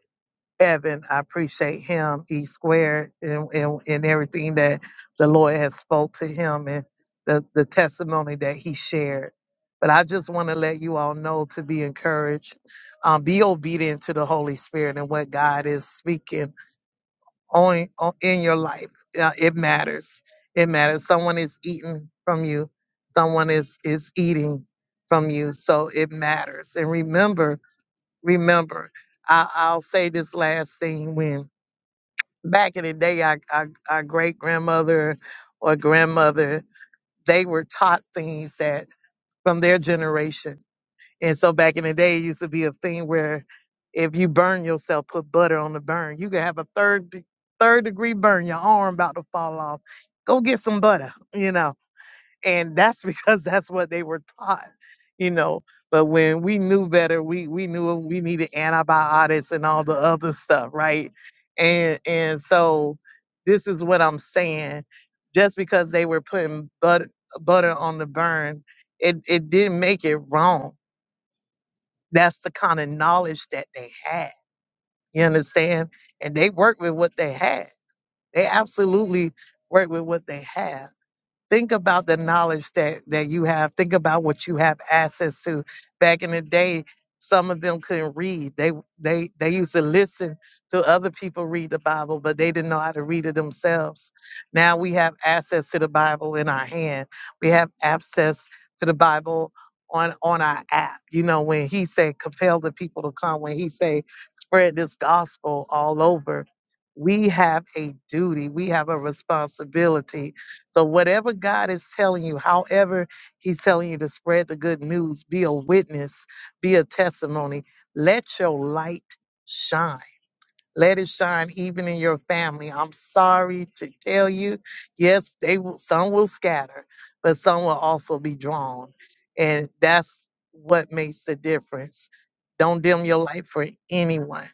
B: Evan. I appreciate him, E squared, and, and, and everything that the Lord has spoke to him and the, the testimony that he shared. But I just want to let you all know to be encouraged, um, be obedient to the Holy Spirit and what God is speaking on, on in your life. Uh, it matters. It matters. Someone is eating from you. Someone is is eating from you. So it matters. And remember, remember. I, I'll say this last thing when back in the day, our, our, our great grandmother or grandmother, they were taught things that from their generation. And so back in the day, it used to be a thing where if you burn yourself, put butter on the burn. You could have a third de- third degree burn, your arm about to fall off. Go get some butter, you know and that's because that's what they were taught you know but when we knew better we we knew we needed antibiotics and all the other stuff right and and so this is what i'm saying just because they were putting butter butter on the burn it it didn't make it wrong that's the kind of knowledge that they had you understand and they worked with what they had they absolutely worked with what they had Think about the knowledge that, that you have. Think about what you have access to. Back in the day, some of them couldn't read. They they they used to listen to other people read the Bible, but they didn't know how to read it themselves. Now we have access to the Bible in our hand. We have access to the Bible on on our app. You know, when he said compel the people to come, when he say spread this gospel all over, we have a duty, we have a responsibility so, whatever God is telling you, however He's telling you to spread the good news, be a witness, be a testimony, let your light shine. Let it shine even in your family. I'm sorry to tell you, yes, they will, some will scatter, but some will also be drawn. And that's what makes the difference. Don't dim your light for anyone.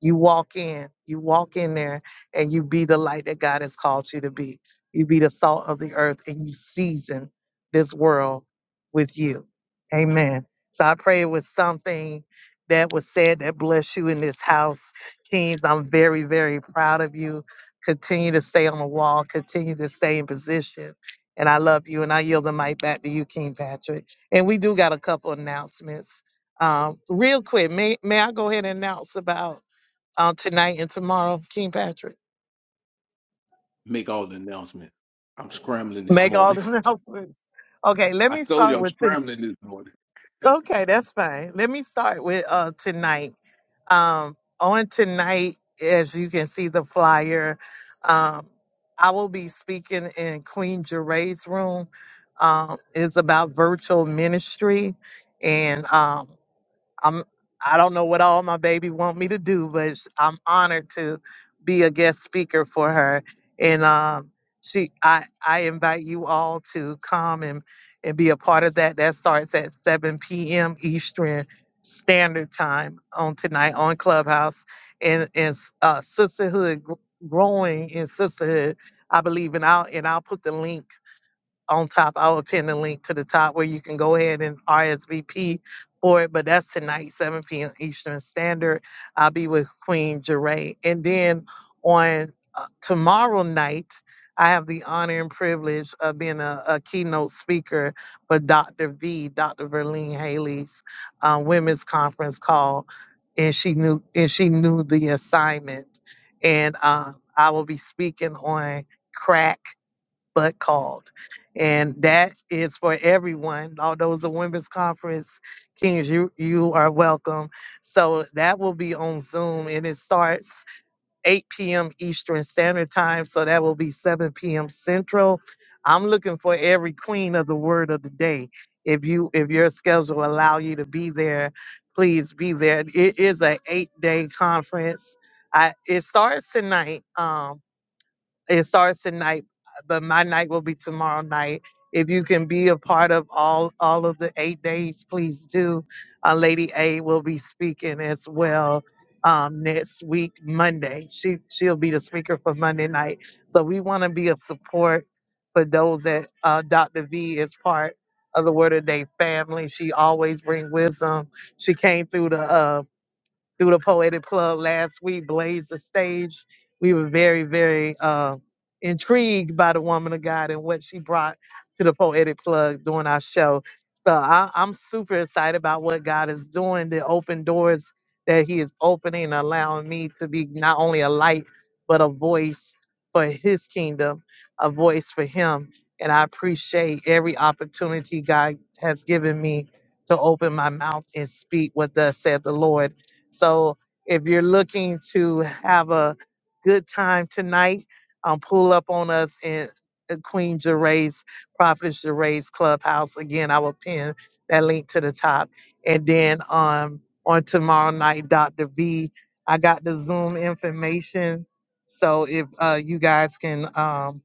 B: You walk in, you walk in there and you be the light that God has called you to be. You be the salt of the earth and you season this world with you. Amen. So I pray it was something that was said that bless you in this house teams. I'm very, very proud of you. Continue to stay on the wall, continue to stay in position. And I love you. And I yield the mic back to you, King Patrick. And we do got a couple announcements. Um, real quick, may, may I go ahead and announce about uh, tonight and tomorrow, King Patrick?
A: Make all the announcements. I'm scrambling this
B: Make all
A: morning.
B: the announcements. Okay, let
A: I
B: me
A: told you
B: start
A: I'm
B: with. T-
A: scrambling this morning.
B: okay, that's fine. Let me start with uh, tonight. Um, on tonight, as you can see the flyer, um, I will be speaking in Queen Geray's room. Um, it's about virtual ministry, and um, I'm I don't know what all my baby want me to do, but s- I'm honored to be a guest speaker for her. And um, she I I invite you all to come and and be a part of that. That starts at 7 p.m. Eastern Standard Time on tonight on Clubhouse and and s- uh, sisterhood gr- growing in sisterhood. I believe, and I'll and I'll put the link on top. I'll pin the link to the top where you can go ahead and RSVP for it. But that's tonight, 7 p.m. Eastern Standard. I'll be with Queen Jeray. And then on uh, tomorrow night, I have the honor and privilege of being a, a keynote speaker for Dr. V, Dr. Verlene Haley's uh, women's conference call. And she knew and she knew the assignment. And uh, I will be speaking on crack but called. And that is for everyone. Although it's a women's conference, Kings, you you are welcome. So that will be on Zoom and it starts 8 p.m. Eastern Standard Time. So that will be 7 p.m. Central. I'm looking for every queen of the word of the day. If you if your schedule allow you to be there, please be there. It is a eight day conference. I, it starts tonight. Um, it starts tonight, but my night will be tomorrow night. If you can be a part of all all of the eight days, please do. Uh, Lady A will be speaking as well um, next week, Monday. She she'll be the speaker for Monday night. So we want to be a support for those that uh, Dr. V is part of the Word of Day family. She always bring wisdom. She came through the. uh, through the Poetic Plug last week, blazed the stage. We were very, very uh, intrigued by the woman of God and what she brought to the Poetic Plug during our show. So I, I'm super excited about what God is doing, the open doors that He is opening, allowing me to be not only a light, but a voice for His kingdom, a voice for Him. And I appreciate every opportunity God has given me to open my mouth and speak what thus said the Lord so if you're looking to have a good time tonight, um, pull up on us in uh, Queen Gervais, Prophetess Gervais Clubhouse. Again, I will pin that link to the top. And then um, on tomorrow night, Dr. V, I got the Zoom information. So if uh, you guys can, um,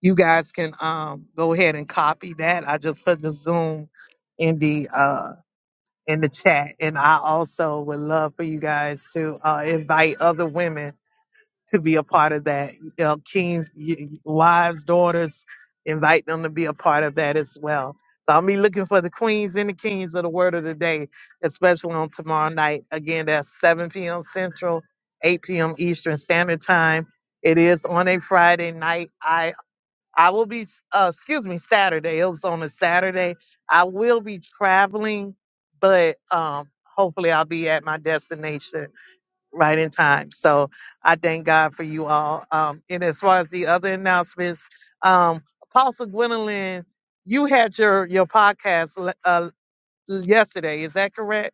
B: you guys can um, go ahead and copy that. I just put the Zoom in the uh, in the chat. And I also would love for you guys to uh, invite other women to be a part of that. You know, kings, y- wives, daughters, invite them to be a part of that as well. So I'll be looking for the queens and the kings of the word of the day, especially on tomorrow night. Again, that's 7 p.m. Central, 8 p.m. Eastern Standard Time. It is on a Friday night. I will be, uh, excuse me, Saturday. It was on a Saturday. I will be traveling, but um, hopefully I'll be at my destination right in time. So I thank God for you all. Um, and as far as the other announcements, um, Apostle Gwendolyn, you had your your podcast le- uh, yesterday. Is that correct?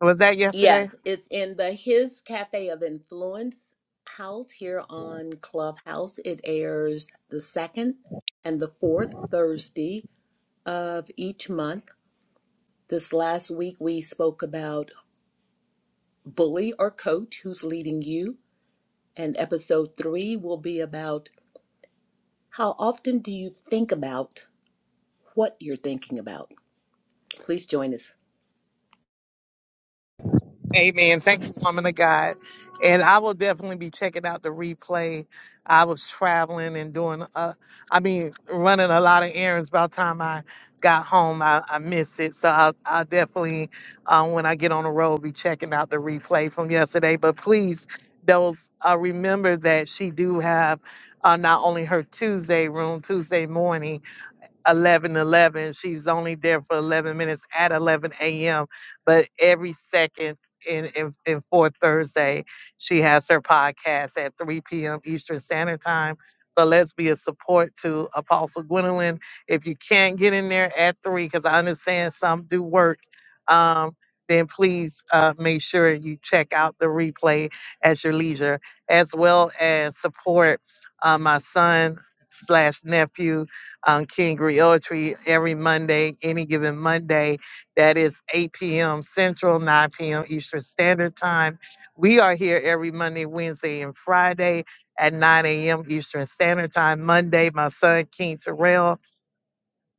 B: Was that yesterday?
I: Yes, it's in the His Cafe of Influence house here on Clubhouse. It airs the second and the fourth Thursday of each month. This last week, we spoke about bully or coach who's leading you. And episode three will be about how often do you think about what you're thinking about. Please join us.
B: Amen. Thank you, woman of God. And I will definitely be checking out the replay. I was traveling and doing, uh, I mean, running a lot of errands. By the time I got home, I, I missed it. So I'll, I'll definitely, um, when I get on the road, be checking out the replay from yesterday. But please, those uh, remember that she do have uh, not only her Tuesday room Tuesday morning, Eleven, eleven. 11. She was only there for 11 minutes at 11 a.m. But every second in, in, in fourth Thursday, she has her podcast at 3 p.m. Eastern Standard Time. So let's be a support to Apostle Gwendolyn. If you can't get in there at 3, because I understand some do work, um, then please uh, make sure you check out the replay at your leisure, as well as support uh, my son slash nephew um, King Griotry every Monday, any given Monday. That is 8 p.m. Central, 9 p.m. Eastern Standard Time. We are here every Monday, Wednesday, and Friday at 9 a.m. Eastern Standard Time. Monday, my son, King Terrell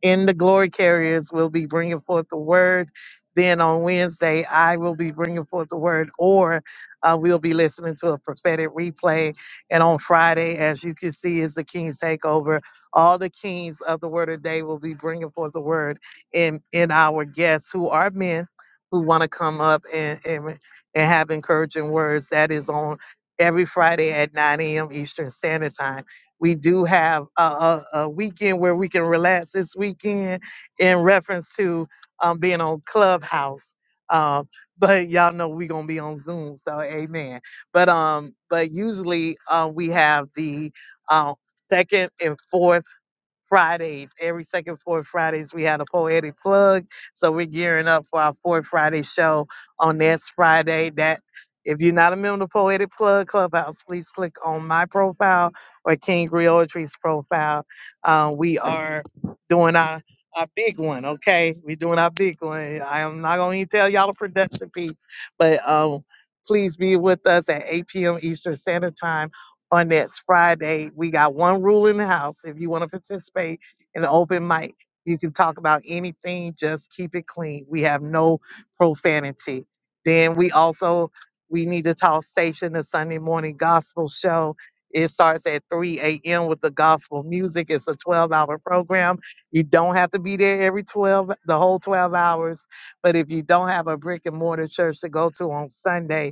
B: in the glory carriers will be bringing forth the word. Then on Wednesday, I will be bringing forth the word, or uh, we'll be listening to a prophetic replay. And on Friday, as you can see, is the King's Takeover. All the kings of the word of the day will be bringing forth the word in, in our guests who are men who want to come up and, and, and have encouraging words. That is on every Friday at 9 a.m. Eastern Standard Time. We do have a, a, a weekend where we can relax this weekend in reference to um, being on Clubhouse. Um, but y'all know we gonna be on Zoom, so amen. But um, but usually uh, we have the uh, second and fourth Fridays. Every second fourth Fridays, we had a poetic plug. So we're gearing up for our fourth Friday show on next Friday. That if you're not a member of Poetic Plug Clubhouse, please click on my profile or King Griotry's profile. Uh, we are doing our our big one, okay? We're doing our big one. I am not gonna tell y'all the production piece, but um, please be with us at 8 p.m. Eastern Standard Time on next Friday. We got one rule in the house. If you want to participate in an open mic, you can talk about anything, just keep it clean. We have no profanity. Then we also we need to talk station the Sunday morning gospel show. It starts at 3 a.m. with the gospel music. It's a 12 hour program. You don't have to be there every 12, the whole 12 hours. But if you don't have a brick and mortar church to go to on Sunday,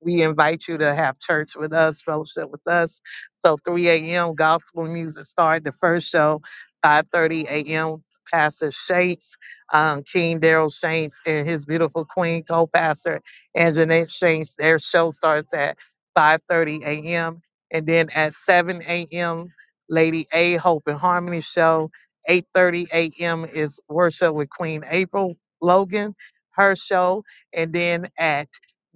B: we invite you to have church with us, fellowship with us. So 3 a.m. gospel music started the first show, 5:30 a.m. Pastor Shanks, um, King Daryl Shanks, and his beautiful queen co-pastor and Jeanette Shanks. Their show starts at 5:30 a.m. and then at 7 a.m. Lady A Hope and Harmony show. 8:30 a.m. is worship with Queen April Logan, her show, and then at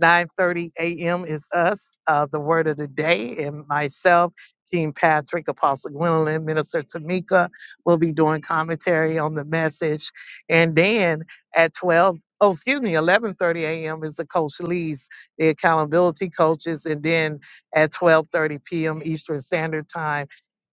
B: 9:30 a.m. is us, uh, the word of the day, and myself, King Patrick, Apostle Gwendolyn, Minister Tamika will be doing commentary on the message. And then at 12, oh excuse me, 11:30 a.m. is the Coach Lee's, the accountability coaches, and then at 12:30 p.m. Eastern Standard Time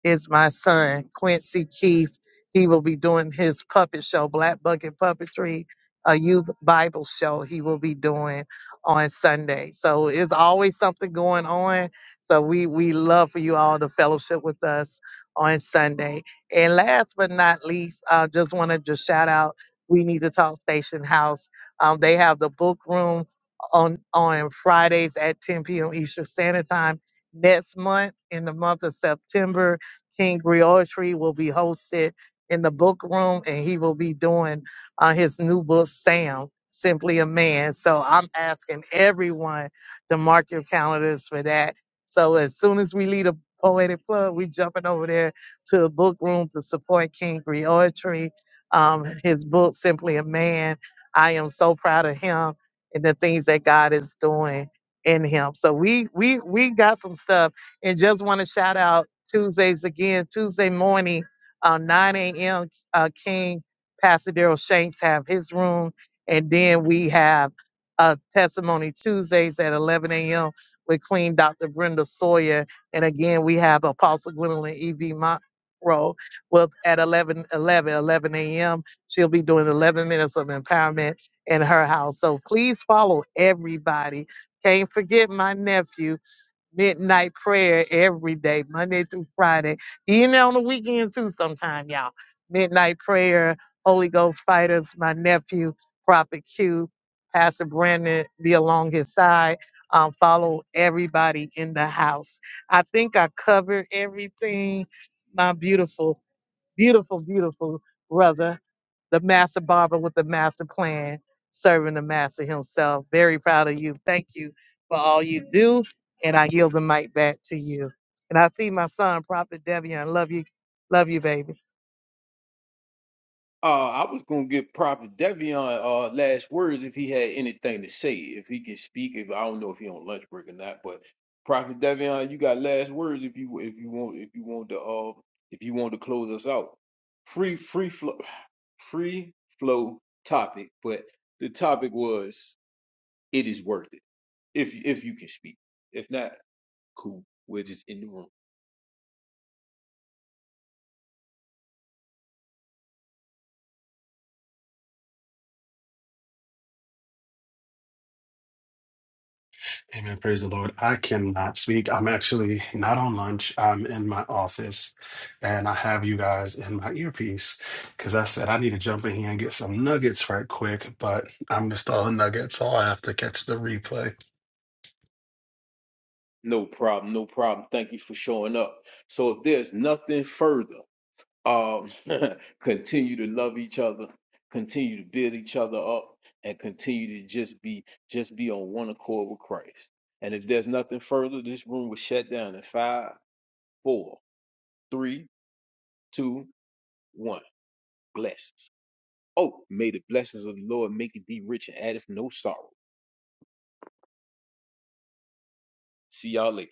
B: is my son Quincy Keith. He will be doing his puppet show, Black Bucket Puppetry, a youth Bible show he will be doing on Sunday. So it's always something going on. So we we love for you all to fellowship with us on Sunday. And last but not least, I just want to just shout out We Need to Talk Station House. Um, they have the book room on on Fridays at 10 p.m. Eastern Standard Time. Next month, in the month of September, King Griotry will be hosted in the book room, and he will be doing uh, his new book, Sam, Simply a Man. So I'm asking everyone to mark your calendars for that. So as soon as we leave the Poetic plug, we jumping over there to the book room to support King Griotry. Um, his book, Simply a Man. I am so proud of him and the things that God is doing in him. So we we we got some stuff and just want to shout out Tuesdays again, Tuesday morning, uh, 9 a.m. Uh, King Pastor Daryl Shanks have his room. And then we have uh, Testimony Tuesdays at 11 a.m. with Queen Dr. Brenda Sawyer. And again, we have Apostle Gwendolyn E.V. Monroe with, at 11, 11, 11 a.m. She'll be doing 11 minutes of empowerment in her house. So please follow everybody. Can't forget my nephew midnight prayer every day, Monday through Friday, even on the weekends too, sometime, y'all. Midnight prayer, Holy Ghost fighters, my nephew, Prophet Q, Pastor Brandon, be along his side. Um, follow everybody in the house. I think I covered everything. My beautiful, beautiful, beautiful brother the master barber with the master plan, serving the master himself. Very proud of you. Thank you for all you do. And I yield the mic back to you. And I see my son, Prophet Devian. love you. Love you, baby.
A: Uh, I was gonna give Prophet Devion uh last words if he had anything to say, if he can speak. If I don't know if he on lunch break or not, but Prophet Devion, you got last words if you if you want if you want to uh if you want to close us out. Free free flow free flow topic, but the topic was it is worth it if if you can speak. If not, cool. We're just in the room.
J: Amen. Praise the Lord. I cannot speak. I'm actually not on lunch. I'm in my office and I have you guys in my earpiece because I said I need to jump in here and get some nuggets right quick, but I missed all the nuggets, so I have to catch the replay.
A: No problem, no problem. Thank you for showing up. So if there's nothing further. um, continue to love each other, continue to build each other up, and continue to just be just be on one accord with Christ. And if there's nothing further, this room will shut down in five, four, three, two, one. Blessings. Oh, may the blessings of the Lord make it thee rich and addeth no sorrow. See y'all later.